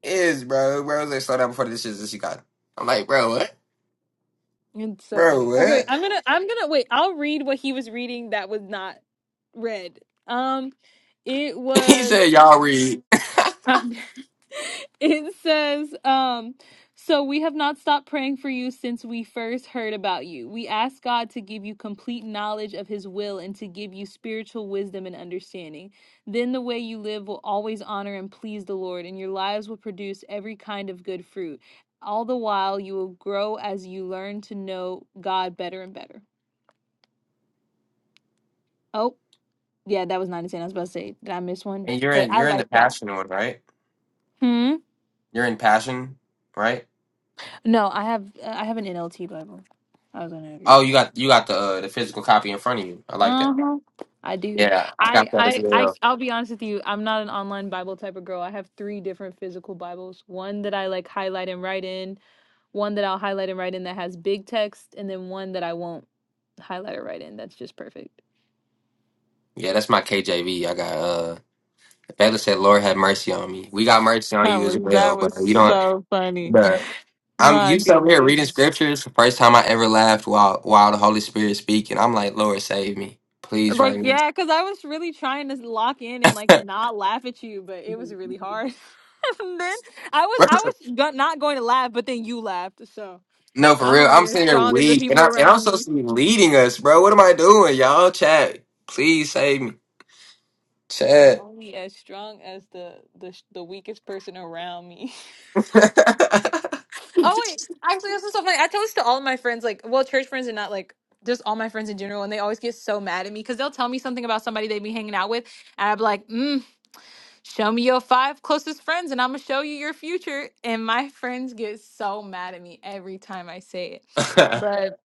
is, bro. Bro was like, slow down before this shit's in Chicago. I'm like, bro, what?
It's so
Bro,
funny. Okay, wait,
what?
I'm gonna I'm gonna wait. I'll read what he was reading that was not read. Um, it
he
was.
said, y'all read.
Um, it says, um, so we have not stopped praying for you since we first heard about you. We ask God to give you complete knowledge of his will and to give you spiritual wisdom and understanding. Then the way you live will always honor and please the Lord, and your lives will produce every kind of good fruit. All the while, you will grow as you learn to know God better and better. Oh, yeah, that was 9 to 10. I was about to say, did I miss one?
And you're
But
in,
I
you're in the
like that.
passion one, right?
Hmm.
You're in passion, right?
No, I have I have an NLT Bible. I was gonna agree
Oh,
with you
you
on.
got, you got the uh, the physical copy in front of you. I like that.
Uh huh. I do.
Yeah, I
I
got that as
I I
well.
I'll be honest with you. I'm not an online Bible type of girl. I have three different physical Bibles. One that I like highlight and write in. One that I'll highlight and write in that has big text, and then one that I won't highlight or write in. That's just perfect.
Yeah, that's my KJV. I got uh, Bella said, Lord have mercy on me. We got mercy on
That
you as
was that
well, but
was
you don't,
so funny.
but. I'm
My
used to over here reading
goodness.
scriptures. The first time I ever laughed while while the Holy Spirit speaking, I'm like, Lord, save me, please,
Like,
right
yeah, because I was really trying to lock in and like
now.
not laugh at you, but it was really hard. and then I was I was go- not going to laugh, but then you laughed. So
No, for
I'm
real.
only
I'm
as
sitting there
strong as the
weak, and
people
I and I'm
around me.
supposed to be leading us, bro. What am I doing, y'all? Chat, please save me,
I'm
chat.
only as strong as the the sh- the weakest person around me.
nah,
Oh wait, actually, this is so funny. I tell this to all of my friends, like, well, church friends and not like just all my friends in general, and they always get so mad at me because they'll tell me something about somebody they be hanging out with, and I'd be like, mm, "Show me your five closest friends, and I'm gonna show you your future." And my friends get so mad at me every time I say it, but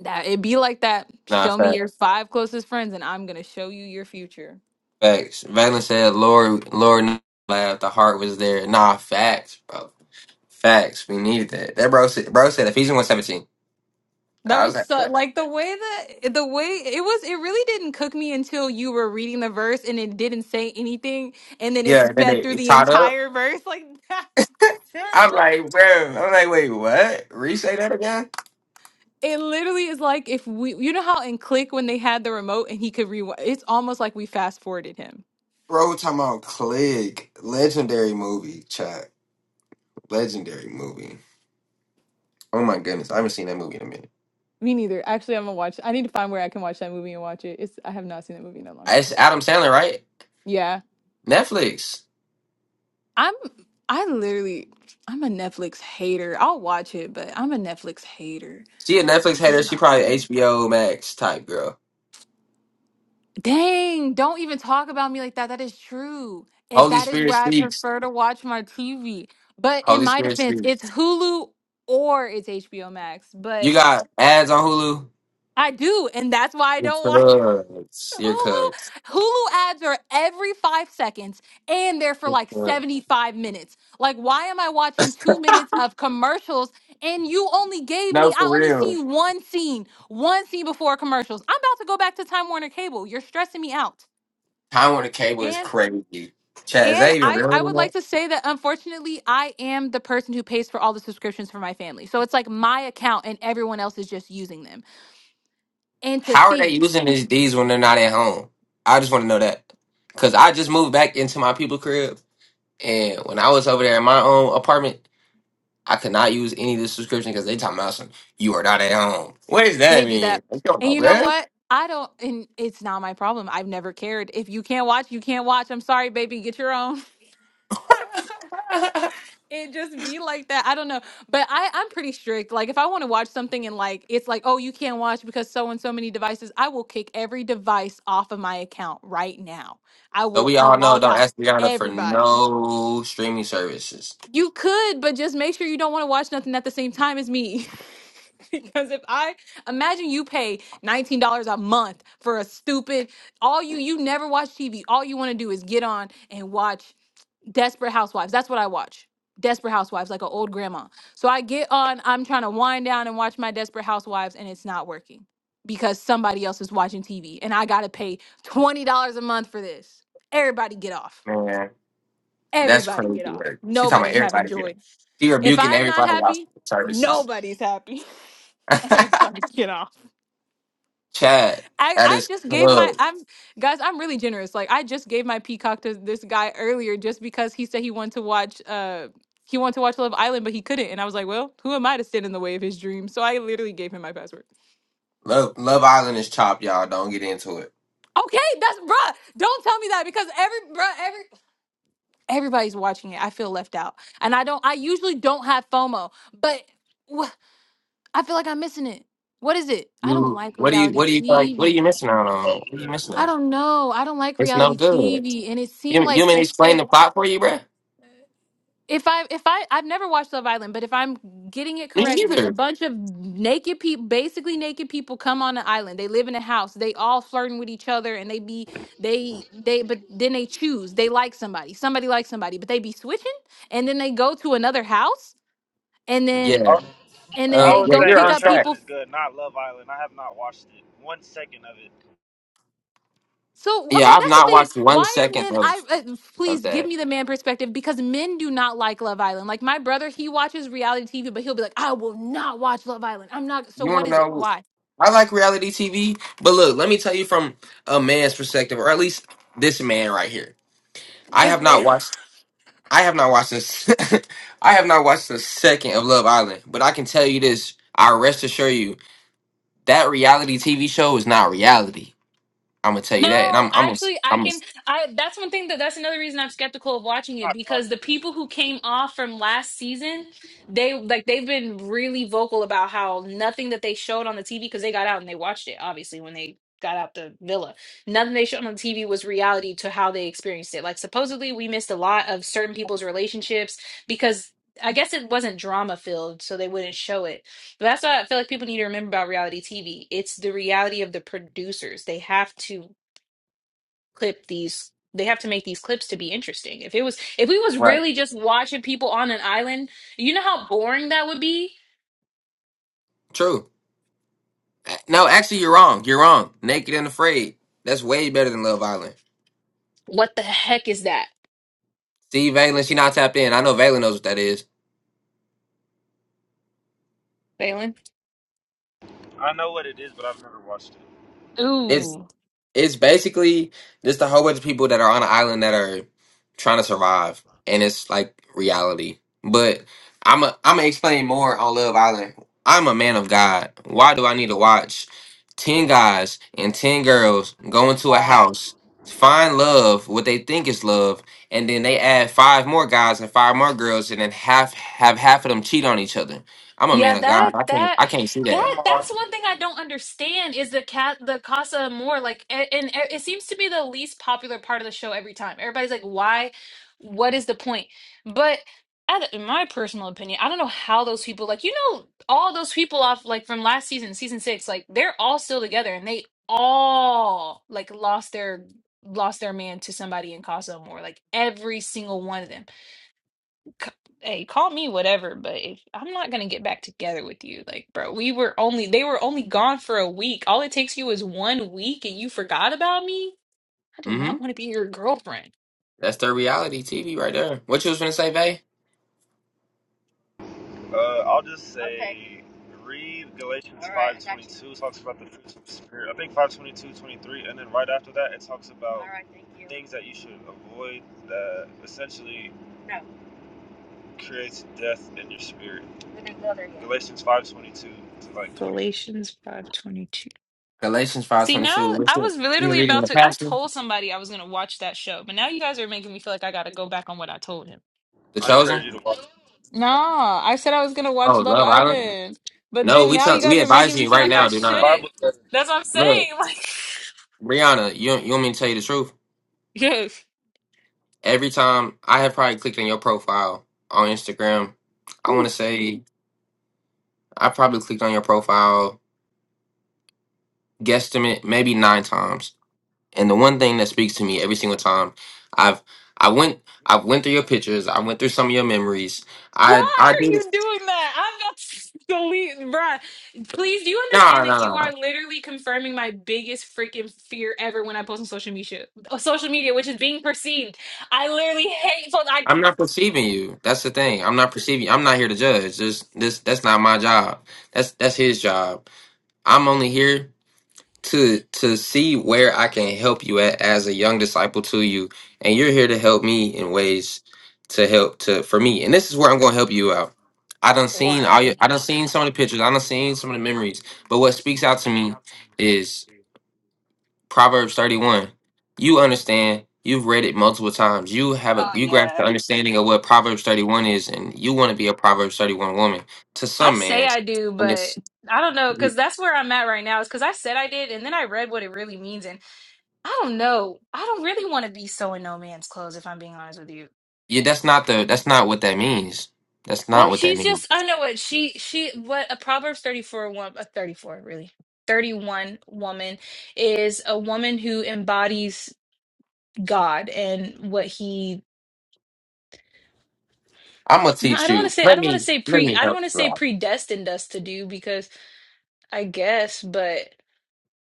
that it be like that. Show me
facts,
your five closest friends, and I'm gonna show you your future.
facts. Valen said, "Lord, Lord, laughed. The heart was there. Nah, facts, bro. Facts. We needed that. That bro said, bro said Ephesians one seventeen.
That
I was
was
like,
so,
what?
like the way that the way it was. It really didn't cook me until you were reading the verse and it didn't say anything, and then it
yeah. And then
sped
they
through
it
the
caught up.
entire verse like that.
I'm like, bro. I'm like, wait, what? Re say that again,
It literally is like if we, you know how in Click when they had the remote and he could rewind. It's almost like we fast forwarded him.
bro. Talking about Click, legendary movie, chat, legendary movie. Oh my goodness, I haven't seen that movie in a minute.
Me neither. Actually, I'm gonna watch. I need to find where I can watch that movie and watch it. It's I have not seen that movie in a long
Uh, It's
time.
Adam Sandler, right?
Yeah,
Netflix.
I'm. I literally, I'm a Netflix hater. I'll watch it, but I'm a Netflix hater.
She a Netflix hater. She probably HBO Max type girl.
Dang, don't even talk about me like that. That is true. It,
Holy
that is
Spirit
where I
speaks.
prefer to watch my TV. But in
Holy
my
Spirit
defense,
speaks.
it's Hulu or it's HBO Max.
You
But
got ads on Hulu.
I do, and that's why I
Your
don't watch
cuz. Your
Hulu.
cuz.
Hulu ads are every five seconds and they're for
Your
like 75 minutes. Like, why am I watching
cuz.
two minutes of commercials and you only gave
No,
me,
for
I only
real.
seen one scene, one scene before commercials? I'm about to go back to Time Warner Cable. You're stressing me out.
Time on the cable is
And
crazy. Chad, is
And
that even
I,
real
I would
anymore?
like to say that unfortunately, I am the person who pays for all the subscriptions for my family. So it's like my account and everyone else is just using them. And to
How are they
think,
using these D's when they're not at home? I just want to know that. Cause I just moved back into my people crib, and when I was over there in my own apartment. I could not use any of this subscription because they talking about some you are not at home. What does
They
that
do
mean?
that.
I don't
And
know,
you know
man.
what? I don't, and it's not my problem. I've never cared. If you can't watch, you can't watch. I'm sorry, baby. Get your own. it just be like that. I don't know. But I, I'm pretty strict. Like if I want to watch something and like it's like, oh, you can't watch because so and so many devices, I will kick every device off of my account right now. I
so
will
we
uh,
all know
log
don't
out
ask Rihanna for
everybody.
no streaming services.
You could, but just make sure you don't want to watch nothing at the same time as me. because if I imagine you pay $19 a month for a stupid all you you never watch TV. All you want to do is get on and watch Desperate Housewives. That's what I watch. Desperate Housewives, like an old grandma. So I get on, I'm trying to wind down and watch my Desperate Housewives, and it's not working because somebody else is watching TV and I got to pay $20 a month for this. Everybody get off.
Man, that's
Everybody get
crazy
off.
work. She talking about
Nobody's having
everybody being
joy.
she
If
rebuking
I'm not
everybody out
happy,
for services.
nobody's happy. Everybody get off.
Chad,
I,
that
I
is
just gave my
club.
I'm guys I'm really generous like I just gave my peacock to this guy earlier just because he said he wanted to watch uh he wanted to watch Love Island but he couldn't and I was like well who am I to stand in the way of his dream so I literally gave him my password
Love Love Island is chopped, y'all. Don't get into it.
okay that's bruh don't tell me that because every bruh every everybody's watching it I feel left out and I don't I usually don't have FOMO but wh- I feel like I'm missing it what is it I don't
You
like
what do you
reality
what do you like what are you
TV
missing out on? What are you missing
I
out?
don't know. I don't like
It's no
reality
good.
TV, and it seemed
You you
like
mean
if if
explain the plot for you, bruh?
If I if I I've never watched Love Island, but if I'm getting it
Me
correctly, a
either.
bunch of naked people, basically naked people, come on the island. They live in a house. They all flirting with each other, and they be they they. But then they choose. They like somebody. Somebody likes somebody, but they be switching, and then they go to another house, and then
Yeah.
and then
Uh,
I
they
was
yeah,
go
saying
you're
pick
The
on
up
track.
Chosen
people
is good, not Love Island. I have not watched it. One second of it.
So okay,
Yeah, I've
that's the
not
thing.
watched one
Why are
second
men?
of
I uh,
of
please give
that.
me the man perspective because men do not like Love Island. Like my brother, he watches reality TV, but he'll be like, "I will not watch Love Island. I'm not." So
You want
what
to
is it?
know?
Why?
I like reality TV, but look, let me tell you from a man's perspective, or at least this man right here. I
This
have
man.
not watched. I have not watched this. I have not watched a second of Love Island, but I can tell you this. I rest assure you that reality TV show is not reality. I'm gonna tell you that, and
No,
I'm I'm a,
actually, I
I'm a,
can. I that's one thing that that's another reason I'm skeptical of watching it because the people who came off from last season, they like they've been really vocal about how nothing that they showed on the TV because they got out and they watched it obviously when they got out the villa. Nothing they showed on the TV was reality to how they experienced it. Like supposedly we missed a lot of certain people's relationships because I guess it wasn't drama filled, so they wouldn't show it. But that's what I feel like people need to remember about reality TV. It's the reality of the producers. They have to clip these they have to make these clips to be interesting. If it was if we was
right.
really just watching people on an island, you know how boring that would be?
True. No, actually, you're wrong. You're wrong. Naked and Afraid. That's way better than Love Island.
What the heck is that,
See, Valen, she not tapped in. I know Valen knows what that is.
Phelan? Ooh.
It's basically just a whole bunch of people that are on an island that are trying to survive, and it's like reality. But I'm a, I'm gonna explain more on Love Island. I'm a man of God. Why do I need to watch ten guys and ten girls go into a house, find love, what they think is love, and then they add five more guys and five more girls, and then half have half of them cheat on each other? I'm a
Yeah,
man of God.
that
I can't
that
I can't see that.
that that's one thing I don't understand is the cat the Casa Amor like and, and it it seems to be the least popular part of the show every time. Everybody's like, why? What is the point? But I don't- in my personal opinion, I don't know how those people like you know all those people off like from last season, season six, like they're all still together and they all like lost their lost their man to somebody in Casa Amor, like every single one of them c- hey, call me whatever, but if I'm not gonna get back together with you, like, bro, we were only they were only gone for a week. All it takes you is one week, and you forgot about me. I do
hmm
not want to be your girlfriend.
That's their reality TV right there. What you was gonna say, Vay?
Uh, I'll just say Okay. read Galatians All right, I got 522 talks about the fruits of the spirit. I think 522, 23, and then right after that it talks about All right, thank you. things that you should avoid that essentially no. creates death in your spirit. We didn't go there yet. Galatians 522 to like 20.
Galatians five twenty two.
Galatians five
See,
twenty
now
two. Which
I
one?
was
You
literally
reading
about
the
to. I
pastor?
told somebody I was gonna watch that show, but now you guys are making me feel like I gotta go back on what I told him.
The
I
chosen?
encourage you to watch. it.
Nah, I said I was gonna
Oh,
watch Love
Love Island.
Island, but
No,
then
we
now
tell
you guys
we
are making
advise
me
you
feel
right
like I
now. Do
The
not
shouldn't.
Bible says,
That's what I'm
look,
saying. Like,
Rihanna. You you want me to tell you the truth?
yes.
Every time I have probably clicked on your profile on Instagram, I want to say I probably clicked on your profile guesstimate maybe nine times. And the one thing that speaks to me every single time, I've I went I went through your pictures. I went through some of your memories. I
Why
I
are
did.
you
it.
doing that? I'm not delete, bruh. Please, do you
No,
understand
no,
that you
no.
are literally confirming my biggest freaking fear ever when I post on social media, uh, social media, which is being perceived. I literally hate. So I.
I'm not perceiving you. That's the thing. I'm not perceiving. I'm not here to judge. This, this, that's not my job. That's that's his job. I'm only here to to see where I can help you at as a young disciple to you, and you're here to help me in ways to help to for me. And this is where I'm going to help you out. I done seen all your, I done seen some of the pictures. I done seen some of the memories. But what speaks out to me is. Proverbs 31. You understand, you've read it multiple times. You have a
Oh
you grasp
yeah.
the understanding of what Proverbs 31 is, and you want to be a Proverbs 31 woman to
I
some
say
man.
I do,
And
but
it's
I don't know because that's where I'm at right now. Is because I said I did, and then I read what it really means, and I don't know. I don't really want to be so in no man's clothes, if I'm being honest with you.
yeah, that's not the that's not what that means. That's not
Well,
what that
she's
means.
just I know what she she what a Proverbs 34 woman a 34 really. 31 woman is a woman who embodies God and what he
I'm gonna
no, I
teach
don't want to
you.
say I
Let
don't want to
me
say
let
pre
me
I don't
help
want to
you
say
out.
predestined us to do because I guess, but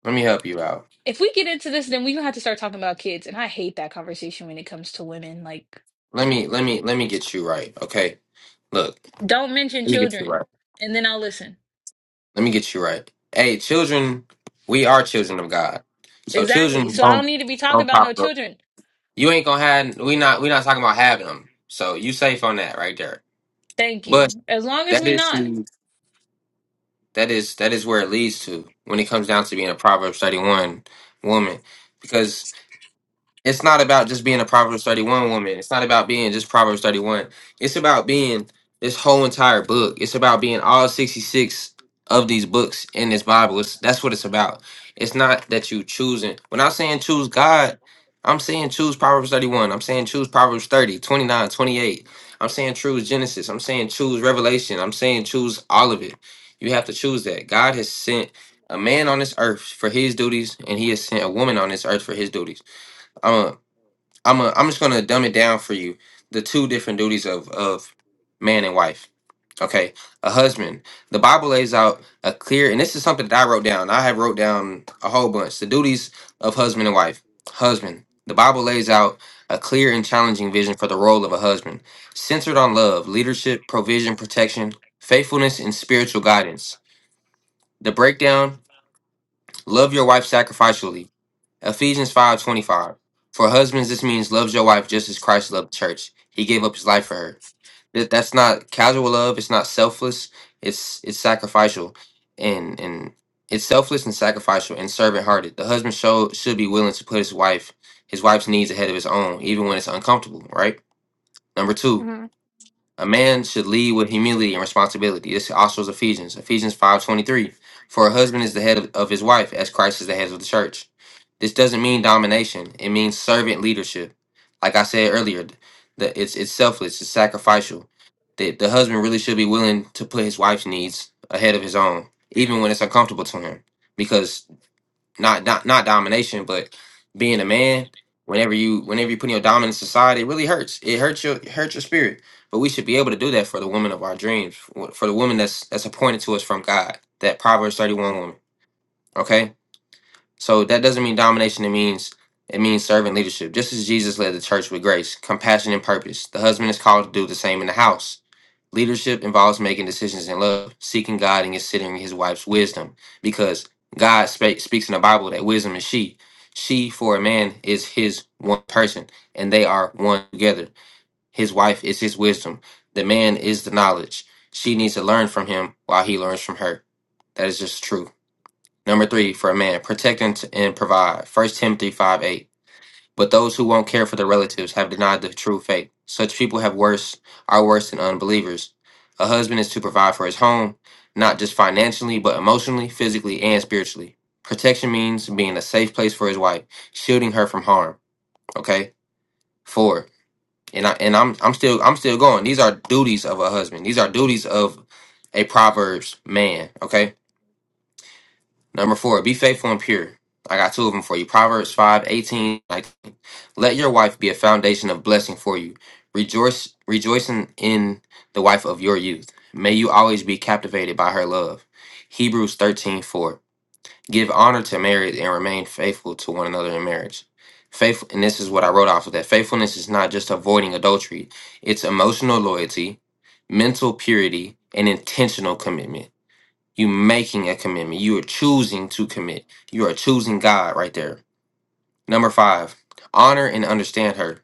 Let me help you out.
if we get into this, then we're gonna have to start talking about kids. And I hate that conversation when it comes to women. Like,
Let me let me let me get you right. Okay. Look,
don't mention
let me get you
children,
right.
and then I'll listen.
Let me get you right. Hey, children, we are children of God. So
Exactly.
children
So I don't
don't
need to be talking
don't
about
pop
no
up.
children.
You ain't gonna have we not we not talking about having them. So you safe on that right there.
Thank
But
you. As long as
that
we
is
not.
that is that is where it leads to when it comes down to being a Proverbs thirty one woman. Because it's not about just being a Proverbs 31 woman. It's not about being just Proverbs 31. It's about being this whole entire book. It's about being all 66 of these books in this Bible. It's, that's what it's about. It's not that you choosing. When I'm saying choose God, I'm saying choose Proverbs 31. I'm saying choose Proverbs thirty twenty I'm saying choose Genesis. I'm saying choose Revelation. I'm saying choose all of it. You have to choose that. God has sent a man on this earth for his duties, and he has sent a woman on this earth for his duties. Um, I'm a, I'm just gonna dumb it down for you. The two different duties of of man and wife. Okay, a husband. The Bible lays out a clear, and this is something that I wrote down. I have wrote down a whole bunch. The duties of husband and wife. Husband. The Bible lays out a clear and challenging vision for the role of a husband, centered on love, leadership, provision, protection, faithfulness, and spiritual guidance. The breakdown: Love your wife sacrificially Ephesians 5:25. For husbands, this means loves your wife just as Christ loved the church. He gave up his life for her. That- That's not casual love. It's not selfless. It's it's sacrificial, and and it's selfless and sacrificial and servant hearted. The husband show, should be willing to put his wife his wife's needs ahead of his own, even when it's uncomfortable. Right. Number two. A man should lead with humility and responsibility. This also is Ephesians. Ephesians five twenty three. For a husband is the head of, of his wife, as Christ is the head of the church. This doesn't mean domination. It means servant leadership. Like I said earlier, the, it's it's selfless. It's sacrificial. The, the husband really should be willing to put his wife's needs ahead of his own, even when it's uncomfortable to him, because not not not domination, but being a man. Whenever you whenever you put your dominance aside, it really hurts. It hurts your it hurts your spirit. But we should be able to do that for the woman of our dreams, for for the woman that's that's appointed to us from God. That Proverbs thirty one woman. Okay, so that doesn't mean domination. It means it means servant leadership. Just as Jesus led the church with grace, compassion, and purpose, the husband is called to do the same in the house Leadership involves making decisions in love, seeking God, and considering his wife's wisdom. Because God spe- speaks in the Bible that wisdom is she. She, for a man, is his one person, and they are one together. His wife is his wisdom. The man is the knowledge. She needs to learn from him while he learns from her. That is just true. Number three, for a man, protect and, and provide. First Timothy five eight. But those who won't care for their relatives have denied the true faith. Such people have worse are worse than unbelievers. A husband is to provide for his home, not just financially, but emotionally, physically, and spiritually. Protection means being a safe place for his wife, shielding her from harm. Okay? Four. And I and I'm I'm still I'm still going. These are duties of a husband. These are duties of a Proverbs man. Okay? Number four, be faithful and pure. I got two of them for you. Proverbs 5 18 19. Let your wife be a foundation of blessing for you. Rejoice, rejoicing in the wife of your youth. May you always be captivated by her love. Hebrews 13 4. Give honor to marriage and remain faithful to one another in marriage. Faithful, and this is what I wrote off of that. Faithfulness is not just avoiding adultery, it's emotional loyalty, mental purity, and intentional commitment. You making a commitment. You are choosing to commit. You are choosing God right there. Number five, honor and understand her.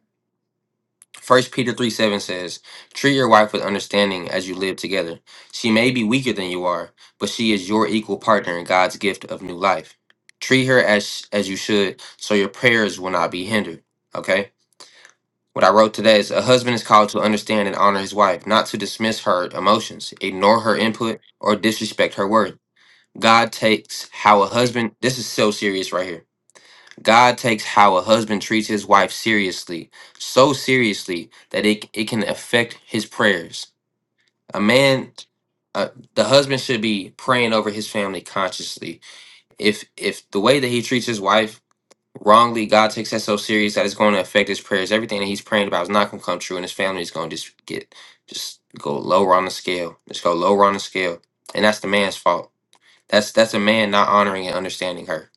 First Peter 3 7 says, Treat your wife with understanding as you live together. She may be weaker than you are, but she is your equal partner in God's gift of new life. Treat her as as you should, so your prayers will not be hindered. Okay? What I wrote today is a husband is called to understand and honor his wife, not to dismiss her emotions, ignore her input, or disrespect her word. God takes how a husband, this is so serious right here. God takes how a husband treats his wife seriously, so seriously that it, it can affect his prayers. A man, uh, the husband should be praying over his family consciously. If if the way that he treats his wife wrongly, God takes that so serious that it's going to affect his prayers. Everything that he's praying about is not going to come true, and his family is going to just get just go lower on the scale. Just go lower on the scale, and that's the man's fault. That's that's a man not honoring and understanding her.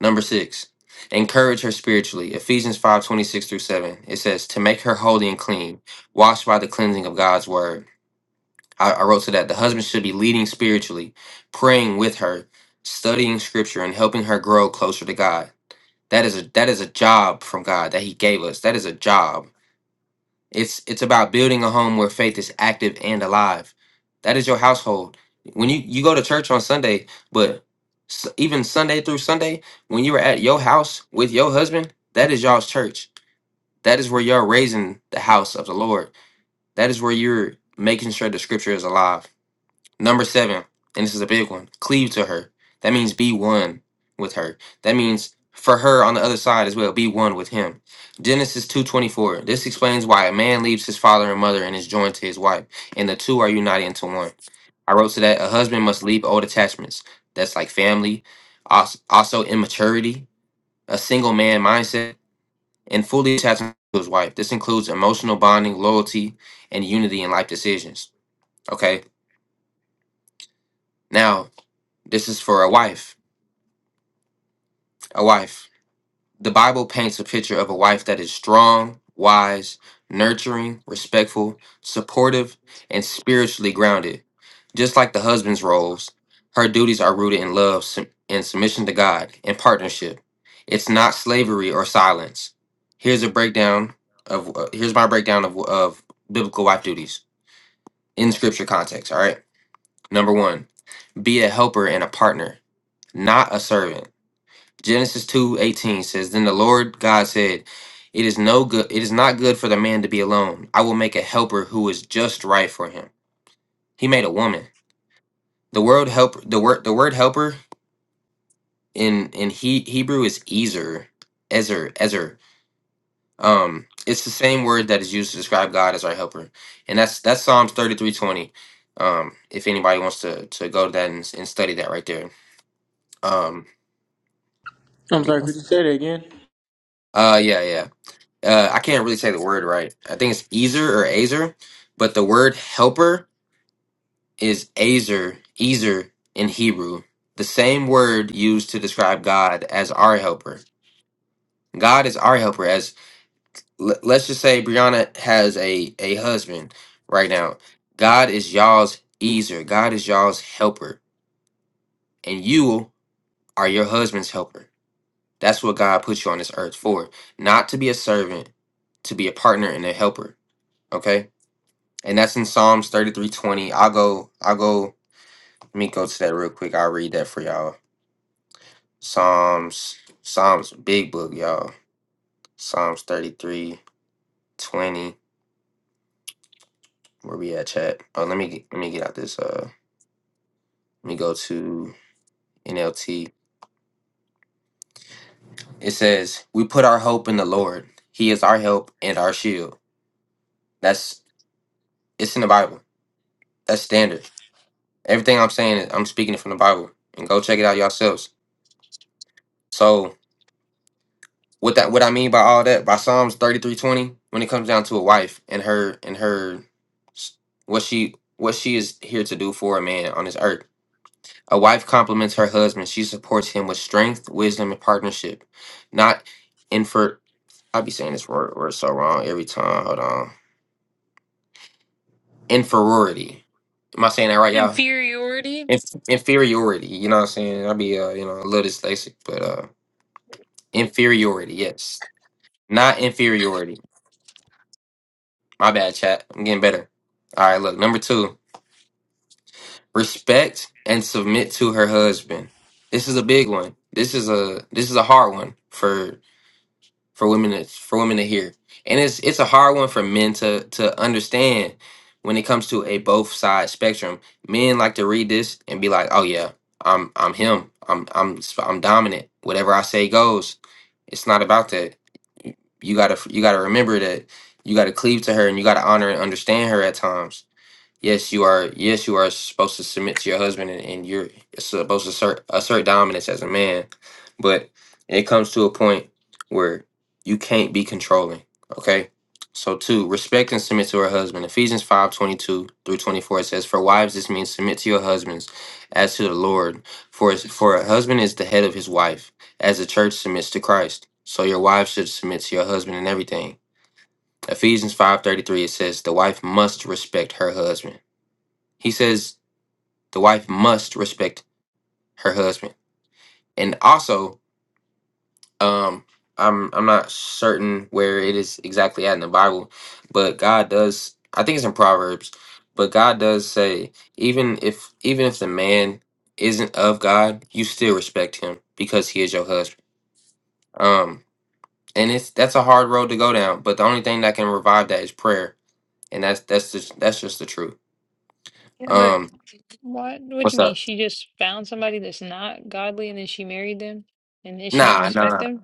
Number six, encourage her spiritually. Ephesians five twenty six through seven. It says to make her holy and clean, washed by the cleansing of God's word. I, I wrote to that the husband should be leading spiritually, praying with her, studying scripture, and helping her grow closer to God. That is a that is a job from God that He gave us. That is a job. It's it's about building a home where faith is active and alive. That is your household. When you you go to church on Sunday, but s- even Sunday through Sunday, when you are at your house with your husband, that is y'all's church. That is where you're raising the house of the Lord. That is where you're making sure the scripture is alive. Number seven, and this is a big one cleave to her. That means be one with her. That means for her on the other side as well, be one with him. Genesis 2.24. This explains why a man leaves his father and mother and is joined to his wife, and the two are united into one. I wrote to that a husband must leave old attachments. That's like family, als- also immaturity, a single man mindset, and fully attached to his wife. This includes emotional bonding, loyalty, and unity in life decisions. Okay. Now This is for a wife. A wife. The Bible paints a picture of a wife that is strong, wise, nurturing, respectful, supportive, and spiritually grounded. Just like the husband's roles, her duties are rooted in love sub- and submission to God and partnership. It's not slavery or silence. Here's a breakdown of uh, here's my breakdown of of biblical wife duties in scripture context, all right? Number 1, be a helper and a partner, not a servant. Genesis two eighteen says, Then the Lord God said, It is no good it is not good for the man to be alone. I will make a helper who is just right for him. He made a woman. The word help the word the word helper in in he, Hebrew is Ezer. Ezer, Ezer. Um it's the same word that is used to describe God as our helper. And that's that's Psalms thirty three twenty. Um if anybody wants to to go to that and, and study that right there. Um
I'm sorry, could you say that again?
uh yeah yeah. uh, I can't really say the word right. I think it's Ezer or Azer, but the word helper is Azer, Ezer in Hebrew. The same word used to describe God as our helper. God is our helper. As l- let's just say Brianna has a a husband right now. God is y'all's Ezer. God is y'all's helper, and you are your husband's helper. That's what God put you on this earth for, not to be a servant, to be a partner and a helper. Okay and that's in Psalms thirty three twenty. I'll go. I'll go. Let me go to that real quick. I'll read that for y'all. Psalms. Psalms. Big book, y'all. Psalms thirty three twenty. Where we at, chat? Oh, let me get, let me get out this. Uh, let me go to NLT. It says, "We put our hope in the Lord. He is our help and our shield." That's it's in the Bible. That's standard. Everything I'm saying, is. I'm speaking it from the Bible. And go check it out yourselves. So What that what I mean by all that by Psalms thirty three twenty when it comes down to a wife and her and her s- what she what she is here to do for a man on this earth. A wife compliments her husband. She supports him with strength, wisdom, and partnership. Not infer. I be saying this word, word so wrong every time. Hold on. Inferiority. Am I saying that right, y'all?
Inferiority?
Inf- inferiority. You know what I'm saying? i be uh, you know a little dyslexic, but uh, inferiority. Yes, not inferiority. My bad, chat. I'm getting better. All right, look. Number two, respect and submit to her husband. This is a big one. This is a this is a hard one for for women to, for women to hear, and it's it's a hard one for men to to understand when it comes to a both side spectrum. Men like to read this and be like, "Oh yeah, I'm I'm him. I'm I'm I'm dominant. Whatever I say goes." It's not about that. You gotta you gotta remember that you gotta cleave to her and you gotta honor and understand her at times Yes, you are. Yes, you are supposed to submit to your husband, and, and you're supposed to assert, assert dominance as a man. But it comes to a point where you can't be controlling. Okay. So two, respect and submit to her husband. Ephesians five twenty two through twenty four says, "For wives, this means submit to your husbands, as to the Lord. For his- for a husband is the head of his wife, as the church submits to Christ. So your wives should submit to your husband in everything." Ephesians five thirty three it says, "The wife must respect her husband." He says the wife must respect her husband. And also, um, I'm I'm not certain where it is exactly at in the Bible, but God does I think it's in Proverbs, but God does say, even if even if the man isn't of God, you still respect him because he is your husband. Um and it's that's a hard road to go down, but the only thing that can revive that is prayer. And that's that's just that's just the truth.
Yeah, but
Um
what? What do
what's
you mean?
up?
She just found somebody that's not godly and then she married them and then she don't
Nah, nah.
respect them?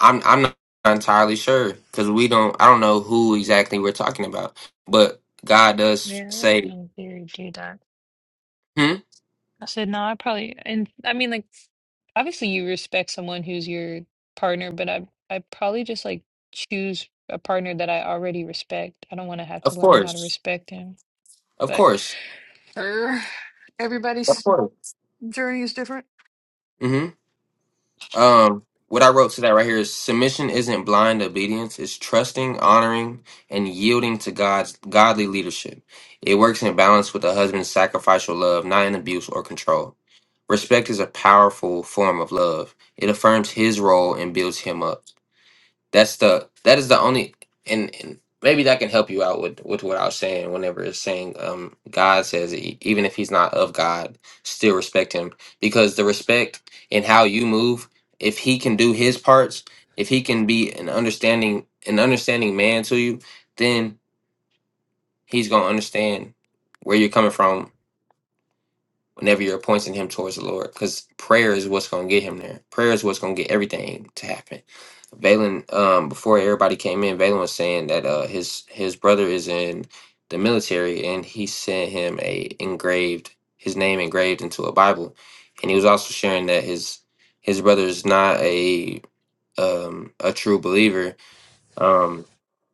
I'm I'm not entirely sure because we don't. I don't know who exactly we're talking about, but God does
Yeah, I wouldn't
say,
in theory do that.
"Hmm,
I said, no, I probably, and I mean, like, obviously you respect someone who's your partner, but I, I probably just like choose a partner that I already respect. I don't want to have to
of
learn how to
course,
respect him.
of
But
course,
Sure.
of
Everybody's
course."
journey is different.
Hmm. Um. What I wrote to that right here is submission isn't blind obedience; it's trusting, honoring, and yielding to God's godly leadership. It works in balance with a husband's sacrificial love, not in abuse or control. Respect is a powerful form of love. It affirms his role and builds him up. That's the that is the only and, and maybe that can help you out with with what I was saying. Whenever it's saying um God says e- even if he's not of God, still respect him because the respect in how you move. If he can do his parts, if he can be an understanding an understanding man to you, then he's gonna understand where you're coming from whenever you're pointing him towards the Lord, because prayer is what's going to get him there. Prayer is what's going to get everything to happen. Valen, um, before everybody came in, Valen was saying that uh, his his brother is in the military, and he sent him a engraved his name engraved into a Bible, and he was also sharing that his his brother is not a um, a true believer, um,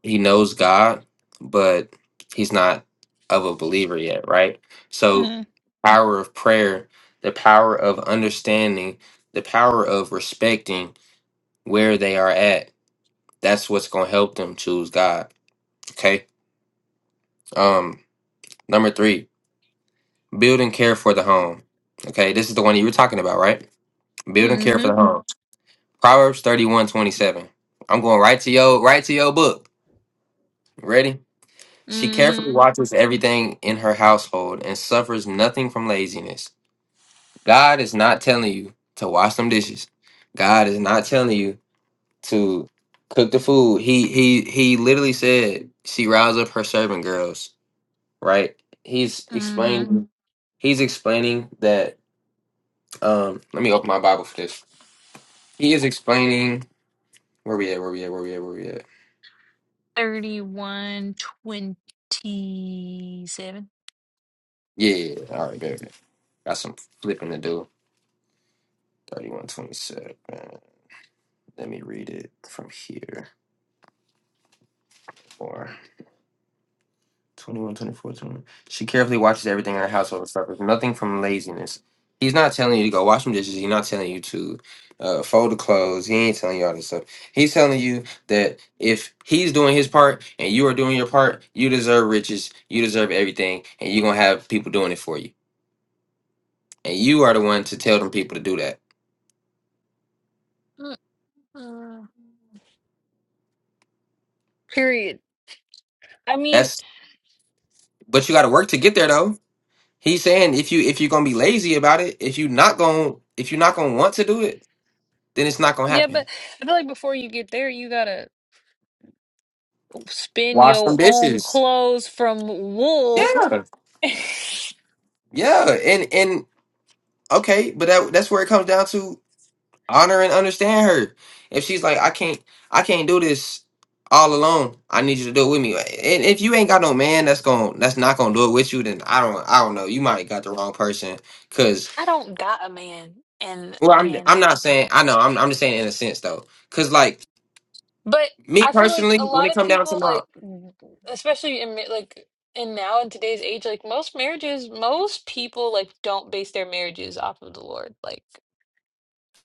he knows God, but he's not of a believer yet, right? So, power of prayer, the power of understanding, the power of respecting where they are at. That's what's going to help them choose God. Okay. Um, number three, build and care for the home. Okay, this is the one you were talking about, right? Build and care for the home. Proverbs thirty-one twenty-seven. I'm going right to your right to your book. Ready? She carefully watches everything in her household and suffers nothing from laziness. God is not telling you to wash them dishes. God is not telling you to cook the food. He he he literally said she roused up her servant girls, right? He's explaining he's explaining that um let me open my Bible for this. He is explaining where we at, where we at, where we at, where we at.
31 27.
Yeah, yeah, yeah. all right, good. Got some flipping to do. Thirty-one twenty-seven. Let me read it from here. Or 21, twenty-four, twenty-one. She carefully watches everything in her household and suffers nothing from laziness. He's not telling you to go wash some dishes. He's not telling you to uh, fold the clothes. He ain't telling you all this stuff. He's telling you that if he's doing his part and you are doing your part, you deserve riches. You deserve everything. And you're going to have people doing it for you. And you are the one to tell them people to do that.
Uh,
That's, but you got to work to get there, though. He's saying if you if you're gonna be lazy about it, if you not gonna if you're not gonna want to do it, then it's not gonna
yeah, but
happen.
I feel like before you get there, you gotta spin your
This
own clothes from
yeah,
wool.
yeah, and and okay, but that that's where it comes down to honor and understand her. If she's like, I can't, I can't do this all alone. I need you to do it with me. And if you ain't got no man that's going that's not gonna do it with you, then I don't I don't know. You might have got the wrong person. Cause
I don't got a man, and
well, I'm I'm
and
not saying I know. I'm I'm just saying in a sense though. Cause like
but
me
I feel like a
personally, when
lot
it
of
come down to
people
my
like, especially in ma- like in now in today's age, like most marriages, most people like don't base their marriages off of the Lord. Like,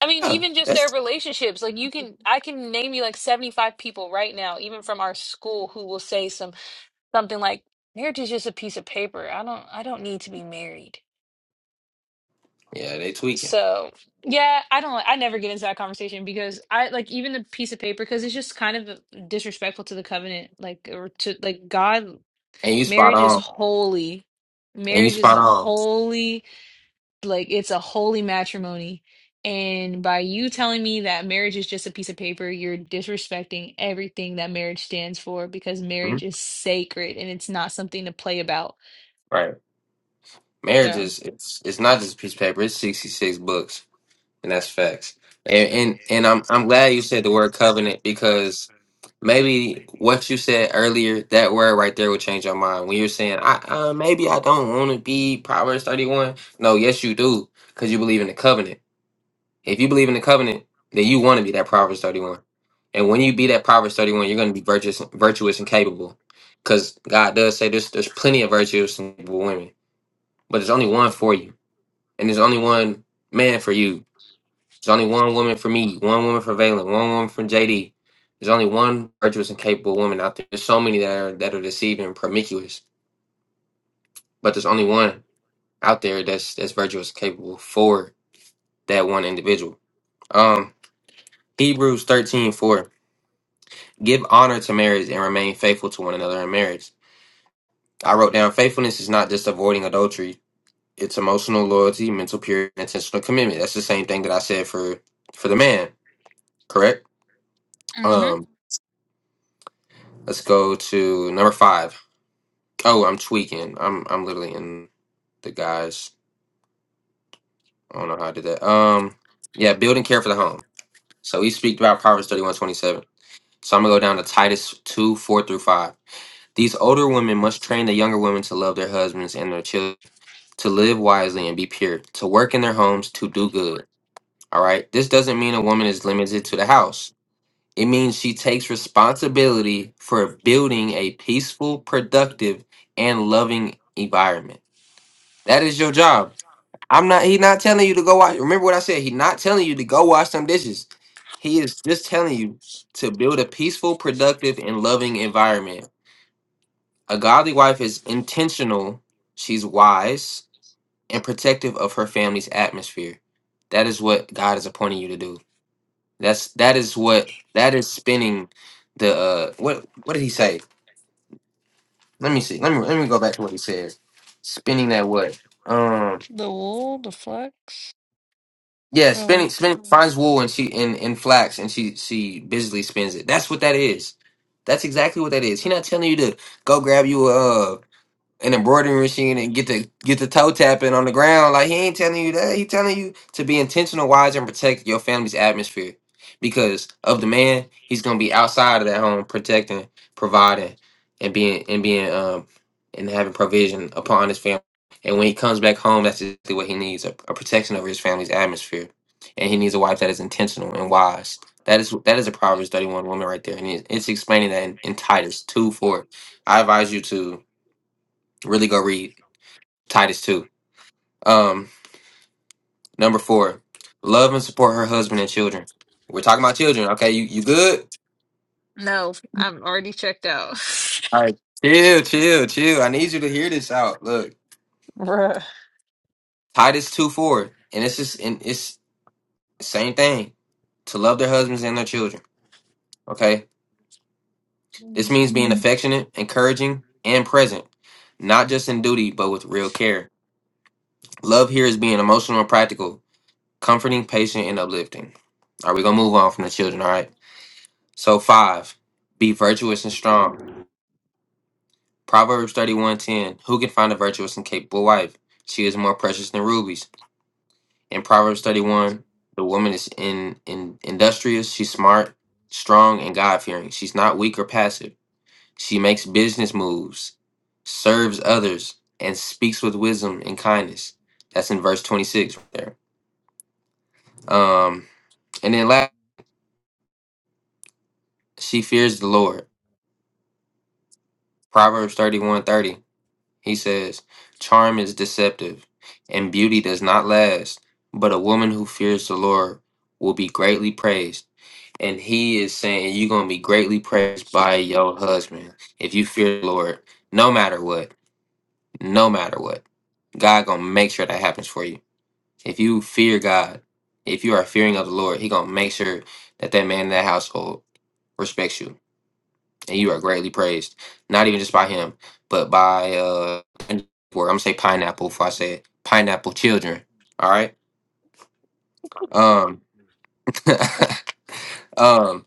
I mean,
yeah,
even just
that's
their relationships. Like, you can I can name you like seventy five people right now, even from our school, who will say some. something like marriage is just a piece of paper. I don't I don't need to be married.
Yeah, they tweaking.
So yeah, I don't I never get into that conversation because I like even the piece of paper because it's just kind of disrespectful to the covenant, like or to like God.
And you spot
Marriage is
on.
holy.
And you
Marriage is
spot on.
holy. Like it's a holy matrimony. And by you telling me that marriage is just a piece of paper, you're disrespecting everything that marriage stands for because
hmm
marriage is sacred and it's not something to play about.
Right. Marriage
So.
is it's it's not just a piece of paper. It's sixty six books, and that's facts. And, and and I'm I'm glad you said the word covenant because maybe what you said earlier, that word right there will change your mind. When you're saying, I uh, maybe I don't want to be Proverbs thirty one. No, yes you do, because you believe in the covenant. If you believe in the covenant, then you want to be that Proverbs 31. And when you be that Proverbs 31, you're going to be virtuous, virtuous and capable. Because God does say there's, there's plenty of virtuous and capable women, but there's only one for you. And there's only one man for you. There's only one woman for me, one woman for Valen, one woman for JD. There's only one virtuous and capable woman out there. There's so many that are that are deceiving and promiscuous, but there's only one out there that's that's virtuous and capable for that one individual. Um, Hebrews 13:4. Give honor to marriage and remain faithful to one another in marriage. I wrote down faithfulness is not just avoiding adultery. It's emotional loyalty, mental purity, and intentional commitment. That's the same thing that I said for for the man, correct? Um, let's go to number five. Oh, I'm tweaking. I'm I'm literally in the guys. I don't know how I did that. Um, yeah, build and care for the home. So we speak about Proverbs thirty one twenty seven. So I'm gonna go down to Titus two four through five. These older women must train the younger women to love their husbands and their children, to live wisely and be pure, to work in their homes, to do good. All right. This doesn't mean a woman is limited to the house. It means she takes responsibility for building a peaceful, productive, and loving environment. That is your job. I'm not He's not telling you to go wash. Remember what I said? He's not telling you to go wash some dishes. He is just telling you to build a peaceful, productive, and loving environment a godly wife is intentional, she's wise, and protective of her family's atmosphere. That is what God is appointing you to do. That's that is what that is spinning the uh what what did he say? Let me see. Let me let me go back to what he said. Spinning that what? Um
The wool, the flax.
yeah,
Oh
spinning
wait,
spinning finds wool and she and, and flax and she she busily spins it. That's what that is. That's exactly what that is. He not telling you to go grab you a uh, an embroidery machine and get the get the toe tapping on the ground. Like he ain't telling you that. He telling you to be intentional, wise, and protect your family's atmosphere. Because of the man, he's gonna be outside of that home, protecting, providing, and being and being um and having provision upon his family. And when he comes back home, that's exactly what he needs: a, a protection over his family's atmosphere. And he needs a wife that is intentional and wise. That is that is a Proverbs thirty one woman right there, and it- it's explaining that in, in Titus two four. I advise you to Really go read Titus 2. Um, number four, love and support her husband and children. We're talking about children. Okay, you, you good?
No, I'm already checked out.
All right. Chill, chill, chill. I need you to hear this out. Look, Titus 2 4. And it's just and it's same thing. To love their husbands and their children. Okay? This means being affectionate, encouraging, and present. Not just in duty, but with real care. Love here is being emotional and practical, comforting, patient, and uplifting. All right, we're gonna move on from the children, all right? So five, be virtuous and strong. Proverbs thirty one ten. Who can find a virtuous and capable wife? She is more precious than rubies. In Proverbs thirty one, the woman is in, in industrious. She's smart, strong, and God fearing. She's not weak or passive. She makes business moves, serves others, and speaks with wisdom and kindness. That's in verse twenty six right there. Um, and then last, she fears the Lord. Proverbs thirty one thirty. He says, Charm is deceptive, and beauty does not last, but a woman who fears the Lord will be greatly praised. And he is saying, You're going to be greatly praised by your husband if you fear the Lord, no matter what, no matter what. God going to make sure that happens for you. If you fear God, if you are fearing of the Lord, he going to make sure that that man in that household respects you and you are greatly praised. Not even just by him, but by uh I'm gonna say pineapple if I say it. Pineapple children. All right. Um Um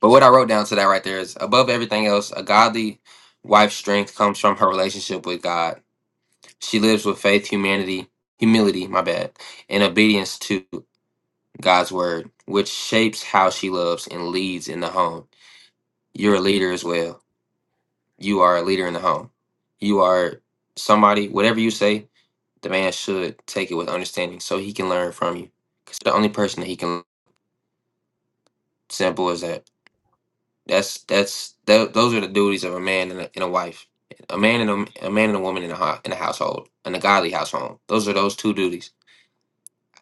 but what I wrote down to that right there is above everything else, a godly wife's strength comes from her relationship with God. She lives with faith, humanity, humility, my bad, and obedience to God's word, which shapes how she loves and leads in the home. You're a leader as well. You are a leader in the home. You are somebody, whatever you say, the man should take it with understanding so he can learn from you. Because the only person that he can, simple as that. That's, that's, tho- those are the duties of a man and a, and a wife. A man and a, a man and a woman in a, hou- in a household, in a godly household. Those are those two duties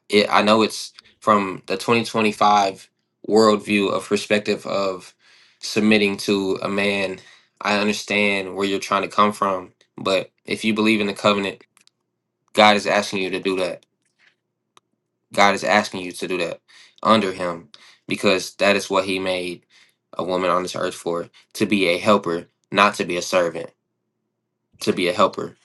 it I know it's from the 2025 worldview of perspective of submitting to a man. I understand where you're trying to come from, but if you believe in the covenant, God is asking you to do that. God is asking you to do that under him because that is what he made a woman on this earth for, to be a helper, not to be a servant, to be a helper.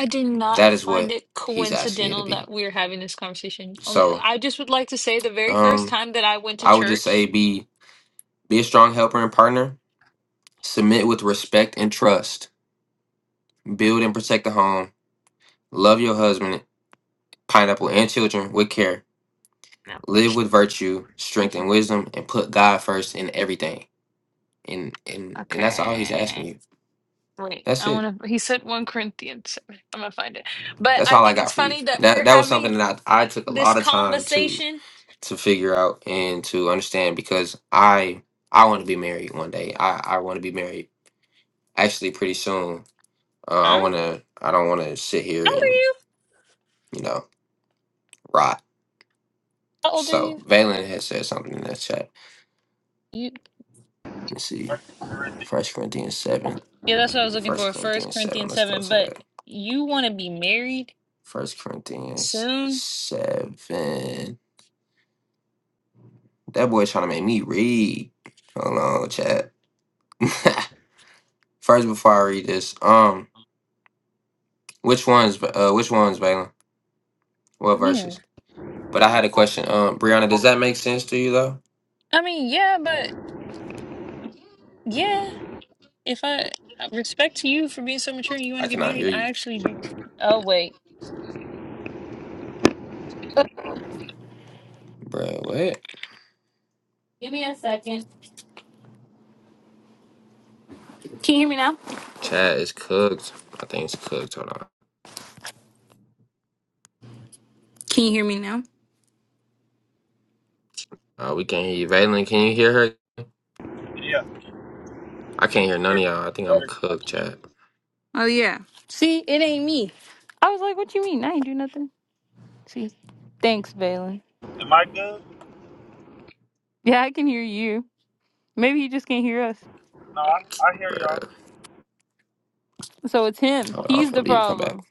I do not
That is
find
what
it
he's asking you to
coincidental that
be.
we're having this conversation. Only
So,
I just would like to say the very first
um
time that I went to
I would just say
church.
be be a strong helper and partner Submit with respect and trust. Build and protect the home. Love your husband, pineapple, and children with care.
No.
Live with virtue, strength, and wisdom, and put God first in everything. And and and that's all He's
Okay.
asking you.
Wait,
That's
I
it.
want to. He said 1 Corinthians. so I'm going to find it. But
That's
I
all I
think
got
it's
for you.
funny that
That
we're
that was something
having
that I, I took a
this
lot of time to
conversation.
to figure out and to understand because I I want to be married one day. I I want to be married actually pretty soon. Uh, I
Huh?
want to. I don't want to sit here and you know rot.
Yeah,
So Valen has said something in that chat. Let me see.
Corinthians.
First Corinthians seven.
that's what I was looking
First
for. First
Corinthians seven.
Corinthians
Let's go
7.
to
But
that.
you want to be married
First Corinthians
soon?
seven. That boy trying to make me read. Hold on, chat. First, before I read this, um, which ones? Uh, which ones, Valen? What
Yeah.
verses? But I had a question. Um, Brianna, does that make sense to you though?
I mean, yeah, but yeah. If I I respect to you for being so mature and you want to
I
get
cannot
married,
hear
I
you,
actually. Oh wait,
Bruh, What?
Can you hear me now?
Chat is cooked. I think it's cooked. Hold on.
Can you hear me now?
Uh, we can't hear you, Valen. Can you hear her?
yeah.
I
Can
can't
you
hear none
hear
of
me
y'all. I think I'm
better?
cooked, chat.
Oh yeah. See, it ain't me. I was like, what you mean? I ain't do nothing. See. Thanks, Balin.
Am I good?
Yeah, I can hear you. Maybe he just can't hear us.
No, I, I hear y'all.
Bruh.
So it's him.
Hold on, I'm
He's the
finna leave and come back.
problem.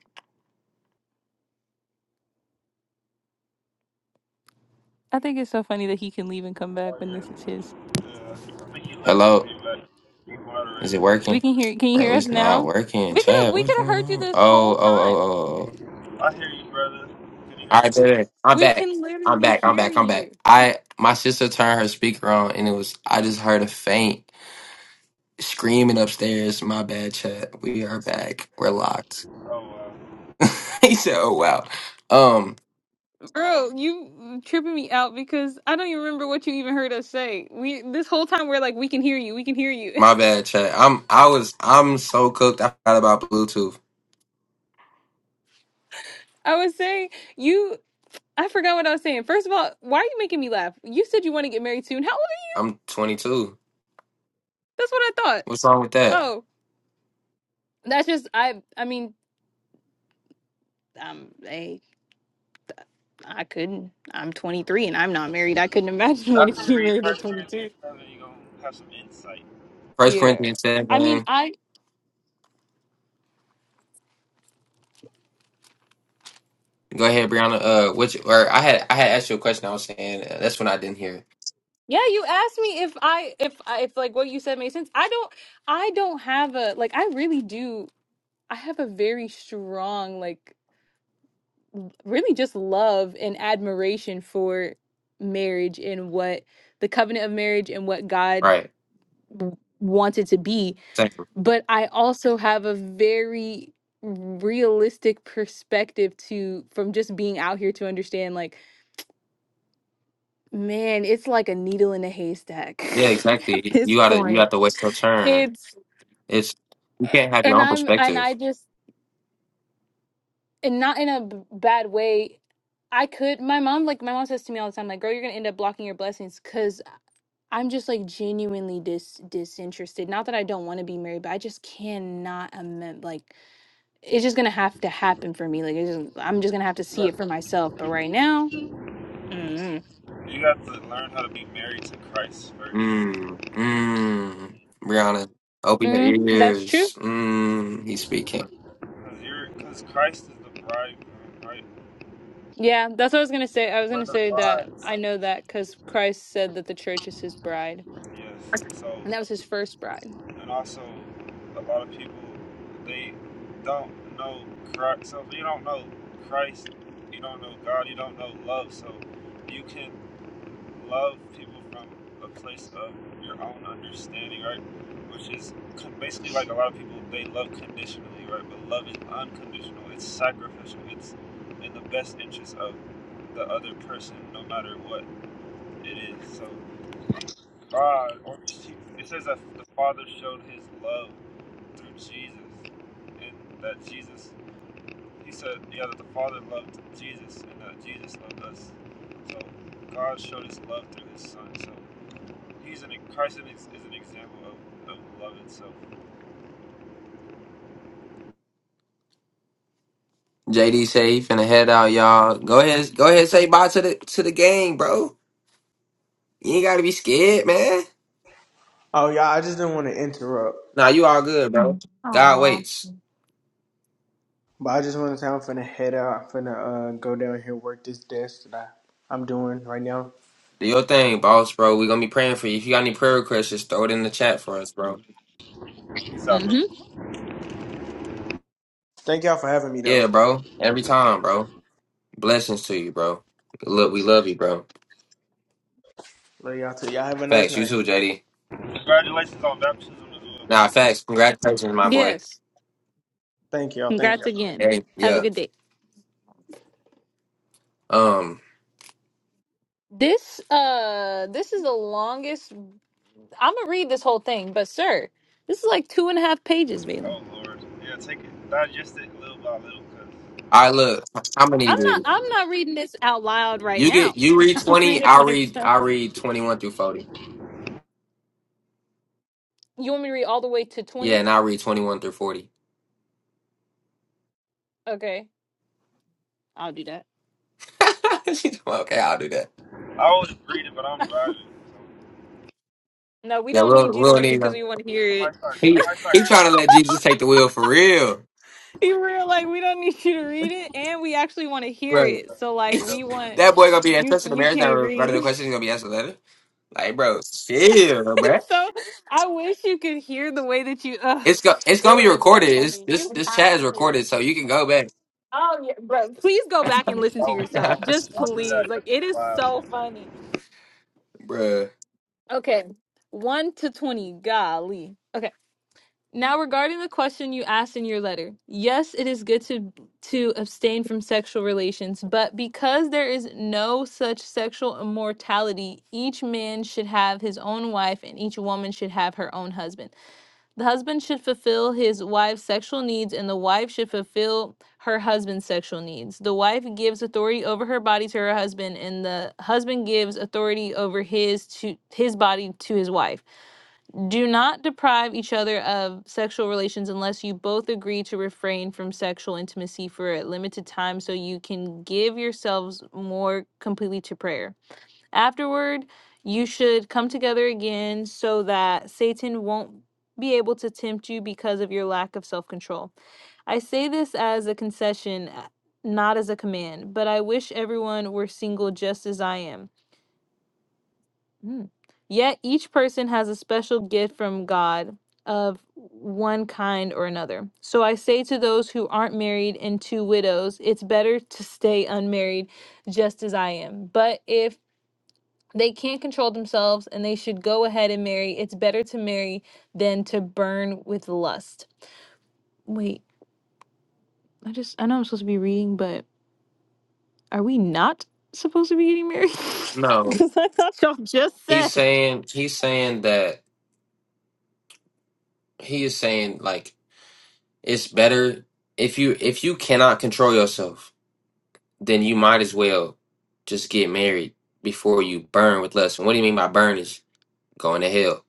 I think it's so funny that he can leave and come back
Oh,
when
yeah.
this is his.
Uh, I think you left and
Hello?
came back. You
Is it
moderator.
We
working?
can hear can you
Bro,
hear us
it's not
now?
working.
We could have
Chat,
we
what's
could have
going
heard you
on?
this whole
Oh, oh, oh,
time.
oh, oh. oh.
I hear you, brother. Can you hear
All
me?
right, baby. I'm
We
back.
can
I'm
literally
back. I'm
hear
back. I'm
you.
back. I my sister turned her speaker on and it was I just heard a faint screaming upstairs. My bad, chat. We are back. We're locked.
Oh, wow.
he said, Oh wow. Um,
Bro, you tripping me out because I don't even remember what you even heard us say. We this whole time we're like, we can hear you, we can hear you.
my bad, chat. I'm I was I'm so cooked. I forgot about Bluetooth.
I was saying you. I forgot what I was saying. First of all, why are you making me laugh? You said you want to get married soon. How old? Are
I'm 22.
you? That's what I thought.
What's wrong with that?
Oh, that's just I. I mean, I'm a, I'm 23 and I'm not married. I couldn't imagine wanting
After
to
you
be
read
married at
First
22.
Corinthians 7, you're going to have some insight.
First
Yeah.
Corinthians
I mean,
seven.
I
Go ahead, Brianna. Uh, which or I had I had asked you a question. I was saying uh, that's when I didn't hear. It.
yeah. You asked me if I if I if like what you said made sense. I don't. I don't have a like. I really do. I have a very strong, like, really just love and admiration for marriage and what the covenant of marriage and what God
Right.
w- wanted to be.
Exactly.
But I also have a very realistic perspective to from just being out here to understand, like, man, it's like a needle in a haystack
Yeah,
at
exactly. You
this
gotta you have
point.
to wait your turn.
It's
It's you can't have your
and
own
I'm and
perspective.
I just and not in a b- bad way. I could. My mom, like my mom says to me all the time, like, "Girl, you're gonna end up blocking your blessings," because I'm just like genuinely dis disinterested. Not that I don't want to be married, but I just cannot amend. Like, it's just gonna have to happen for me. Like, it's just, I'm just gonna have to
You
see
got
it for myself. But right now, mm,
you got to learn how to be married to Christ first.
Mm. Mm. Brianna, open your
mm, that's true.
ears. Mm. He's speaking.
Because you're, because Christ is the bridegroom, right?
Yeah, that's what I was gonna say. I was
We're
gonna
the
say that I know
bride.
that because Christ said that the church is His bride,
Yes. So,
and that was His first bride.
and also, a lot of people, they don't know Christ. So, if you don't know Christ, you don't know God, you don't know love. So, you can love people from a place of your own understanding, right? Which is basically like a lot of people they love conditionally, right? But love is unconditional. It's sacrificial. It's in the best interest of the other person, no matter what it is. So God, or it says that the Father showed His love through Jesus, and that Jesus, He said, yeah, that the Father loved Jesus, and that Jesus loved us. So God showed His love through His Son. So He's an Carson is, is an example of, of love itself.
JD say he finna head out, y'all. Go ahead, go ahead, and say bye to the to the gang, bro. You ain't gotta be scared, man.
Oh yeah, I just didn't want to interrupt,
Nah, you all good, bro. God waits.
but I just want to say I'm finna head out. I'm finna uh, go down here work this desk that I, I'm doing right now.
Do your thing, boss, bro. We gonna be praying for you. If you got any prayer requests, just throw it in the chat for us, bro.
Peace out, bro.
Mm-hmm.
Thank y'all for having me though.
Yeah, bro. Every time, bro. Blessings to you, bro. Look, we love you, bro.
Love y'all too. Y'all have a nice
Facts, you
night.
too, JD.
Congratulations on baptism as well.
Nah, facts. Congratulations, my boy.
Yes.
Thank y'all. Thank
Congrats
y'all.
again.
Hey,
Have a
yeah.
good day.
Um,
This uh this is the longest I'm gonna read this whole thing, but sir, this is like two and a half pages, Valen.
Oh Lord, yeah, take it, digest it little by little, cause
I look. How many of
I'm not
you?
I'm not reading this out loud right
You
now.
get you read
I'll read
twenty.
it
I read.
myself.
I read twenty one through forty.
You want me to read all the way to
Yeah,
twenty?
and I read twenty one through forty.
Okay. I'll do that.
She told me, okay, I'll do that.
I always read it, but I'm driving.
No, we
Yeah,
don't
we'll
need you to
we'll
read it
need.
because
uh,
we want to hear
I might
it.
start, I
He
might start
he trying
cutting
to
that
let Jesus take the wheel for real.
you were like, we don't need you to read it, and we actually want to hear
Right.
it. So
for
like
stuff.
we want
that boy gonna be
you
interested in
you
marriage. Now
can't
regarding the
read.
question, he's gonna be answered later. Like, bro, chill,
and
bro.
so I wish you could hear the way that you, uh,
It's go- it's gonna be
Valen, it's
recorded.
so
It's,
funny.
this
You
this
have
chat is
to hear
recorded,
it.
so you can go back,
Oh, yeah, bro. Please go back and
I
listen to
would, I
yourself.
would,
Just
I'll do
please.
that
Like,
just
it
for the
is
laugh.
so funny.
Bruh.
Okay. One to 20. Golly. Now, regarding the question you asked in your letter, yes, it is good to to abstain from sexual relations, but because there is no such sexual immortality, each man should have his own wife and each woman should have her own husband. The husband should fulfill his wife's sexual needs and the wife should fulfill her husband's sexual needs. The wife gives authority over her body to her husband and the husband gives authority over his to his body to his wife. Do not deprive each other of sexual relations unless you both agree to refrain from sexual intimacy for a limited time so you can give yourselves more completely to prayer. Afterward, you should come together again so that Satan won't be able to tempt you because of your lack of self control. I say this as a concession, uh, not as a command, but I wish everyone were single just as I am. Mm. Yet each person has a special gift from God of one kind or another. So I say to those who aren't married and to widows, it's better to stay unmarried just as I am. But if they can't control themselves and they should go ahead and marry, it's better to marry than to burn with lust. Wait, I just, I know I'm supposed to be reading, but are we not supposed to be getting married?
No,
Because that's what y'all just
he's
said.
saying he's saying that he is saying like it's better if you if you cannot control yourself, then you might as well just get married before you burn with lust. And what do you mean by burn is going to hell?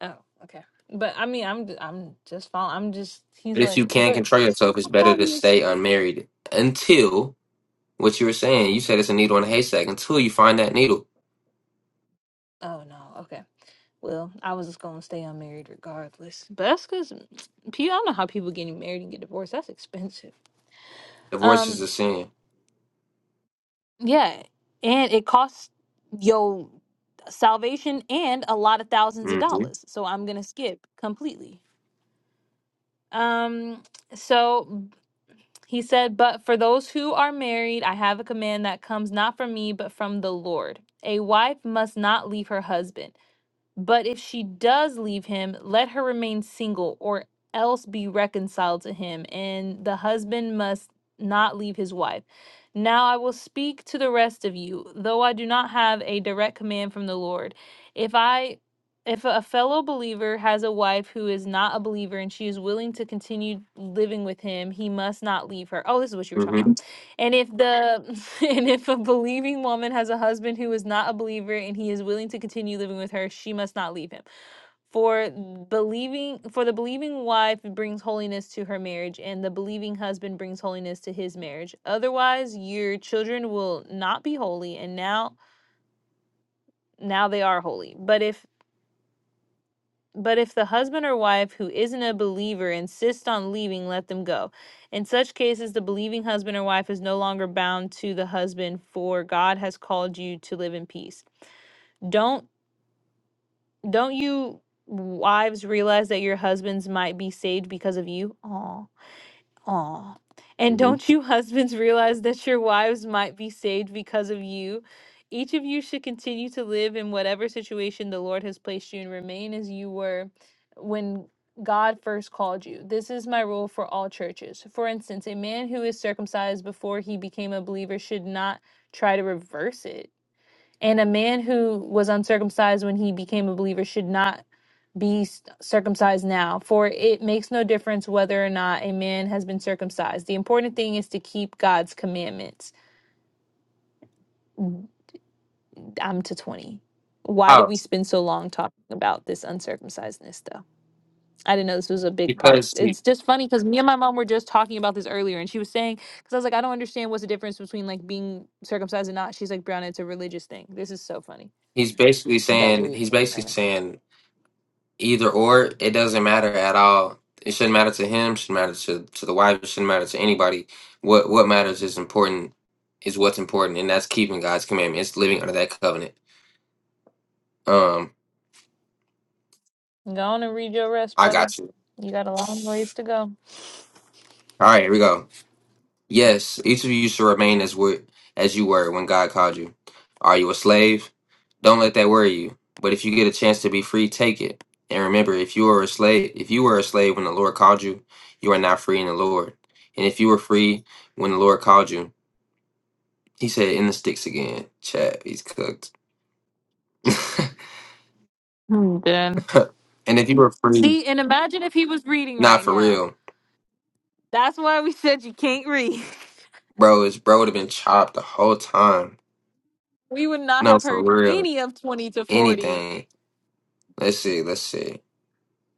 Oh, okay. But I mean, I'm I'm just following. I'm just he's
But if you
like,
can't
but
control yourself, it's better to stay unmarried until what you were saying. You said it's a needle in a haystack. Until you find that needle,
oh no, okay. Well, I was just gonna stay unmarried regardless. But that's because I don't know how people getting married and get divorced. That's expensive.
divorce is
Um,
a sin.
yeah, and it costs your salvation and a lot of thousands of
hmm
dollars. So I'm gonna skip completely. Um, so. He said, But for those who are married, I have a command that comes not from me, but from the Lord. A wife must not leave her husband. But if she does leave him, let her remain single or else be reconciled to him, and the husband must not leave his wife. Now I will speak to the rest of you, though I do not have a direct command from the Lord. If I if a fellow believer has a wife who is not a believer and she is willing to continue living with him, he must not leave her. Oh, this is what you were talking about.
hmm
And if the and if a believing woman has a husband who is not a believer and he is willing to continue living with her, she must not leave him. For believing for the believing wife brings holiness to her marriage and the believing husband brings holiness to his marriage. Otherwise, your children will not be holy and now now they are holy. But if but if the husband or wife who isn't a believer insists on leaving, let them go. In such cases, the believing husband or wife is no longer bound to the husband, for God has called you to live in peace. Don't don't you wives realize that your husbands might be saved because of you? Aw. Aw. And
hmm
don't you husbands realize that your wives might be saved because of you? Each of you should continue to live in whatever situation the Lord has placed you and remain as you were when God first called you. This is my rule for all churches. For instance, a man who is circumcised before he became a believer should not try to reverse it. And a man who was uncircumcised when he became a believer should not be s- circumcised now, for it makes no difference whether or not a man has been circumcised. The important thing is to keep God's commandments. I'm to 20. Why did
How?
we spend so long talking about this uncircumcisedness, though? I didn't know this was a big part.
Because he,
It's just funny because me and my mom were just talking about this earlier, and she was saying, because I was like, I don't understand what's the difference between like being circumcised and not. She's like, Brown, it's a religious thing. This is so funny.
he's basically saying he's basically saying either or. It doesn't matter at all. It shouldn't matter to him. Shouldn't matter to to the wife. It shouldn't matter to anybody. What what matters is important is what's important, and that's keeping God's commandments, living under that covenant. Um,
Go on and read your rest,
I
brother.
got you.
You got a long ways to go.
All right, here we go. Yes, each of you should remain as were, as you were when God called you. Are you a slave? Don't let that worry you. But if you get a chance to be free, take it. And remember, if you are a slave, if you were a slave when the Lord called you, you are now free in the Lord. And if you were free when the Lord called you, he said, "In the sticks again, Chad. He's cooked."
I'm
and if you were free,
See, and imagine if he was reading
not
right
for
now.
real,
That's why we said you can't read.
bro. His bro would have been chopped the whole time.
We would not
No,
have
for
heard
real.
any of 20 to 40.
Anything. Let's see. Let's see.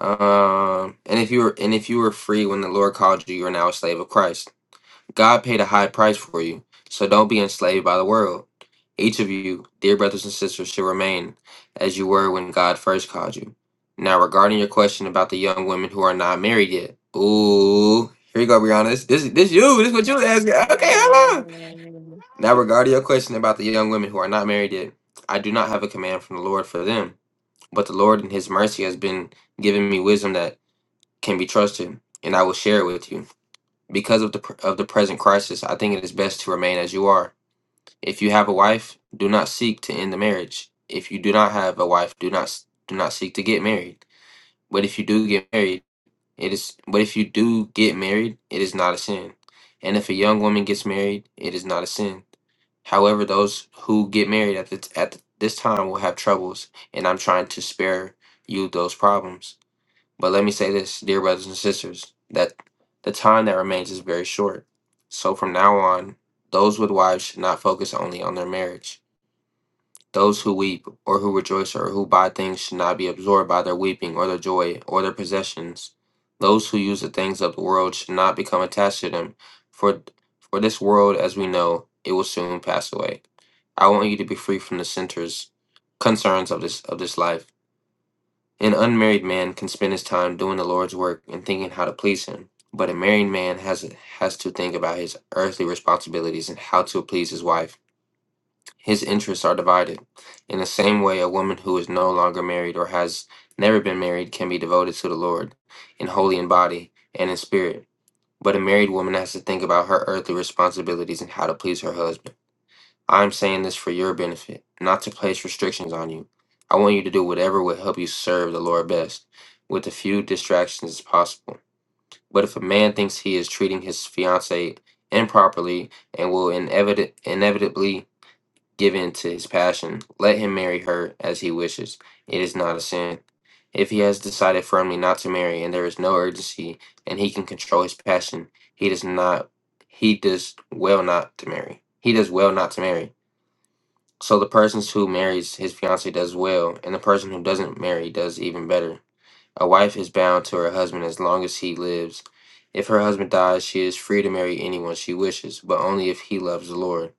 Um, and if you were and if you were free when the Lord called you, you are now a slave of Christ. God paid a high price for you, so don't be enslaved by the world. Each of you, dear brothers and sisters, should remain as you were when God first called you. Now, regarding your question about the young women who are not married yet, ooh, here you go, Brianna. This, this, this you. This is what you was asking. Okay, hold on. Now, regarding your question about the young women who are not married yet, I do not have a command from the Lord for them, but the Lord in His mercy has been given me wisdom that can be trusted, and I will share it with you. Because of the pr- of the present crisis, I think it is best to remain as you are. If you have a wife, do not seek to end the marriage. If you do not have a wife, do not s- do not seek to get married. But if you do get married, it is but if you do get married, it is not a sin. And if a young woman gets married, it is not a sin. However, those who get married at the, t- at this time will have troubles, and I'm trying to spare you those problems. But let me say this, dear brothers and sisters, that the time that remains is very short. So from now on, those with wives should not focus only on their marriage. Those who weep or who rejoice or who buy things should not be absorbed by their weeping or their joy or their possessions. Those who use the things of the world should not become attached to them, for for this world, as we know, it will soon pass away. I want you to be free from the centers, concerns of this of this life an unmarried man can spend his time doing the Lord's work and thinking how to please him, but a married man has has to think about his earthly responsibilities and how to please his wife. His interests are divided. In the same way, a woman who is no longer married or has never been married can be devoted to the Lord in holy in body and in spirit. But a married woman has to think about her earthly responsibilities and how to please her husband. I'm saying this for your benefit, not to place restrictions on you. I want you to do whatever will help you serve the Lord best, with as few distractions as possible. But if a man thinks he is treating his fiancee improperly and will inevit- inevitably give in to his passion, let him marry her as he wishes. It is not a sin. If he has decided firmly not to marry and there is no urgency and he can control his passion, he does not he does well not to marry. He does well not to marry. So the person who marries his fiancée does well, and the person who doesn't marry does even better. A wife is bound to her husband as long as he lives. If her husband dies, she is free to marry anyone she wishes, but only if he loves the Lord.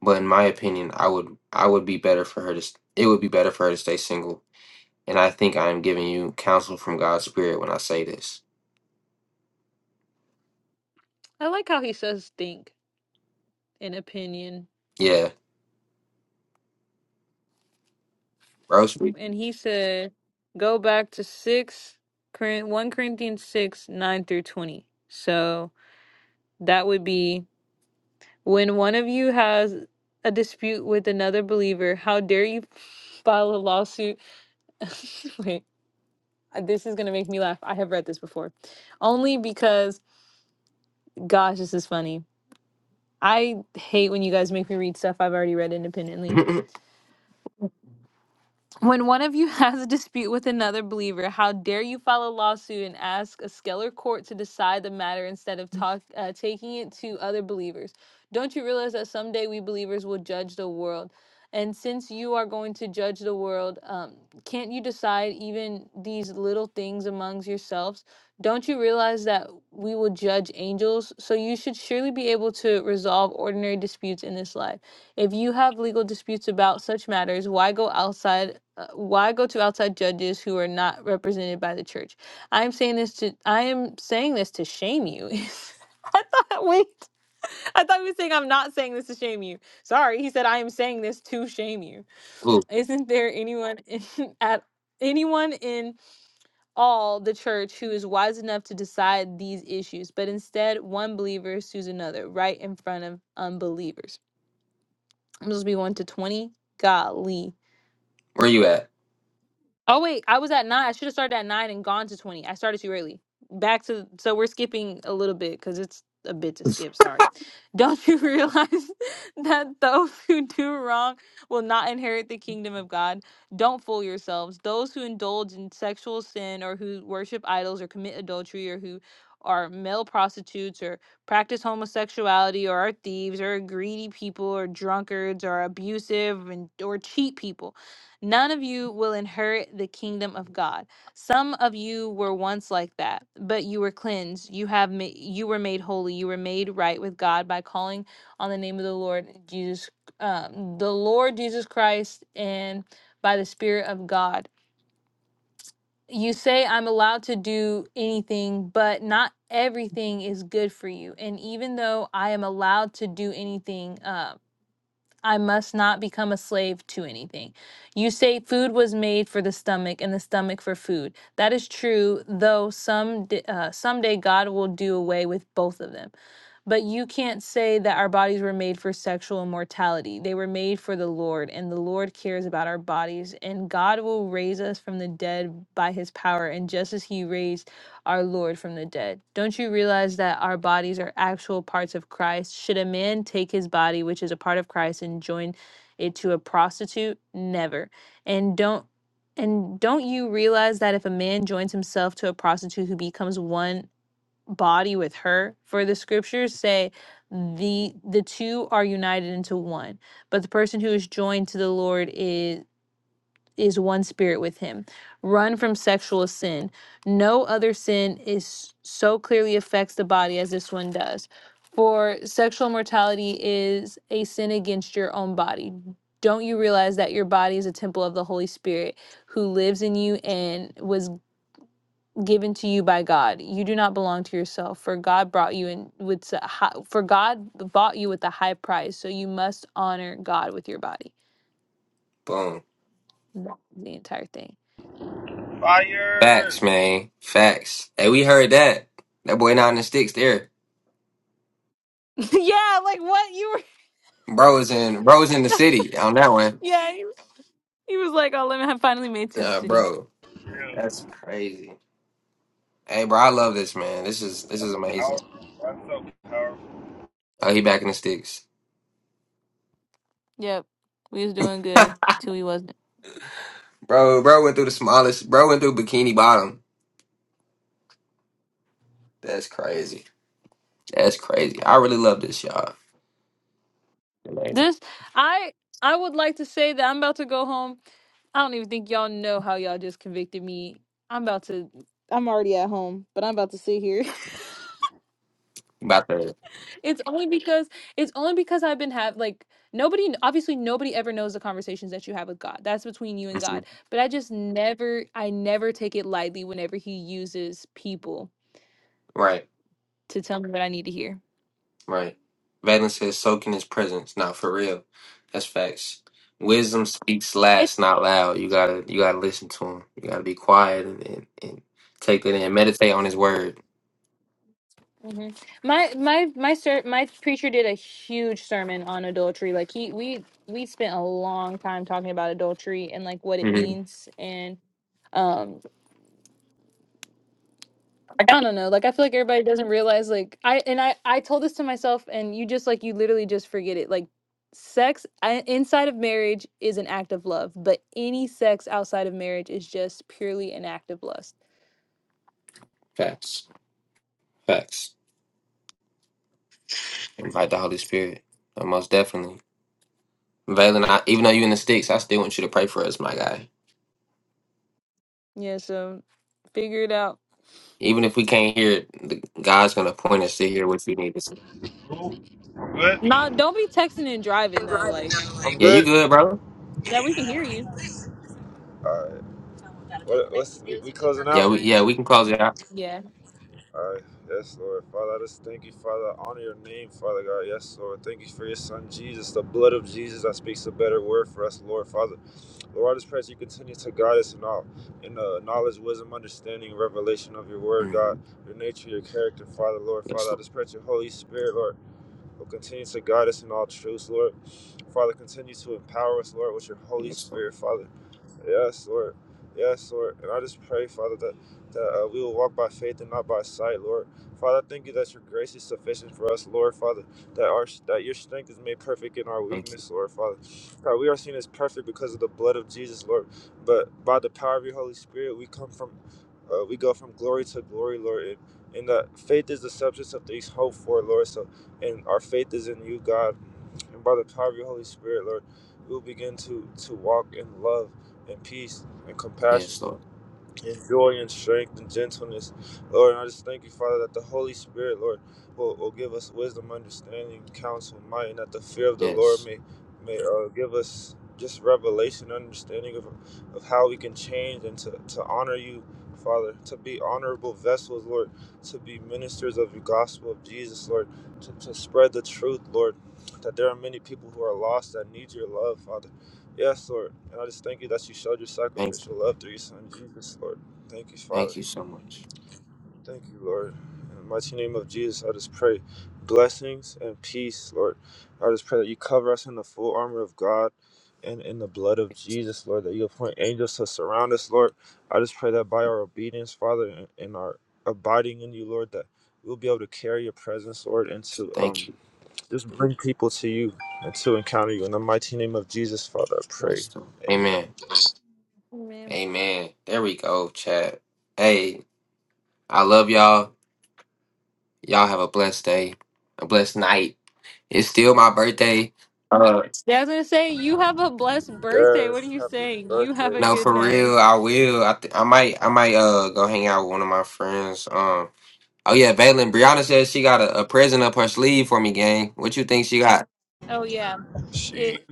But in my opinion, I would I would be better for her to s- it would be better for her to stay single. And I think I am giving you counsel from God's spirit when I say this.
I like how he says think and opinion.
Yeah, roast me.
And he said go back to 6, Corin- 1 Corinthians 6, 9 through 20. So that would be when one of you has a dispute with another believer, how dare you file a lawsuit? Wait. Uh, This is going to make me laugh. I have read this before. Only because, gosh, this is funny. I hate when you guys make me read stuff I've already read independently.
Ooh,
When one of you has a dispute with another believer, how dare you file a lawsuit and ask a scalar court to decide the matter instead of talk, uh, taking it to other believers? Don't you realize that someday we believers will judge the world? And since you are going to judge the world, um, can't you decide even these little things amongst yourselves? Don't you realize that we will judge angels? So you should surely be able to resolve ordinary disputes in this life. If you have legal disputes about such matters, why go outside? uh, Why go to outside judges who are not represented by the church? I am saying this to I am saying this to shame you. I thought wait, I thought he was saying I'm not saying this to shame you. Sorry, he said I am saying this to shame you. Isn't there anyone in, at anyone in all the church who is wise enough to decide these issues? But instead, one believer sues another right in front of unbelievers. I'm supposed to be one to twenty. Golly.
where you at?
Oh wait, I was at nine. I should have started at nine and gone to twenty. I started too early. Back to so we're skipping a little bit because it's a bit to skip. Sorry. Don't you realize that those who do wrong will not inherit the kingdom of God? Don't fool yourselves. Those who indulge in sexual sin or who worship idols or commit adultery or who are male prostitutes or practice homosexuality or are thieves or are greedy people or drunkards or abusive and or cheat people None of you will inherit the kingdom of God. Some of you were once like that, but you were cleansed. You have ma- you were made holy. You were made right with God by calling on the name of the Lord Jesus, um, the Lord Jesus Christ, and by the Spirit of God. You say I'm allowed to do anything, but not everything is good for you. And even though I am allowed to do anything, um, I must not become a slave to anything. You say food was made for the stomach and the stomach for food. That is true, though some uh, someday God will do away with both of them. But you can't say that our bodies were made for sexual immortality. They were made for the Lord, and the Lord cares about our bodies, and God will raise us from the dead by his power. And just as he raised our Lord from the dead. Don't you realize that our bodies are actual parts of Christ? Should a man take his body, which is a part of Christ, and join it to a prostitute? Never. And don't and don't you realize that if a man joins himself to a prostitute who becomes one body with her, for the scriptures say the the two are united into one. But the person who is joined to the Lord is is one spirit with him. Run from sexual sin. No other sin is so clearly affects the body as this one does. For sexual mortality is a sin against your own body. Don't you realize that your body is a temple of the Holy Spirit who lives in you and was given to you by God? You do not belong to yourself, for God brought you in with s- hi- for God bought you with a high price, so you must honor God with your body.
Boom.
That's the entire thing.
Fire!
Facts, man. Facts. Hey, we heard that. That boy not in the sticks there.
yeah, like what you were
Bro is in bro is in the city on that one.
Yeah, he, he was like, "Oh, let me have finally made it to the
Uh
city."
bro.
Yeah,
That's crazy. Hey bro, I love this man. This is this is
that's
amazing.
powerful. That's so powerful.
Oh, he back in the sticks.
Yep, we was doing good till we wasn't.
Bro, bro went through the smallest bro went through bikini bottom. That's crazy. That's crazy. I really love this, y'all. Amazing.
This, I, I would like to say that I'm about to go home. I don't even think y'all know how y'all just convicted me. I'm about to. I'm already at home, but I'm about to sit here.
About to.
It's only because it's only because I've been have like nobody. Obviously, nobody ever knows the conversations that you have with God. That's between you and
Mhm.
God. But I just never, I never take it lightly whenever He uses people
Right.
to tell me what I need to hear.
Right. Valen says, soak in his presence. Not for real. That's facts. Wisdom speaks last, not loud. You gotta you gotta listen to him. You gotta be quiet and, and, and take that in. Meditate on his word.
hmm My my my ser- my preacher did a huge sermon on adultery. Like he we we spent a long time talking about adultery and like what it
hmm
means and um I don't know. Like I feel like everybody doesn't realize like I and I I told this to myself and you just like you literally just forget it. Like sex I, inside of marriage is an act of love, but any sex outside of marriage is just purely an act of lust.
Facts. Facts. Invite the Holy Spirit. Uh, Most definitely. Valen, I, even though you in the sticks, I still want you to pray for us, my guy.
Yeah, so figure it out.
Even if we can't hear it, the, God's gonna point us to hear what you need to see.
Cool. I'm Good.
Not don't be texting and
I'm
driving though.
driving
Like
now. I'm
Yeah, you
good.
good, brother?
yeah, we can hear you.
All right. What, what's we, we closing
Yeah, we
out?
yeah, we can close it out.
All right. Yes, Lord. Father, I just thank you, Father. I honor your name, Father God. Yes, Lord. Thank you for your son, Jesus, the blood of Jesus that speaks a better word for us, Lord, Father. Lord, I just pray that you continue to guide us in all, in the knowledge, wisdom, understanding, and revelation of your word,
hmm
God, your nature, your character, Father, Lord, Father.
Yes,
I
Lord.
just pray that your Holy Spirit, Lord, will continue to guide us in all truths, Lord. Father, continue to empower us, Lord, with your Holy
Yes, Lord.
Spirit, Father. Yes, Lord. Yes, Lord. And I just pray, Father, that, that uh, we will walk by faith and not by sight, Lord. Father, I thank you that your grace is sufficient for us, Lord, Father, that our that your strength is made perfect in our
Thank you.
weakness, Lord, Father. God, we are seen as perfect because of the blood of Jesus, Lord. But by the power of your Holy Spirit, we come from, uh, we go from glory to glory, Lord. And, and that faith is the substance of things hoped for, Lord. So, and our faith is in you, God. And by the power of your Holy Spirit, Lord, we will begin to, to walk in love and peace and compassion
Yes, Lord.
and joy and strength and gentleness. Lord, and I just thank you, Father, that the Holy Spirit, Lord, will, will give us wisdom, understanding, counsel, might, and that the fear of the Lord
Yes.
may may uh, give us just revelation, understanding of, of how we can change and to, to honor you, Father, to be honorable vessels, Lord, to be ministers of the gospel of Jesus, Lord, to, to spread the truth, Lord, that there are many people who are lost that need your love, Father Yes, Lord. And I just thank you that you showed your
Thank
sacrificial love through your son, Jesus, Lord. Thank you,
thank
Father.
you so much.
Thank you, Lord. In the mighty name of Jesus, I just pray blessings and peace, Lord. I just pray that you cover us in the full armor of God and in the blood of
Yes.
Jesus, Lord, that you appoint angels to surround us, Lord. I just pray that by our obedience, Father, and and our abiding in you, Lord, that we'll be able to carry your presence, Lord, and
yes.
to
Thank
um,
you.
just bring people to you and to encounter you. In the mighty name of Jesus, Father, I pray.
Pastor.
Amen.
Amen.
Man.
Amen. There we go, chat. Hey, I love y'all. Y'all have a blessed day. A blessed night. It's still my birthday. Uh
Yeah, I was gonna say, you have a blessed birthday. What are
Yes,
you
happy
saying? You have
birthday.
a
no
good
for
night.
real, I will. I th- I might I might uh go hang out with one of my friends. Um oh yeah, Valen Brianna says she got a, a present up her sleeve for me, gang. What you think she got?
Oh yeah.
She
It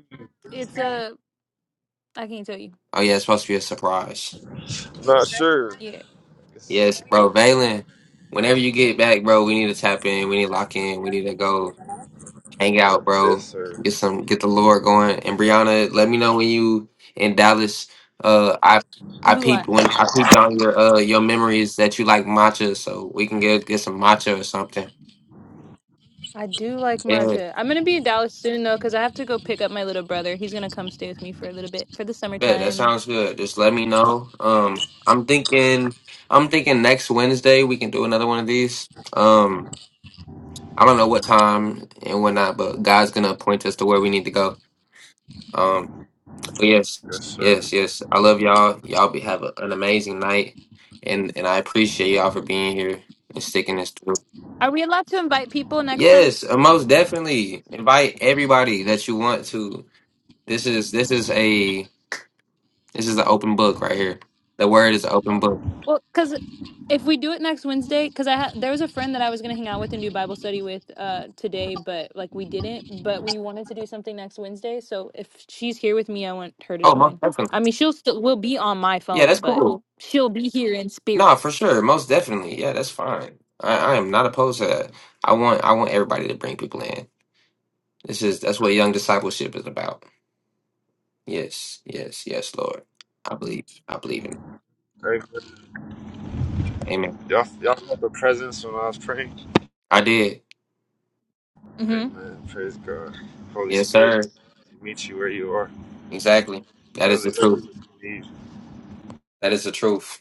it's a I can't tell you.
Oh yeah, it's supposed to be a surprise.
Not sure.
Yeah.
Yes,
Yes, bro, Valen. Whenever you get back, bro, we need to tap in. We need to lock in. We need to go hang out,
yes
bro.
sir.
Get some, get the lore going. And Brianna, let me know when you in Dallas. Uh, I I
Blue eye.
peeped when I peeped on your uh your memories that you like matcha, so we can get get some matcha or something.
I do like
Yeah,
matcha. I'm gonna be in Dallas soon though, because I have to go pick up my little brother. He's gonna come stay with me for a little bit for the
bet that
summertime.
sounds good. Just let me know. Um, I'm thinking I'm thinking next Wednesday we can do another one of these. Um. I don't know what time and whatnot, but God's gonna point us to where we need to go. Um, but yes,
Yes, sir.
yes, yes. I love y'all. Y'all be have a, an amazing night, and and I appreciate y'all for being here and sticking this through.
Are we allowed to invite people next time?
Yes, uh, most definitely invite everybody that you want to. This is this is a this is an open book right here. The word is an open book.
Well, because if we do it next Wednesday, because I had there was a friend that I was gonna hang out with and do Bible study with uh today, but like we didn't. But we wanted to do something next Wednesday, so if she's here with me, I want her to
Oh,
join.
most
I
definitely.
mean, she'll still will be on my
Yeah,
phone,
that's
but
cool.
she'll be here in
No,
spirit.
for sure. Most definitely. Yeah, that's fine. I, I am not opposed to that. I want I want everybody to bring people in. This is that's what young discipleship is about. Yes, yes, yes, Lord. I believe. I believe in it.
Amen.
Amen.
Y'all, y'all felt the presence when I was praying?
I did.
Mm-hmm.
Amen. Praise God. Holy
Yes,
Spirit
sir.
meet you where you are.
Exactly.
He
That is
knows
the
exactly
truth.
what you need.
That is the truth.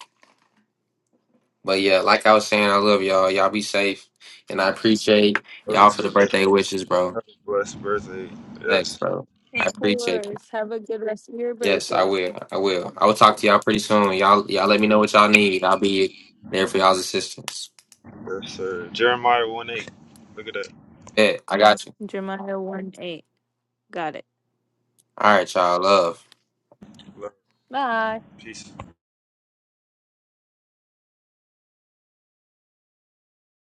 But yeah, like I was saying, I love y'all. Y'all be safe. And I appreciate
Love you
y'all for
too.
the
brother.
birthday wishes, bro.
Have a blessed birthday.
Thanks,
Yes.
bro.
Of
I appreciate it.
course. Have a good rest of your
Yes, I
birthday,
will. I will. I will talk to y'all pretty soon. Y'all y'all let me know what y'all need. I'll be there for y'all's assistance.
Yes, sir. Jeremiah 1 8. Look at that.
Bet. I got you.
Jeremiah one eight. Got it.
All right, y'all. Love.
Love.
Bye.
Peace.